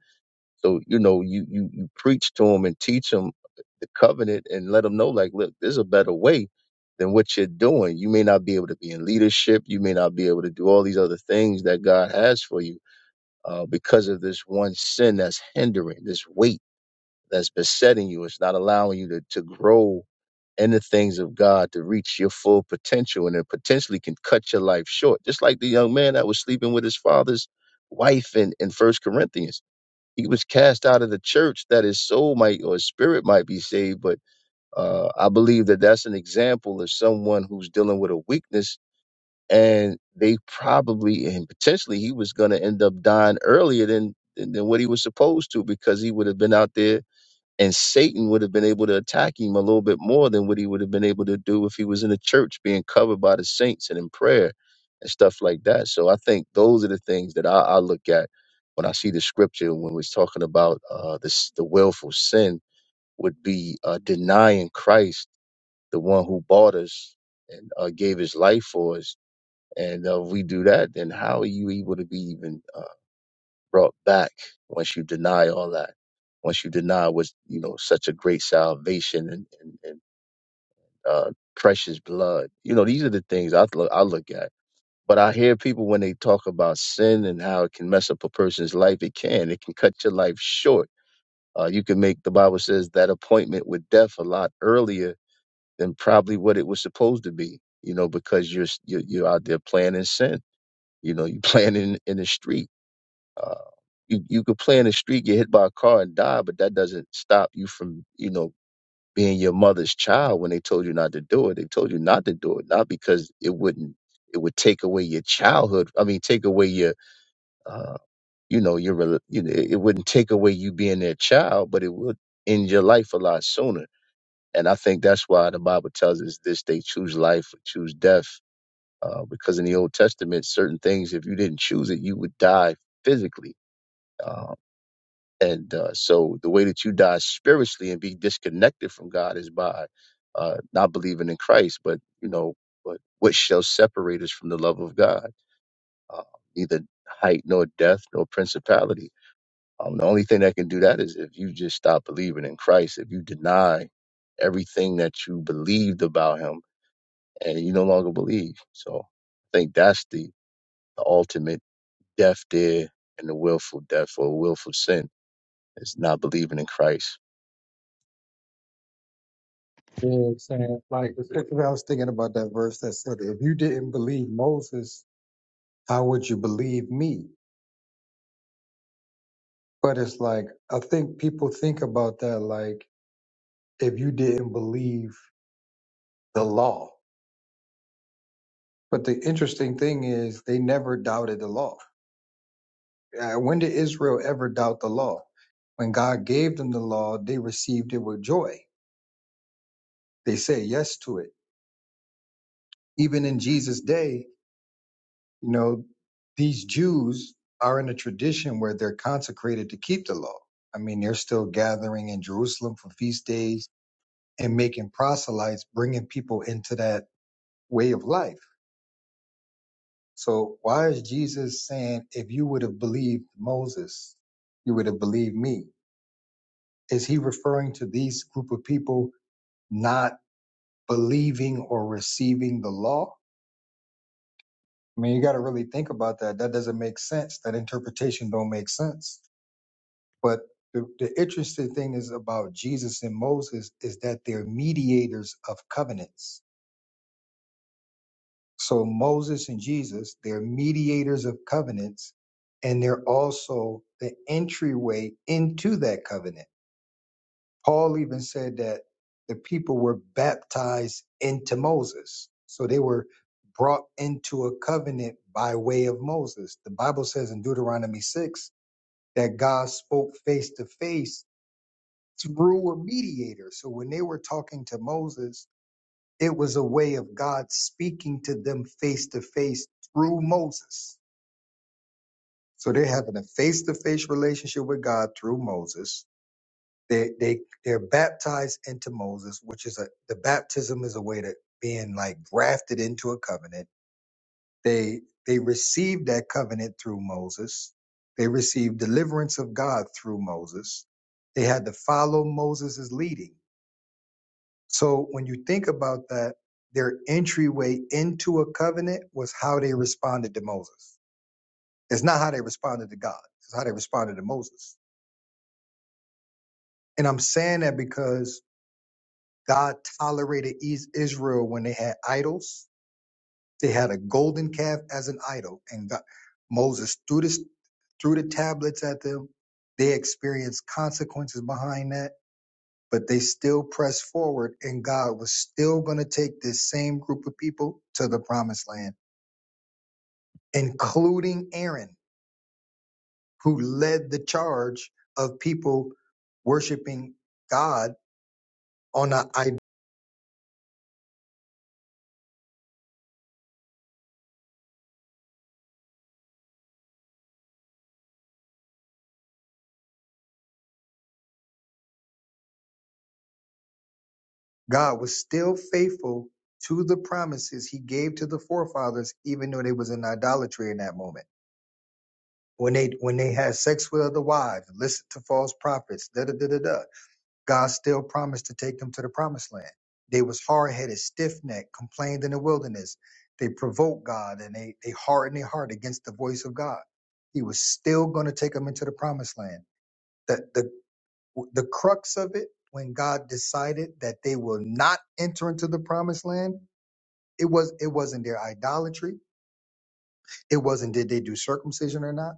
D: So you know, you you you preach to them and teach them the covenant and let them know, like, look, there's a better way than what you're doing. You may not be able to be in leadership. You may not be able to do all these other things that God has for you uh, because of this one sin that's hindering this weight that's besetting you. It's not allowing you to to grow in the things of God to reach your full potential and it potentially can cut your life short. Just like the young man that was sleeping with his father's wife in, in First Corinthians. He was cast out of the church that his soul might or his spirit might be saved. But uh, I believe that that's an example of someone who's dealing with a weakness and they probably and potentially he was going to end up dying earlier than, than than what he was supposed to because he would have been out there and Satan would have been able to attack him a little bit more than what he would have been able to do if he was in the church being covered by the saints and in prayer and stuff like that. So I think those are the things that I, I look at when I see the scripture when we're talking about uh, this, the willful sin would be uh, denying Christ, the one who bought us and uh, gave his life for us. And uh, if we do that, then how are you able to be even? uh, brought back once you deny all that, once you deny what's, you know, such a great salvation and, and, and uh, precious blood. You know, these are the things I look, I look at. But I hear people when they talk about sin and how it can mess up a person's life. It can. It can cut your life short. Uh, you can make, the Bible says, that appointment with death a lot earlier than probably what it was supposed to be, you know, because you're, you're, you're out there playing in sin. You know, you're playing in, in the street Uh, You you could play in the street, get hit by a car and die, but that doesn't stop you from, you know, being your mother's child when they told you not to do it. They told you not to do it, not because it wouldn't it would take away your childhood. I mean, take away your uh, you know, your rel- you know, it wouldn't take away you being their child, but it would end your life a lot sooner. And I think that's why the Bible tells us this they choose life or choose death. Uh, because in the Old Testament, certain things, if you didn't choose it, you would die physically. uh, And uh, so the way that you die spiritually and be disconnected from God is by uh, not believing in Christ. But you know, but what shall separate us from the love of God? Uh, neither height nor death nor principality. Um, the only thing that can do that is if you just stop believing in Christ. If you deny everything that you believed about Him and you no longer believe. So I think that's the, the ultimate death there and the willful death or willful sin is not believing in Christ.
A: You know what I'm saying? Like, it's- I was thinking about that verse that said, if you didn't believe Moses, how would you believe me? But it's like, I think people think about that like, if you didn't believe the law. But the interesting thing is, they never doubted the law. Uh, When did Israel ever doubt the law? When God gave them the law, they received it with joy. They said yes to it. Even in Jesus' day, you know, these Jews are in a tradition where they're consecrated to keep the law. I mean, they're still gathering in Jerusalem for feast days and making proselytes, bringing people into that way of life So why is Jesus saying, if you would have believed Moses, you would have believed me? Is he referring to these group of people not believing or receiving the law? I mean, you got to really think about that. That doesn't make sense. That interpretation don't make sense. But the, the interesting thing is about Jesus and Moses is that they're mediators of covenants So Moses and Jesus, they're mediators of covenants, and they're also the entryway into that covenant. Paul even said that the people were baptized into Moses. So they were brought into a covenant by way of Moses. The Bible says in Deuteronomy 6 that God spoke face to face through a mediator. So when they were talking to Moses, it was a way of God speaking to them face to face through Moses. So they're having a face to face relationship with God through Moses. They they they're baptized into Moses, which is a the baptism is a way to being like grafted into a covenant. They they received that covenant through Moses. They received deliverance of God through Moses. They had to follow Moses' leading So when you think about that, their entryway into a covenant was how they responded to Moses. It's not how they responded to God. It's how they responded to Moses. And I'm saying that because God tolerated Is- Israel when they had idols. They had a golden calf as an idol, and God, Moses threw this threw the tablets at them. They experienced consequences behind that, but they still pressed forward, and God was still going to take this same group of people to the promised land including Aaron, who led the charge of people worshiping God on a I God was still faithful to the promises he gave to the forefathers, even though they was in idolatry in that moment. When they when they had sex with other wives, listened to false prophets, da da da da da. God still promised to take them to the promised land. They was hard headed, stiff necked, complained in the wilderness. They provoked God and they, they hardened their heart against the voice of God. He was still going to take them into the promised land. The, the, the crux of it, when God decided that they will not enter into the promised land, it was it wasn't their idolatry. It wasn't did they do circumcision or not.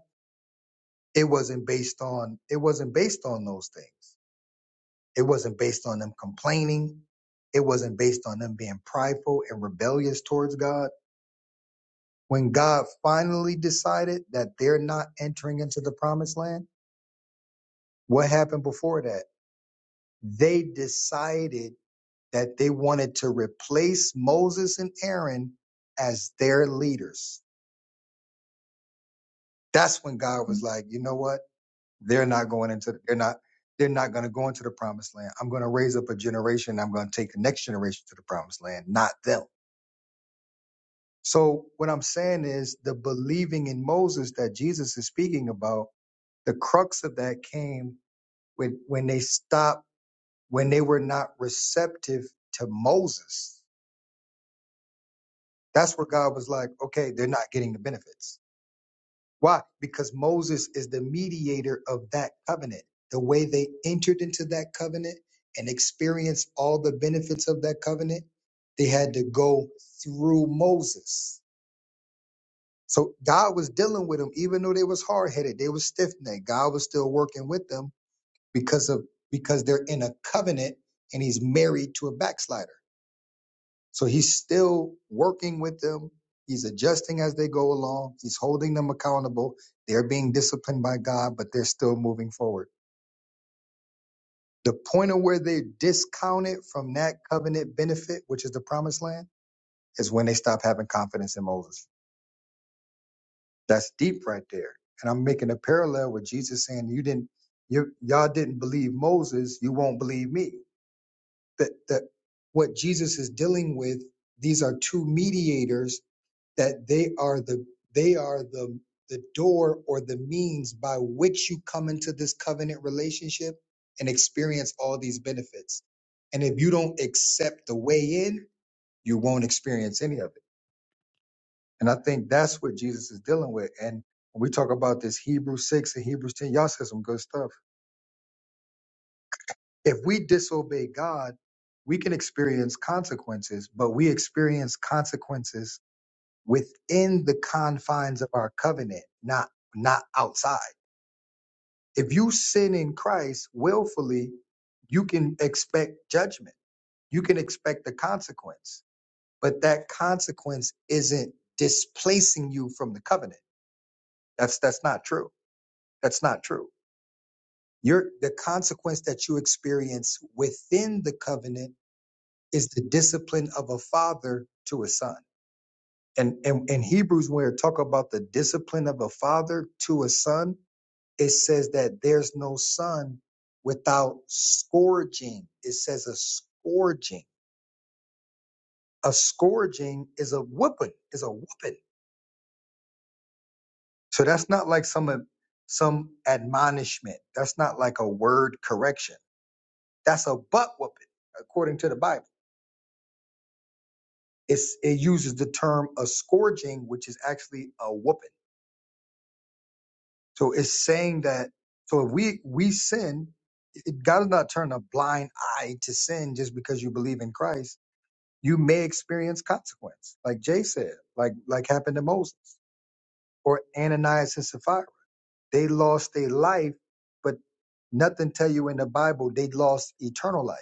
A: It wasn't based on it wasn't based on those things. It wasn't based on them complaining. It wasn't based on them being prideful and rebellious towards God. When God finally decided that they're not entering into the promised land, what happened before that? They decided that they wanted to replace Moses and Aaron as their leaders. That's when God was like, you know what? They're not going into, they're not, they're not going to go into the promised land. I'm going to raise up a generation. I'm going to take the next generation to the promised land, not them. So what I'm saying is the believing in Moses that Jesus is speaking about, the crux of that came when when they stopped, when they were not receptive to Moses. That's where God was like, okay, they're not getting the benefits. Why? Because Moses is the mediator of that covenant. The way they entered into that covenant and experienced all the benefits of that covenant, they had to go through Moses. So God was dealing with them, even though they was hard headed, they was stiff necked. God was still working with them because of because they're in a covenant and He's married to a backslider. So He's still working with them. He's adjusting as they go along. He's holding them accountable. They're being disciplined by God, but they're still moving forward. The point of where they discounted from that covenant benefit, which is the promised land, is when they stop having confidence in Moses. That's deep right there. And I'm making a parallel with Jesus saying, "You didn't, you y'all didn't believe Moses. You won't believe me." That that what Jesus is dealing with. These are two mediators that they are the they are the the door or the means by which you come into this covenant relationship and experience all these benefits. And if you don't accept the way in, you won't experience any of it. And I think that's what Jesus is dealing with. And when we talk about this Hebrews 6 and Hebrews 10, y'all said some good stuff. If we disobey God, we can experience consequences, but we experience consequences within the confines of our covenant, not not outside. If you sin in Christ willfully, you can expect judgment. You can expect the consequence, but that consequence isn't displacing you from the covenant. That's that's not true. That's not true. Your the consequence that you experience within the covenant is the discipline of a father to a son. And and in Hebrews, when we talk about the discipline of a father to a son, it says that there's no son without scourging. It says a scourging. A scourging is a whooping, is a whooping. So that's not like some some admonishment. That's not like a word correction. That's a butt whooping according to the Bible. it's it uses the term a scourging, which is actually a whooping. So it's saying that so if we we sin, it, God does not turn a blind eye to sin just because you believe in Christ. You may experience consequence, like Jay said, like like happened to Moses or Ananias and Sapphira. They lost their life, but nothing tell you in the Bible they lost eternal life.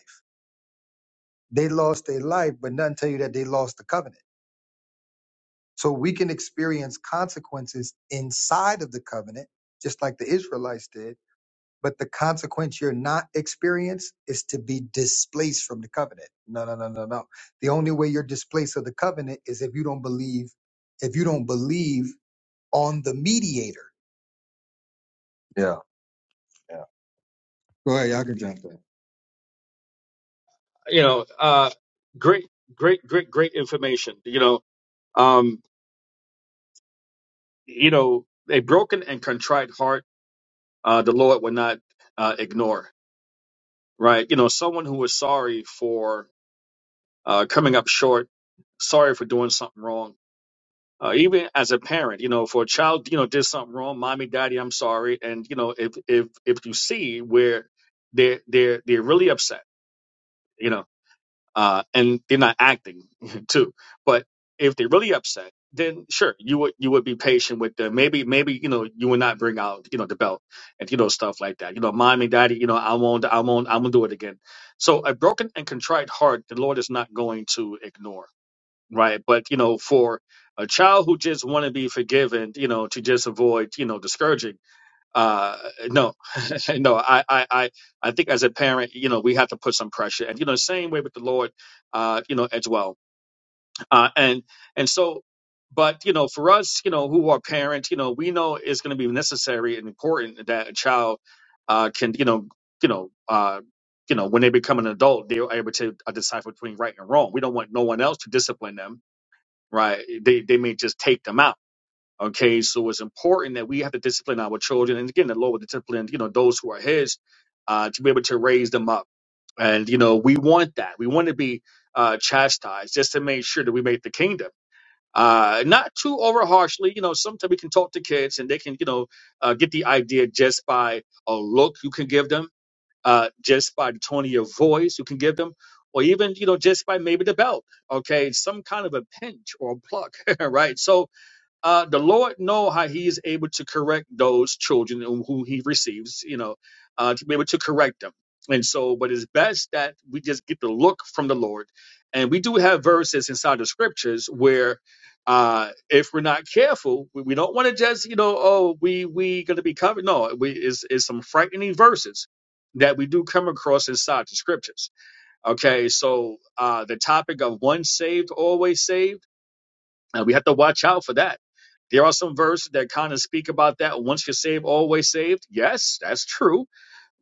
A: They lost their life, but nothing tell you that they lost the covenant So we can experience consequences inside of the covenant, just like the Israelites did. But the consequence you're not experienced is to be displaced from the covenant. No, no, no, no, no. The only way you're displaced of the covenant is if you don't believe, if you don't believe on the mediator. Yeah, yeah. Go ahead, y'all can jump in.
E: you know, uh, great, great, great, great information. You know, um, you know, a broken and contrite heart, uh, the Lord will not uh, ignore. Right? You know, someone who is sorry for uh, coming up short, sorry for doing something wrong. Uh, even as a parent, you know, for a child, you know, did something wrong, mommy, daddy, I'm sorry. And you know, if if if you see where they're they're they're really upset you know, uh, and they're not acting too. But if they're really upset, then sure, you would you would be patient with them. Maybe maybe you know you would not bring out you know the belt and you know stuff like that. You know, mommy, daddy, you know, I won't, I won't, I'm gonna do it again. So a broken and contrite heart, the Lord is not going to ignore, right? But you know, for a child who just want to be forgiven, you know, to just avoid you know discouraging uh no no I, I i i think as a parent you know we have to put some pressure and you know same way with the lord uh you know as well uh and and so but you know for us you know who are parents you know we know it's going to be necessary and important that a child uh can you know you know uh you know when they become an adult they're able to uh, decipher between right and wrong we don't want no one else to discipline them right they they may just take them out Okay, so it's important that we have to discipline our children, and again, the Lord will discipline, you know, those who are His, uh, to be able to raise them up. And you know, we want that. We want to be uh, chastised just to make sure that we make the kingdom. Uh, not too over harshly, you know. Sometimes we can talk to kids, and they can, you know, uh, get the idea just by a look you can give them, uh, just by the tone of your voice you can give them, or even, you know, just by maybe the belt. Okay, some kind of a pinch or a pluck, right? So uh, the Lord know how He is able to correct those children who who He receives, you know, uh, to be able to correct them. And so, but it's best that we just get the look from the Lord. And we do have verses inside the scriptures where, uh, if we're not careful, we, we don't want to just, you know, oh, we we going to be covered. No, we is is some frightening verses that we do come across inside the scriptures. Okay, so uh, the topic of once saved, always saved uh, we have to watch out for that. There are some verses that kind of speak about that. Once you're saved, always saved. Yes, that's true.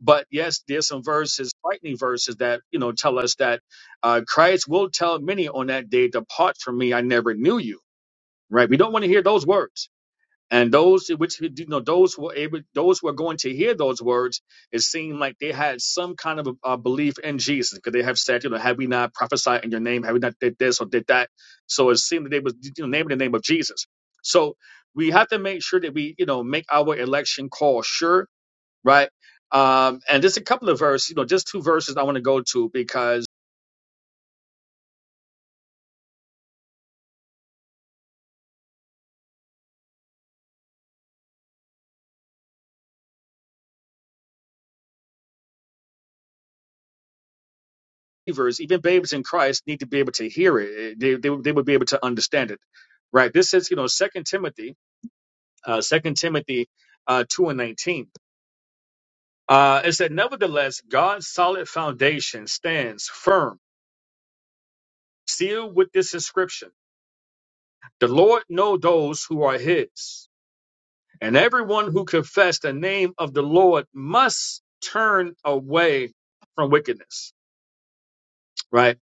E: But yes, there's some verses, frightening verses that you know tell us that uh, Christ will tell many on that day, "Depart from me, I never knew you." Right? We don't want to hear those words and those which you know, those who were able, those who are going to hear those words, it seemed like they had some kind of a, a belief in Jesus, because they have said, you know, have we not prophesied in your name? Have we not did this or did that? So it seemed that they was you know, naming the name of Jesus. So we have to make sure that we, you know, make our election call sure, right? Um, and there's a couple of verses, you know, just two verses I want to go to because believers, even babies in Christ, need to be able to hear it. They they, they would be able to understand it, right? This is, you know, Second Timothy. uh, 2 Timothy uh, 2 and 19. Uh, it said, Nevertheless, God's solid foundation stands firm, sealed with this inscription The Lord know those who are his, and everyone who confess the name of the Lord must turn away from wickedness. Right?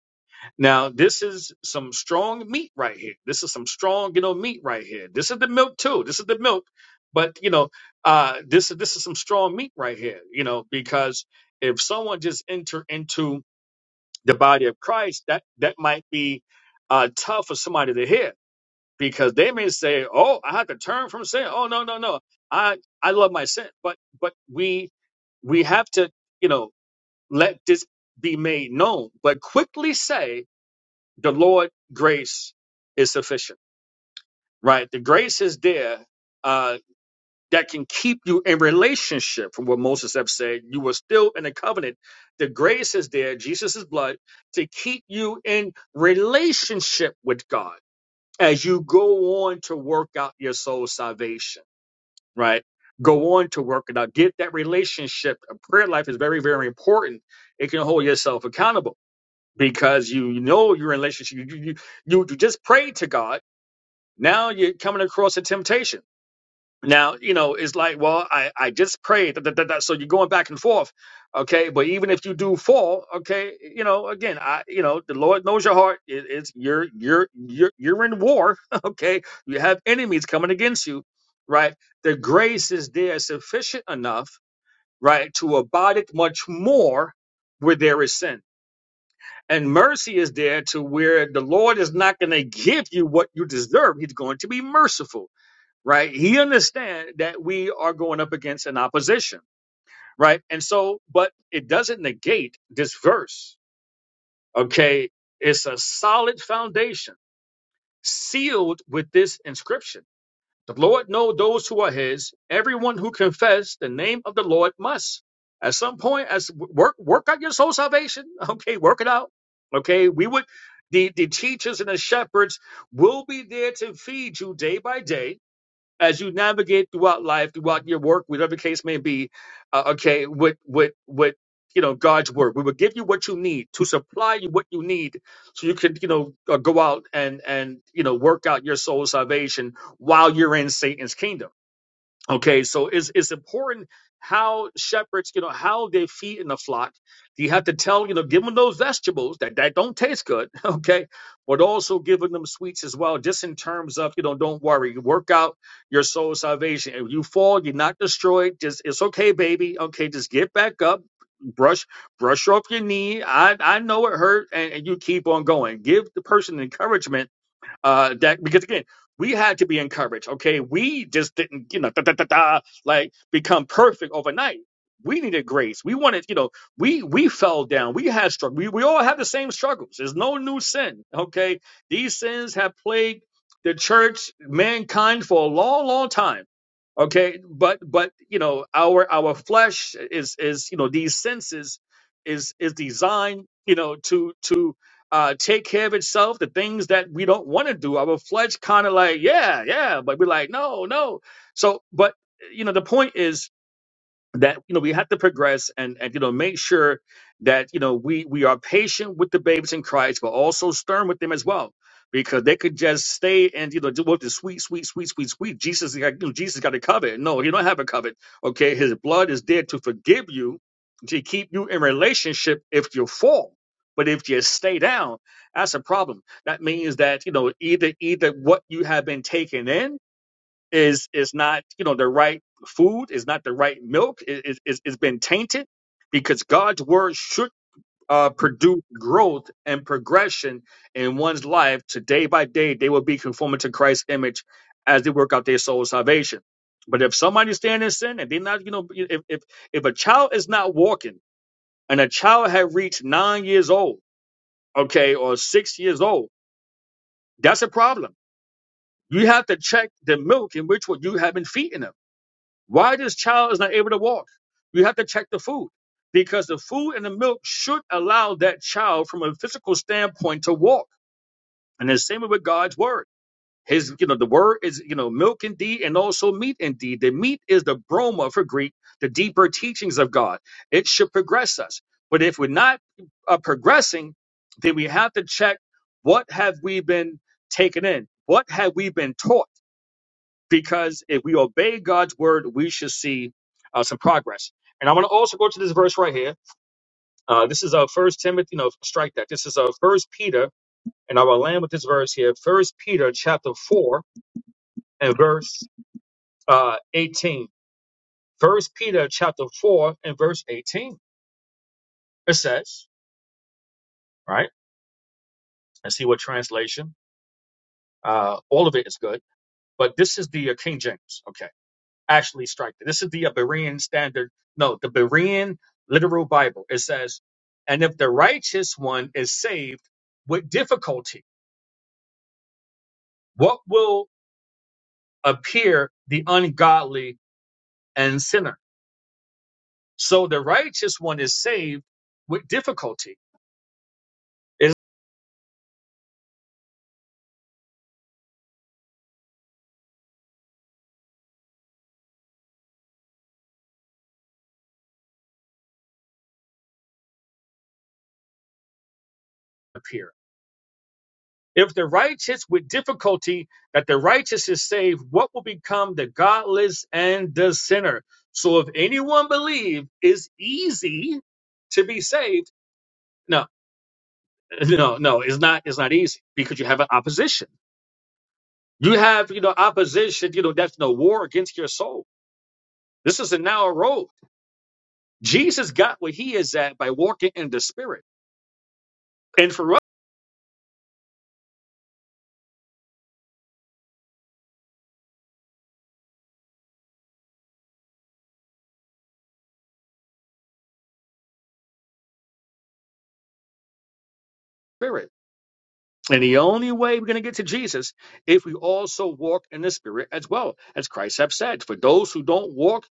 E: Now, this is some strong meat right here. This is some strong, you know, meat right here. This is the milk too. This is the milk, but you know, uh, this this is some strong meat right here. You know, because if someone just enter into the body of Christ, that that might be uh, tough for somebody to hear because they may say, "Oh, I have to turn from sin." Oh, no, no, no. I I love my sin, but but we we have to, you know, let this be made known, but quickly say the Lord grace is sufficient, right? The grace is there uh, that can keep you in relationship. From what Moses have said, you were still in a covenant. The grace is there, Jesus' blood, to keep you in relationship with God as you go on to work out your soul's salvation, right? Go on to work it out. Get that relationship. A prayer life is very, very important. It can hold yourself accountable because you know your relationship. You, you, you you just pray to God Now you're coming across a temptation. Now, you know, it's like, well, I, I just prayed. da, da, da, da. So you're going back and forth. Okay. But even if you do fall, okay, you know, again, I, you know, the Lord knows your heart. It, it's you're, you're, you're, you're in war. Okay. You have enemies coming against you, right? The grace is there sufficient enough, right, to abide it much more where there is sin. And mercy is there to where the Lord is not going to give you what you deserve. He's going to be merciful right? He understands that we are going up against an opposition, right? And so, but it doesn't negate this verse, okay? It's a solid foundation sealed with this inscription. The Lord know those who are his. Everyone who confess the name of the Lord must. At some point, as work work out your soul salvation. Okay, work it out. Okay, we would the, the teachers and the shepherds will be there to feed you day by day as you navigate throughout life, throughout your work, whatever the case may be, uh, okay, with with with you know God's word, we will give you what you need to supply you what you need, so you can you know uh, go out and and you know work out your soul's salvation while you're in Satan's kingdom Okay, so it's it's important how shepherds, you know, how they feed in the flock. You have to tell, you know, give them those vegetables that, that don't taste good, okay, but also giving them sweets as well, just in terms of, you know, don't worry, you work out your soul salvation. If you fall, you're not destroyed. Just it's okay, baby. Okay, just get back up, brush brush off your knee. I I know it hurt, and, and you keep on going. Give the person encouragement uh that because again we had to be encouraged okay we just didn't you know da, da, da, da, like become perfect overnight we needed grace we wanted you know we we fell down we had struggle we, we all have the same struggles there's no new sin okay these sins have plagued the church mankind for a long long time okay but but you know our our flesh is is you know these senses is is designed you know to to uh, take care of itself. The things that we don't want to do, our flesh kind of like, yeah, yeah, but we're like, no, no. So, but you know, the point is that you know we have to progress and and you know make sure that you know we we are patient with the babies in Christ, but also stern with them as well, because they could just stay and you know do what the sweet, sweet, sweet, sweet, sweet. Jesus, is like, you know, Jesus got a covet. No, you don't have a covet. Okay, his blood is there to forgive you, to keep you in relationship if you fall. But if you stay down, that's a problem. That means that you know either either what you have been taken in is is not you know the right food is not the right milk it, it, it's it's been tainted because god's word should uh, produce growth and progression in one's life to day by day they will be conforming to christ's image as they work out their soul salvation but if somebody's standing in sin and they're not you know if if, if a child is not walking and a child had reached nine years old okay or six years old that's a problem you have to check the milk in which what you have been feeding them Why this child is not able to walk? You have to check the food because the food and the milk should allow that child from a physical standpoint to walk. And the same with God's word. His, you know, the word is, you know, milk indeed and also meat indeed. The meat is the broma for Greek, the deeper teachings of God. It should progress us. But if we're not uh, progressing, then we have to check what have we been taken in? What have we been taught? because if we obey God's word, we should see uh, some progress. And I want to also go to this verse right here. Uh, this is a First Timothy. No, strike that. This is a First Peter, and I will land with this verse here. First Peter chapter four and verse uh, eighteen. First Peter chapter four and verse eighteen. It says, right. Let's see what translation. Uh, all of it is good, but this is the uh, King James. Okay. actually strike. This is the Berean standard. No, the Berean literal Bible. It says, and if the righteous one is saved with difficulty, what will appear the ungodly and sinner? So the righteous one is saved with difficulty. Is appear. If the righteous with difficulty that the righteous is saved, what will become the godless and the sinner? So if anyone believe it's easy to be saved, no. no no it's not it's not easy because you have an opposition you have you know opposition you know that's no war against your soul this is a narrow road jesus got where he is at by walking in the spirit and for us spirit and the only way we're going to get to jesus if we also walk in the spirit as well as christ have said for those who don't walk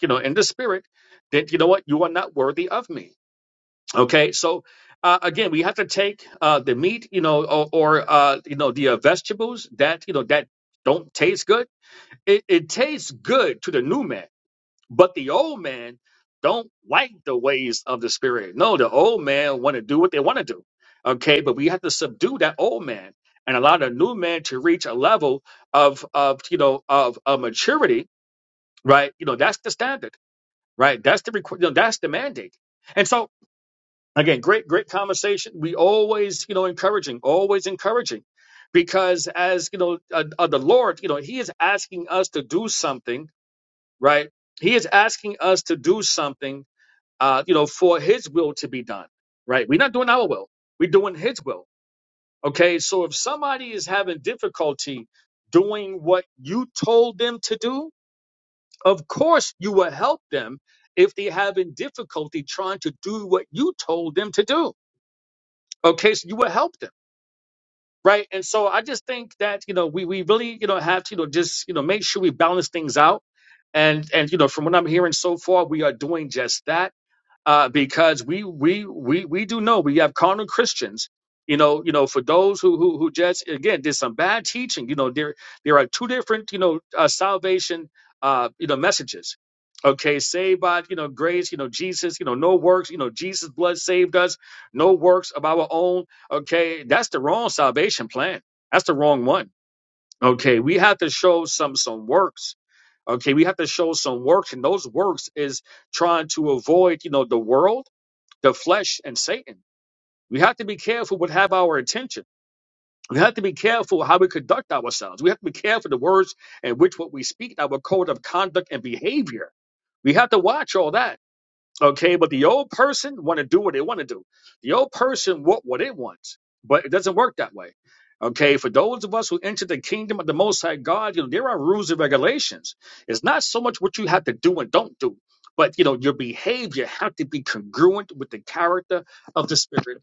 E: you know in the spirit then you know what you are not worthy of me Okay, so uh, again, we have to take uh, the meat, you know, or, or uh, you know the uh, vegetables that you know that don't taste good. It, it tastes good to the new man, but the old man don't like the ways of the spirit. No, the old man want to do what they want to do. Okay, but we have to subdue that old man and allow the new man to reach a level of of you know of, of maturity, right? You know, that's the standard, right? That's the requ- you know, that's the mandate. And so Again, great, great conversation. We always, you know, encouraging, always encouraging, because as you know, uh, uh, the Lord, you know, He is asking us to do something, right? He is asking us to do something, uh, you know, for His will to be done, right? We're not doing our will; we're doing His will. Okay, so if somebody is having difficulty doing what you told them to do, of course you will help them if they're having difficulty trying to do what you told them to do Okay, so you will help them, right? And so I just think that you know we we really you know have to you know just you know make sure we balance things out, and and you know from what I'm hearing so far, we are doing just that uh, because we we we we do know we have carnal Christians. You know, you know, for those who who who just again did some bad teaching. You know, there there are two different you know uh, salvation uh, you know messages. Okay, saved by you know grace, you know Jesus, you know no works, you know Jesus' blood saved us, no works of our own. Okay, that's the wrong salvation plan. That's the wrong one Okay, we have to show some some works. Okay, we have to show some works, and those works is trying to avoid, you know, the world, the flesh, and Satan. We have to be careful what have our attention. We have to be careful how we conduct ourselves. We have to be careful the words in which what we speak, our code of conduct and behavior. We have to watch all that. Okay, but the old person want to do what they want to do. The old person want what it wants, but it doesn't work that way. Okay, for those of us who enter the kingdom of the Most High God, you know there are rules and regulations. It's not so much what you have to do and don't do, but you know your behavior have to be congruent with the character of the Spirit.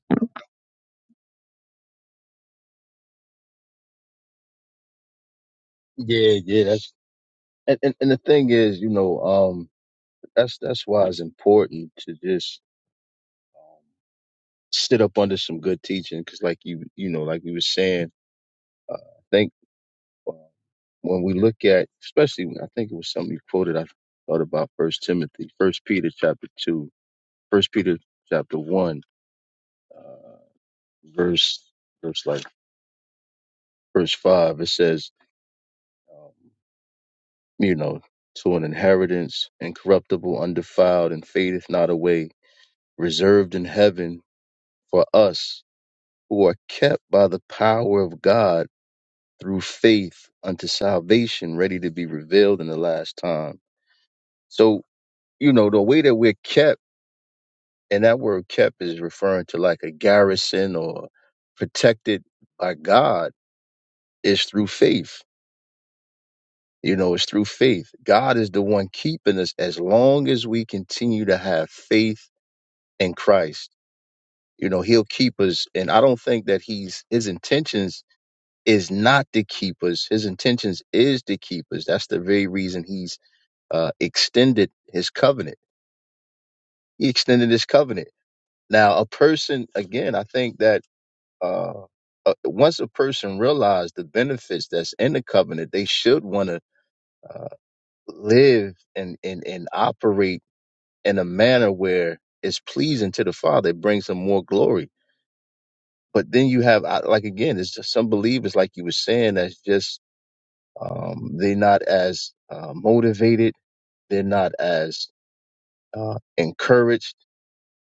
D: Yeah, yeah. That's and, and, and the thing is, you know, um, that's that's why it's important to just um, sit up under some good teaching, because like you, you know, like we were saying, uh, I think uh, when we look at, especially when I think it was something you quoted, I thought about First Timothy, First Peter chapter two, First Peter chapter one, uh, verse verse like verse five. It says, um, you know, to an inheritance incorruptible, undefiled, and fadeth not away reserved in heaven for us who are kept by the power of God through faith unto salvation, ready to be revealed in the last time. So, you know, the way that we're kept, and that word kept is referring to like a garrison or protected by God, is through faith. You know, it's through faith. God is the one keeping us as long as we continue to have faith in Christ. You know, he'll keep us. And I don't think that he's, his intentions is not to keep us. His intentions is to keep us. That's the very reason he's uh, extended his covenant. He extended his covenant. Now, a person, again, I think that uh, uh, once a person realizes the benefits that's in the covenant, they should want to uh, live and, and, and operate in a manner where it's pleasing to the Father. It brings him more glory. But then you have, uh, like, again, it's just some believers, like you were saying, that's just Um, they're not as uh, motivated. They're not as uh, encouraged.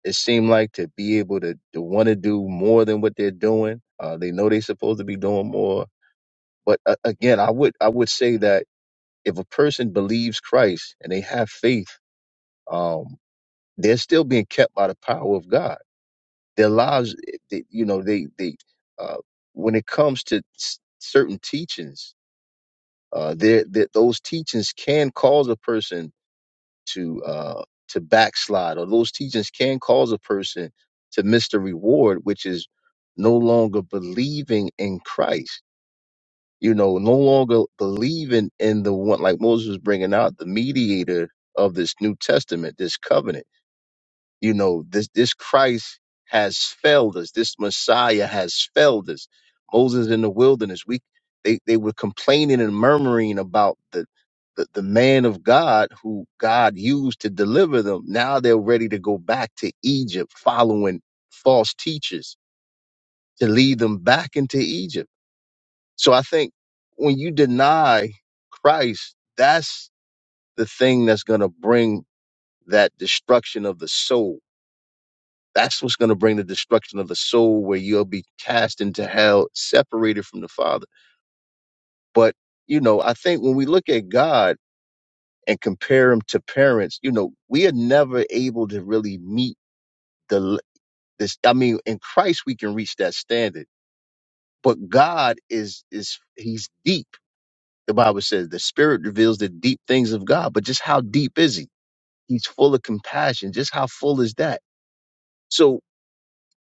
D: It seemed like to be able to, to want to do more than what they're doing. Uh, they know they're supposed to be doing more. But uh, again, I would I would say that if a person believes Christ and they have faith, um, they're still being kept by the power of God. Their lives, eh, they, you know, they they uh, when it comes to s- certain teachings, uh, there that those teachings can cause a person to uh, to backslide, or those teachings can cause a person to miss the reward, which is no longer believing in Christ. You know, no longer believing in the one, like Moses was bringing out, the mediator of this New Testament, this covenant you know, this, this Christ has failed us. This Messiah has failed us. Moses in the wilderness, we, they, they were complaining and murmuring about the, the, the man of God who God used to deliver them. Now they're ready to go back to Egypt following false teachers to lead them back into Egypt. So I think when you deny Christ, that's the thing that's going to bring that destruction of the soul That's what's going to bring the destruction of the soul, where you'll be cast into hell, separated from the Father. But, you know, I think when we look at God and compare him to parents, you know, we are never able to really meet the, this. I mean, in Christ, we can reach that standard, but God is, is, he's deep. The Bible says the spirit reveals the deep things of God, but just how deep is he? He's full of compassion. Just how full is that? So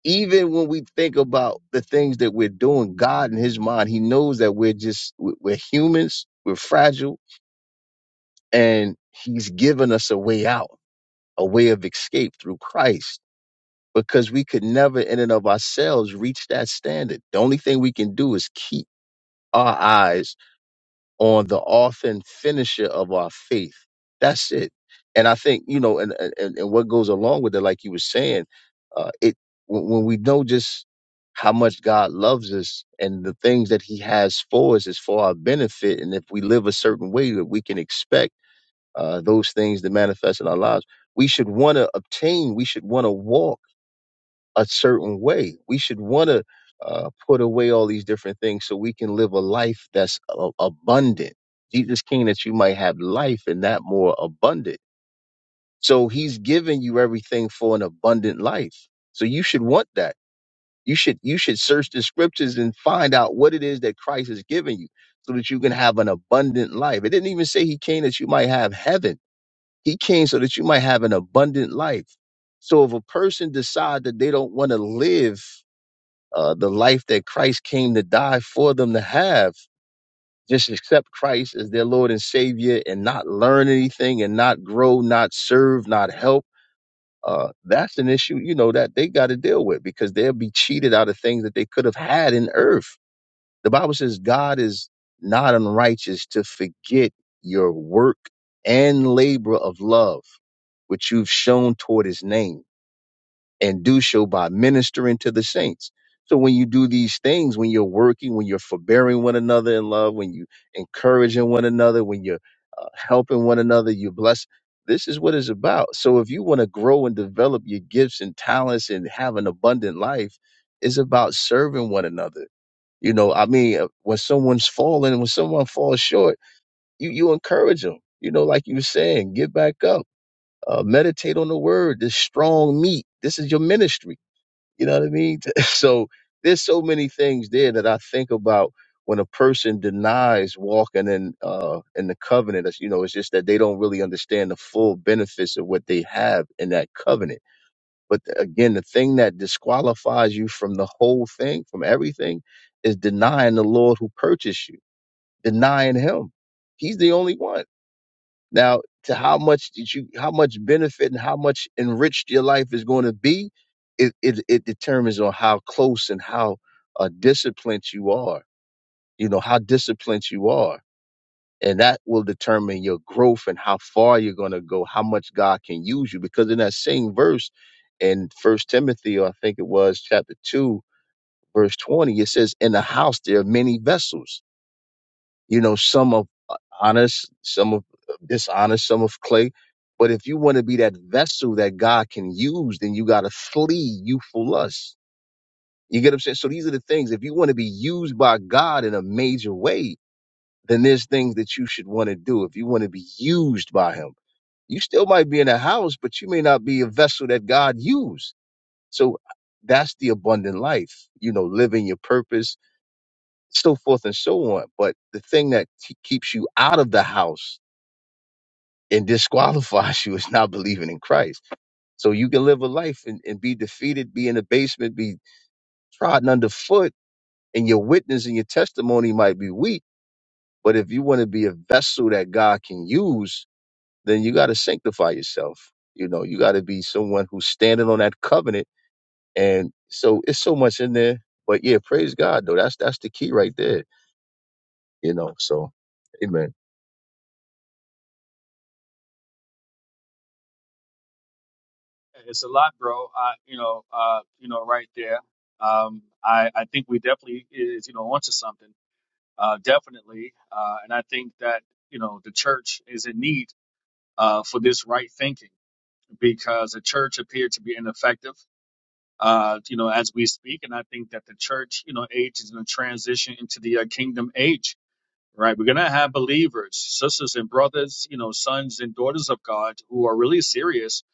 D: even when we think about the things that we're doing, God in His mind, He knows that we're just we- we're humans, we're fragile, and He's given us a way out, a way of escape through Christ, because we could never, in and of ourselves, reach that standard. The only thing we can do is keep our eyes on the author and finisher of our faith. That's it. And I think, you know, and, and, and what goes along with it, like you were saying, uh, it, when when we know just how much God loves us and the things that he has for us is for our benefit. And if we live a certain way that we can expect, uh, those things to manifest in our lives, we should want to obtain, we should want to walk a certain way. We should want to uh, put away all these different things so we can live a life that's a- abundant. Jesus came that you might have life and that more abundant. So he's given you everything for an abundant life. So you should want that. You should you should search the scriptures and find out what it is that Christ has given you so that you can have an abundant life. It didn't even say he came that you might have heaven. He came so that you might have an abundant life. So if a person decides that they don't want to live uh, the life that Christ came to die for them to have. Just accept Christ as their Lord and Savior and not learn anything and not grow, not serve, not help. Uh, that's an issue, you know, that they got to deal with because they'll be cheated out of things that they could have had in earth. The Bible says God is not unrighteous to forget your work and labor of love, which you've shown toward his name and do so by ministering to the saints. So when you do these things, when you're working, when you're forbearing one another in love, when you encouraging one another, when you're uh, helping one another, you bless. This is what it's about. So if you want to grow and develop your gifts and talents and have an abundant life, it's about serving one another. You know, I mean, uh, when someone's falling, when someone falls short, you you encourage them. You know, like you were saying, get back up uh, meditate on the word, this strong meat. This is your ministry. You know what I mean? So there's so many things there that I think about when a person denies walking in uh in the covenant. That's, you know, it's just that they don't really understand the full benefits of what they have in that covenant. But the- again, the thing that disqualifies you from the whole thing, from everything, is denying the Lord who purchased you, denying Him. He's the only one. Now, to how much did you, how much benefit and how much enriched your life is going to be, it, it, it determines on how close and how uh, disciplined you are, you know, how disciplined you are. And that will determine your growth and how far you're going to go, how much God can use you. Because in that same verse in First Timothy, or I think it was chapter 2, verse 20, it says, In the house there are many vessels you know, some of uh, honest, some of uh, dishonest, some of clay. But if you want to be that vessel that God can use, then you got to flee youthful lust. You get what I'm saying? So these are the things. If you want to be used by God in a major way, then there's things that you should want to do. If you want to be used by Him, you still might be in a house, but you may not be a vessel that God used. So uh, that's the abundant life, you know, living your purpose, so forth and so on. But the thing that t- keeps you out of the house and disqualifies you is not believing in Christ. So you can live a life and, and be defeated, be in the basement, be trodden underfoot, and your witness and your testimony might be weak. But if you want to be a vessel that God can use, then you got to sanctify yourself. You know, you got to be someone who's standing on that covenant. And so it's so much in there. But yeah, praise God though. That's that's the key right there. You know. So, Amen.
E: It's a lot, bro. I, you know, uh, you know, right there. Um, I, I think we definitely is, you know, onto something. Uh, definitely, uh, and I think that you know the church is in need uh, for this right thinking because the church appeared to be ineffective, uh, you know, as we speak. And I think that the church, you know, age is going to transition into the uh, kingdom age, right? We're going to have believers, sisters and brothers, you know, sons and daughters of God who are really serious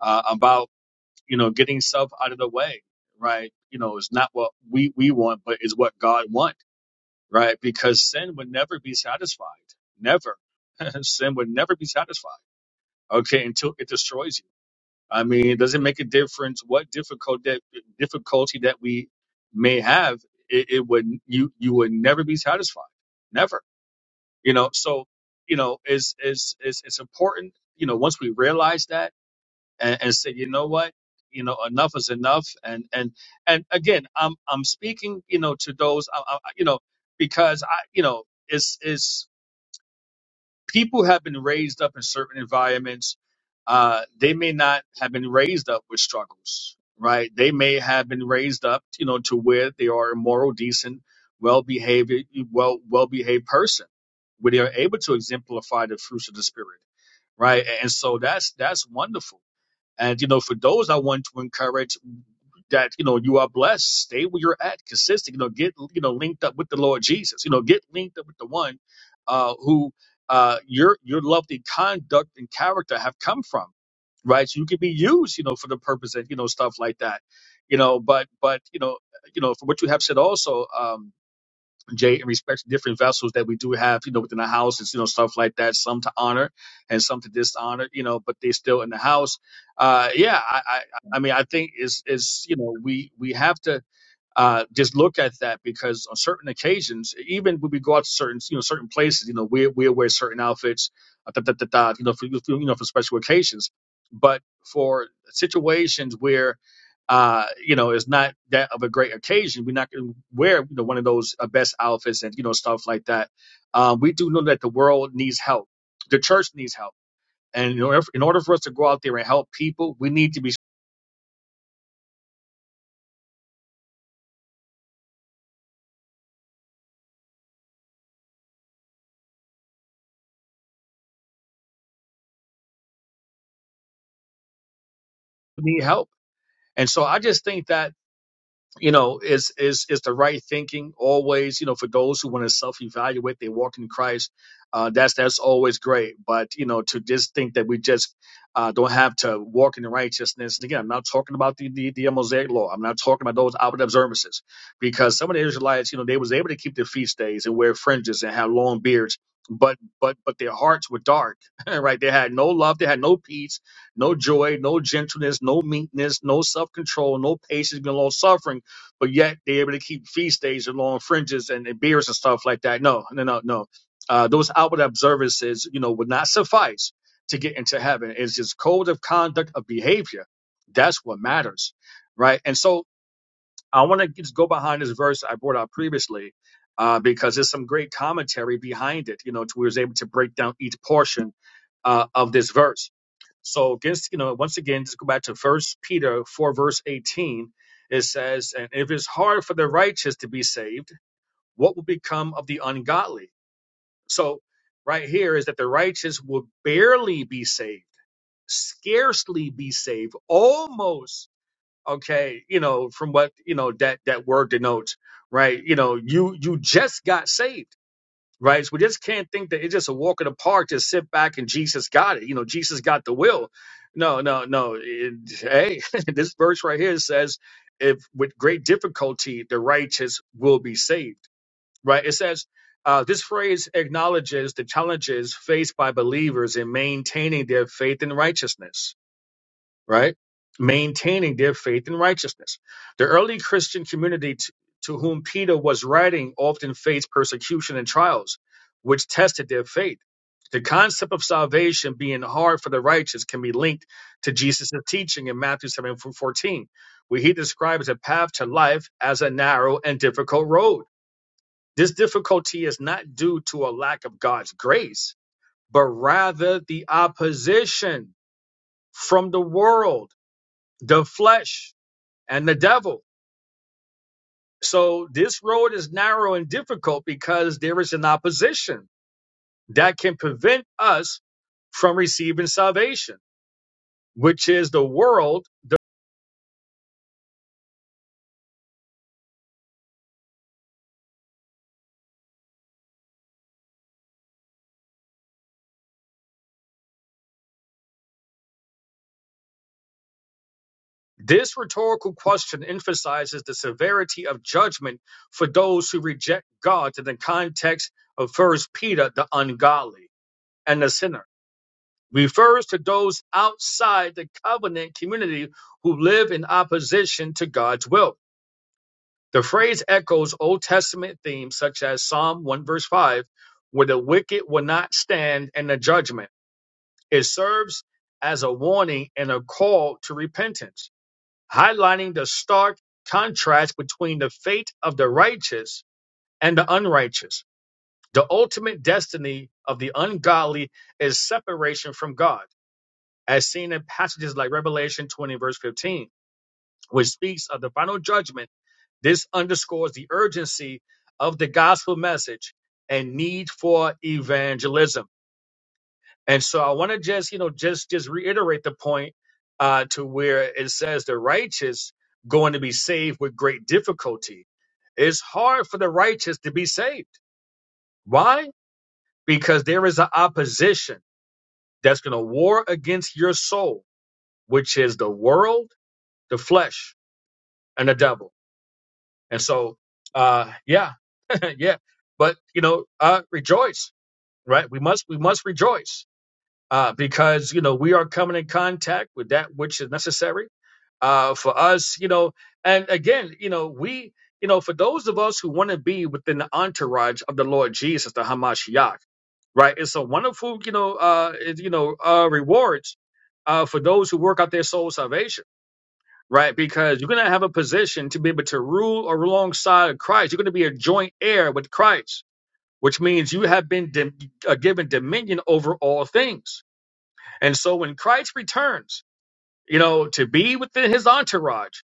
E: uh, about, you know, getting self out of the way, right? You know, it's not what we, we want, but it's what God wants, right? Because sin would never be satisfied. Never. sin would never be satisfied. Okay. Until it destroys you I mean, does it make a difference what difficult that difficulty that we may have? It, it would you you would never be satisfied, never. You know, so you know, it's it's it's, it's important. You know, once we realize that and, and say, you know what, you know, enough is enough, and and and again, I'm I'm speaking, you know, to those, I, I, you know, because I, you know, it's is people have been raised up in certain environments. Uh, they may not have been raised up with struggles, right? They may have been raised up, you know, to where they are a moral, decent, well-behaved, well well-behaved person, where they are able to exemplify the fruits of the spirit, right? And so that's that's wonderful. And you know, for those I want to encourage that you know you are blessed. Stay where you're at, consistent. You know, get you know linked up with the Lord Jesus. You know, get linked up with the one uh, who uh, your your lovely conduct and character have come from, right? So you can be used, you know, for the purpose and you know stuff like that, you know. But but you know you know from what you have said also. Um, Jay, in respect to different vessels that we do have, you know, within the house, it's, you know, stuff like that, some to honor and some to dishonor, you know, but they are still in the house. Uh, yeah, I, I, I mean, I think it's, it's, you know, we, we have to, uh, just look at that because on certain occasions, even when we go out to certain you know certain places, you know we we wear certain outfits, uh, da, da, da, da, you know for you know for special occasions, but for situations where uh, you know it's not that of a great occasion, we're not going to wear you know one of those uh, best outfits and you know stuff like that. Um, we do know that the world needs help, the church needs help, and in order, in order for us to go out there and help people, we need to be we need help. And so I just think that you know is is is the right thinking always you know for those who want to self-evaluate they walk in christ uh that's that's always great but you know to just think that we just uh don't have to walk in the righteousness and again i'm not talking about the the, the mosaic law i'm not talking about those outward observances because some of the israelites you know they was able to keep their feast days and wear fringes and have long beards but but but their hearts were dark right they had no love they had no peace no joy no gentleness no meekness no self-control no patience no long suffering but yet they're able to keep feast days and long fringes and, and beers and stuff like that. No, no, no, no. Uh, those outward observances, you know, would not suffice to get into heaven. It's just code of conduct of behavior. That's what matters, right? And so I want to just go behind this verse I brought out previously uh, because there's some great commentary behind it, you know, to where it's able to break down each portion uh, of this verse. So against you know, once again, just go back to First Peter four verse eighteen. It says, "And if it's hard for the righteous to be saved, what will become of the ungodly?" So right here is that the righteous will barely be saved, scarcely be saved, almost okay. You know, from what you know that that word denotes, right? You know, you you just got saved right? So we just can't think that it's just a walk in the park. Just sit back and Jesus got it. You know, Jesus got the will. No, no, no. It- hey, this verse right here says, "If with great difficulty the righteous will be saved," right? It says. Uh, this phrase acknowledges the challenges faced by believers in maintaining their faith and righteousness right? Maintaining their faith and righteousness. The early Christian community t- to whom Peter was writing often faced persecution and trials, which tested their faith. The concept of salvation being hard for the righteous can be linked to Jesus' teaching in Matthew 7:14, where he describes a path to life as a narrow and difficult road. This difficulty is not due to a lack of God's grace, but rather the opposition from the world the flesh and the devil. So this road is narrow and difficult because there is an opposition that can prevent us from receiving salvation, which is the world. The- This rhetorical question emphasizes the severity of judgment for those who reject God in the context of First Peter, the ungodly and the sinner. Refers to those outside the covenant community who live in opposition to God's will. The phrase echoes Old Testament themes such as Psalm 1 verse 5, where the wicked will not stand in the judgment. It serves as a warning and a call to repentance, highlighting the stark contrast between the fate of the righteous and the unrighteous. The ultimate destiny of the ungodly is separation from God, as seen in passages like Revelation 20 verse 15, which speaks of the final judgment This underscores the urgency of the gospel message and need for evangelism. And so I want to just, you know, just just reiterate the point uh, to where it says the righteous going to be saved with great difficulty. It's hard for the righteous to be saved. Why? Because there is an opposition that's going to war against your soul, which is the world, the flesh, and the devil. And so, uh, yeah, yeah, but you know, uh, rejoice, right? We must we must rejoice uh, because you know we are coming in contact with that which is necessary uh, for us, you know. And again, you know, we you know for those of us who want to be within the entourage of the Lord Jesus, the Hamashiach, right? It's a wonderful you know uh, it- you know uh, rewards uh, for those who work out their soul salvation. Right, because you're going to have a position to be able to rule or alongside of Christ. You're going to be a joint heir with Christ which means you have been dom- uh, given dominion over all things. And so when Christ returns, you know, to be within his entourage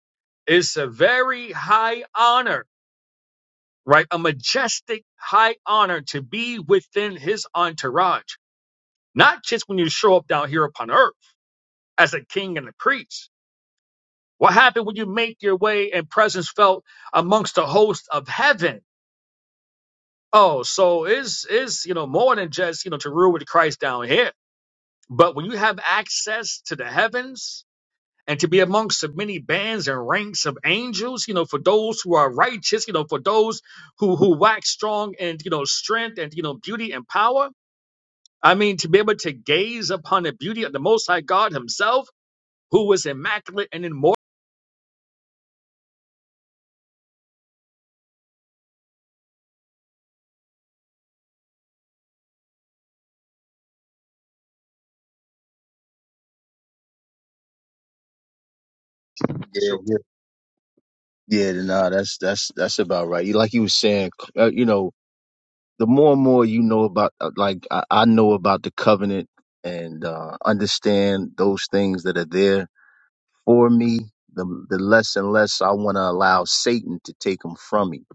E: is a very high honor, right? A majestic high honor to be within his entourage, not just when you show up down here upon earth as a king and a priest. What happened when you make your way and presence felt amongst the host of heaven? Oh, so is is you know more than just you know to rule with Christ down here But when you have access to the heavens and to be amongst the many bands and ranks of angels, you know, for those who are righteous, you know, for those who who wax strong and you know strength and you know beauty and power. I mean, to be able to gaze upon the beauty of the Most High God Himself, who was immaculate and immortal.
D: Yeah, nah, that's that's that's about right. You- Like you were saying, uh, you know, the more and more you know about, uh, like I, I know about the covenant and uh, understand those things that are there for me, the the less and less I want to allow Satan to take them from me,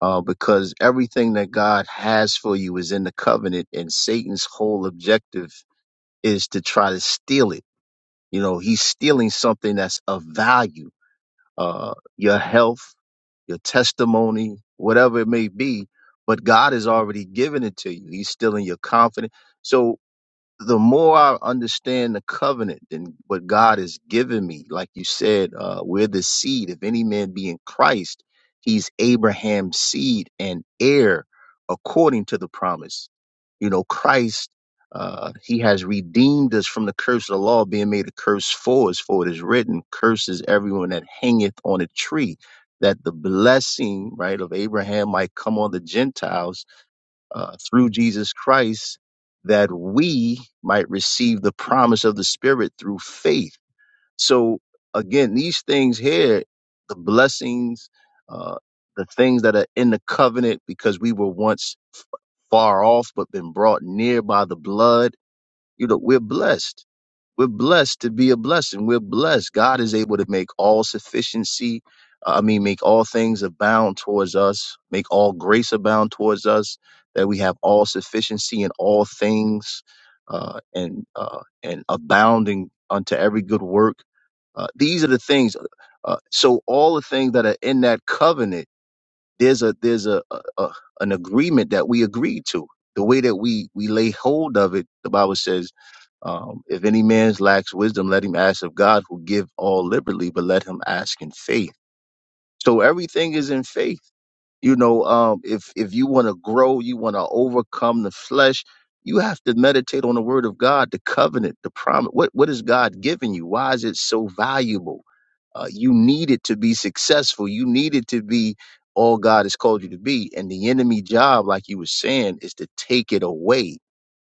D: uh, because everything that God has for you is in the covenant, and Satan's whole objective is to try to steal it. You know, he's stealing something that's of value, uh, your health your testimony, whatever it may be, but God has already given it to you. He's still in your confidence. So the more I understand the covenant and what God has given me, like you said, uh, we're the seed. If any man be in Christ, he's Abraham's seed and heir according to the promise. You know, Christ, uh, he has redeemed us from the curse of the law, being made a curse for us, for it is written, curses everyone that hangeth on a tree, that the blessing, right, of Abraham might come on the Gentiles uh, through Jesus Christ that we might receive the promise of the Spirit through faith. So, again, these things here, the blessings, uh, the things that are in the covenant because we were once far off but been brought near by the blood, you know, we're blessed. We're blessed to be a blessing. We're blessed. God is able to make all sufficiency, uh, I mean, make all things abound towards us, make all grace abound towards us, that we have all sufficiency in all things uh, and, uh, and abounding unto every good work. Uh, these are the things. Uh, so, all the things that are in that covenant there's a there's a, a, a an agreement that we agreed to. The way that we we lay hold of it, the Bible says, um, if any man lacks wisdom, let him ask of God, who give all liberally, but let him ask in faith. So everything is in faith you know um if if you want to grow you want to overcome the flesh you have to meditate on the word of god the covenant the promise what what is god giving you why is it so valuable uh, you need it to be successful you need it to be all god has called you to be and the enemy job like you were saying is to take it away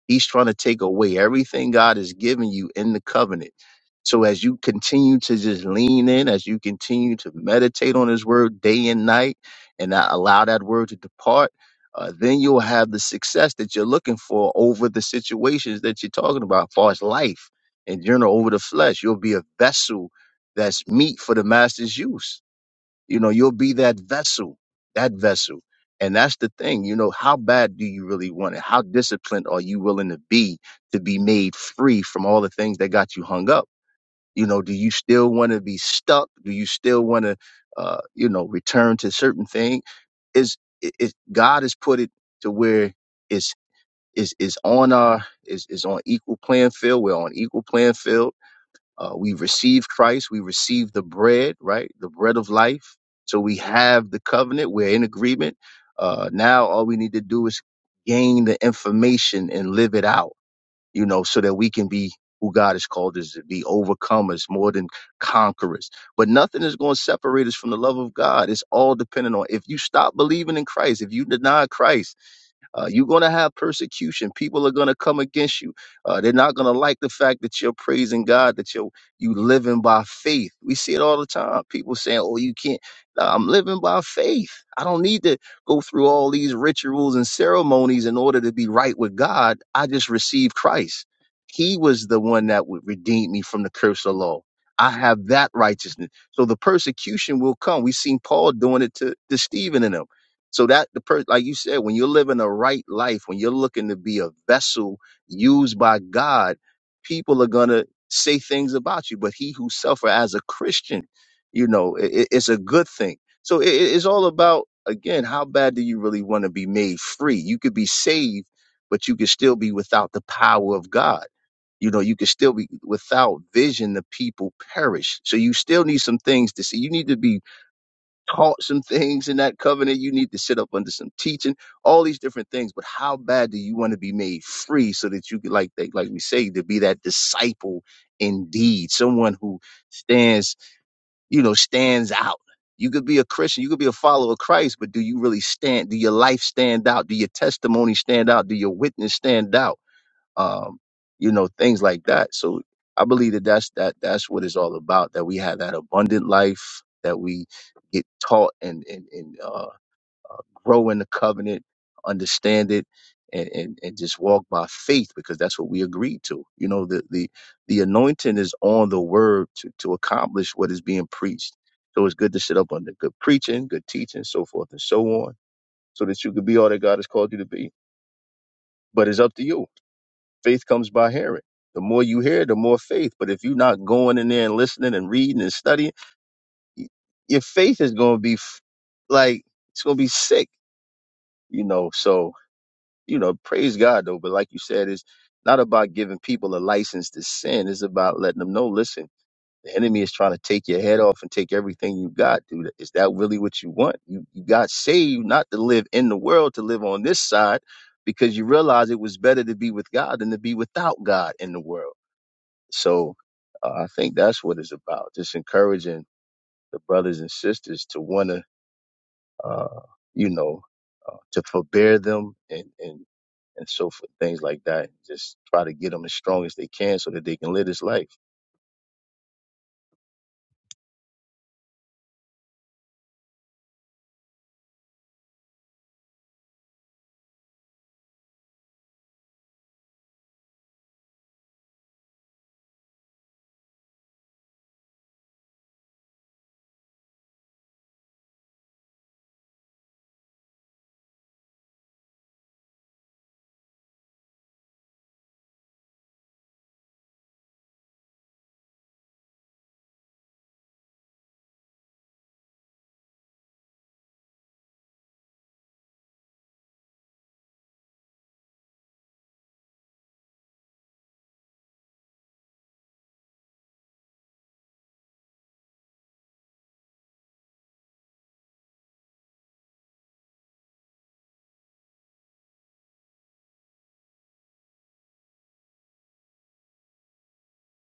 D: he's trying to take away everything god has given you in the covenant so as you continue to just lean in as you continue to meditate on his word day and night and not allow that word to depart, uh, then you'll have the success that you're looking for over the situations that you're talking about, as far as life in general, over the flesh. You'll be a vessel that's meat for the master's use. You know, you'll be that vessel, that vessel. And that's the thing, you know, how bad do you really want it? How disciplined are you willing to be to be made free from all the things that got you hung up? You know, do you still want to be stuck? Do you still want to, uh, you know, return to certain things? Is it, it God has put it to where it's is is on our is is on equal playing field. We're on equal playing field. Uh, we receive Christ. We receive the bread, right? The bread of life. So we have the covenant. We're in agreement. Uh, now all we need to do is gain the information and live it out you know, so that we can be who God has called us to be overcomers more than conquerors. But nothing is going to separate us from the love of God. It's all dependent on if you stop believing in Christ, if you deny Christ, uh, you're going to have persecution. People are going to come against you. Uh, they're not going to like the fact that you're praising God, that you're you living by faith. We see it all the time. People saying, "Oh, you can't." No, I'm living by faith. I don't need to go through all these rituals and ceremonies in order to be right with God. I just received Christ. He was the one that would redeem me from the curse of the law. I have that righteousness. So the persecution will come. We've seen Paul doing it to, to Stephen and them so that the person, like you said, when you're living a right life, when you're looking to be a vessel used by God, people are gonna say things about you. But he who suffer as a Christian, you know, i i- it's a good thing. So it, it's all about again, how bad do you really want to be made free? You could be saved, but you could still be without the power of God. You know, you could still be without vision, the people perish. So you still need some things to see. You need to be taught some things in that covenant. You need to sit up under some teaching, all these different things. But how bad do you want to be made free so that you can, like, they, like we say, to be that disciple indeed, someone who stands, you know, stands out. You could be a Christian, you could be a follower of Christ, but do you really stand? Do your life stand out? Do your testimony stand out? Do your witness stand out? um, you know, things like that. So I believe that that's that that's what it's all about. That we have that abundant life that we get taught and and, and uh, grow in the covenant, understand it, and, and and just walk by faith because that's what we agreed to. You know, the the the anointing is on the word to to accomplish what is being preached. So it's good to sit up under good preaching, good teaching, so forth and so on, so that you could be all that God has called you to be. But it's up to you faith comes by hearing. The more you hear, the more faith. But if you're not going in there and listening and reading and studying, y- your faith is going to be f- like it's going to be sick, you know. So you know, praise God though. But like you said, it's not about giving people a license to sin. It's about letting them know, listen, the enemy is trying to take your head off and take everything you got, dude. Is that really what you want? You you got saved not to live in the world, to live on this side, because you realize it was better to be with God than to be without God in the world so uh, I think that's what it's about, just encouraging the brothers and sisters to want to, uh, you know, uh, to forbear them and, and, and so forth, things like that. Just try to get them as strong as they can so that they can live this life.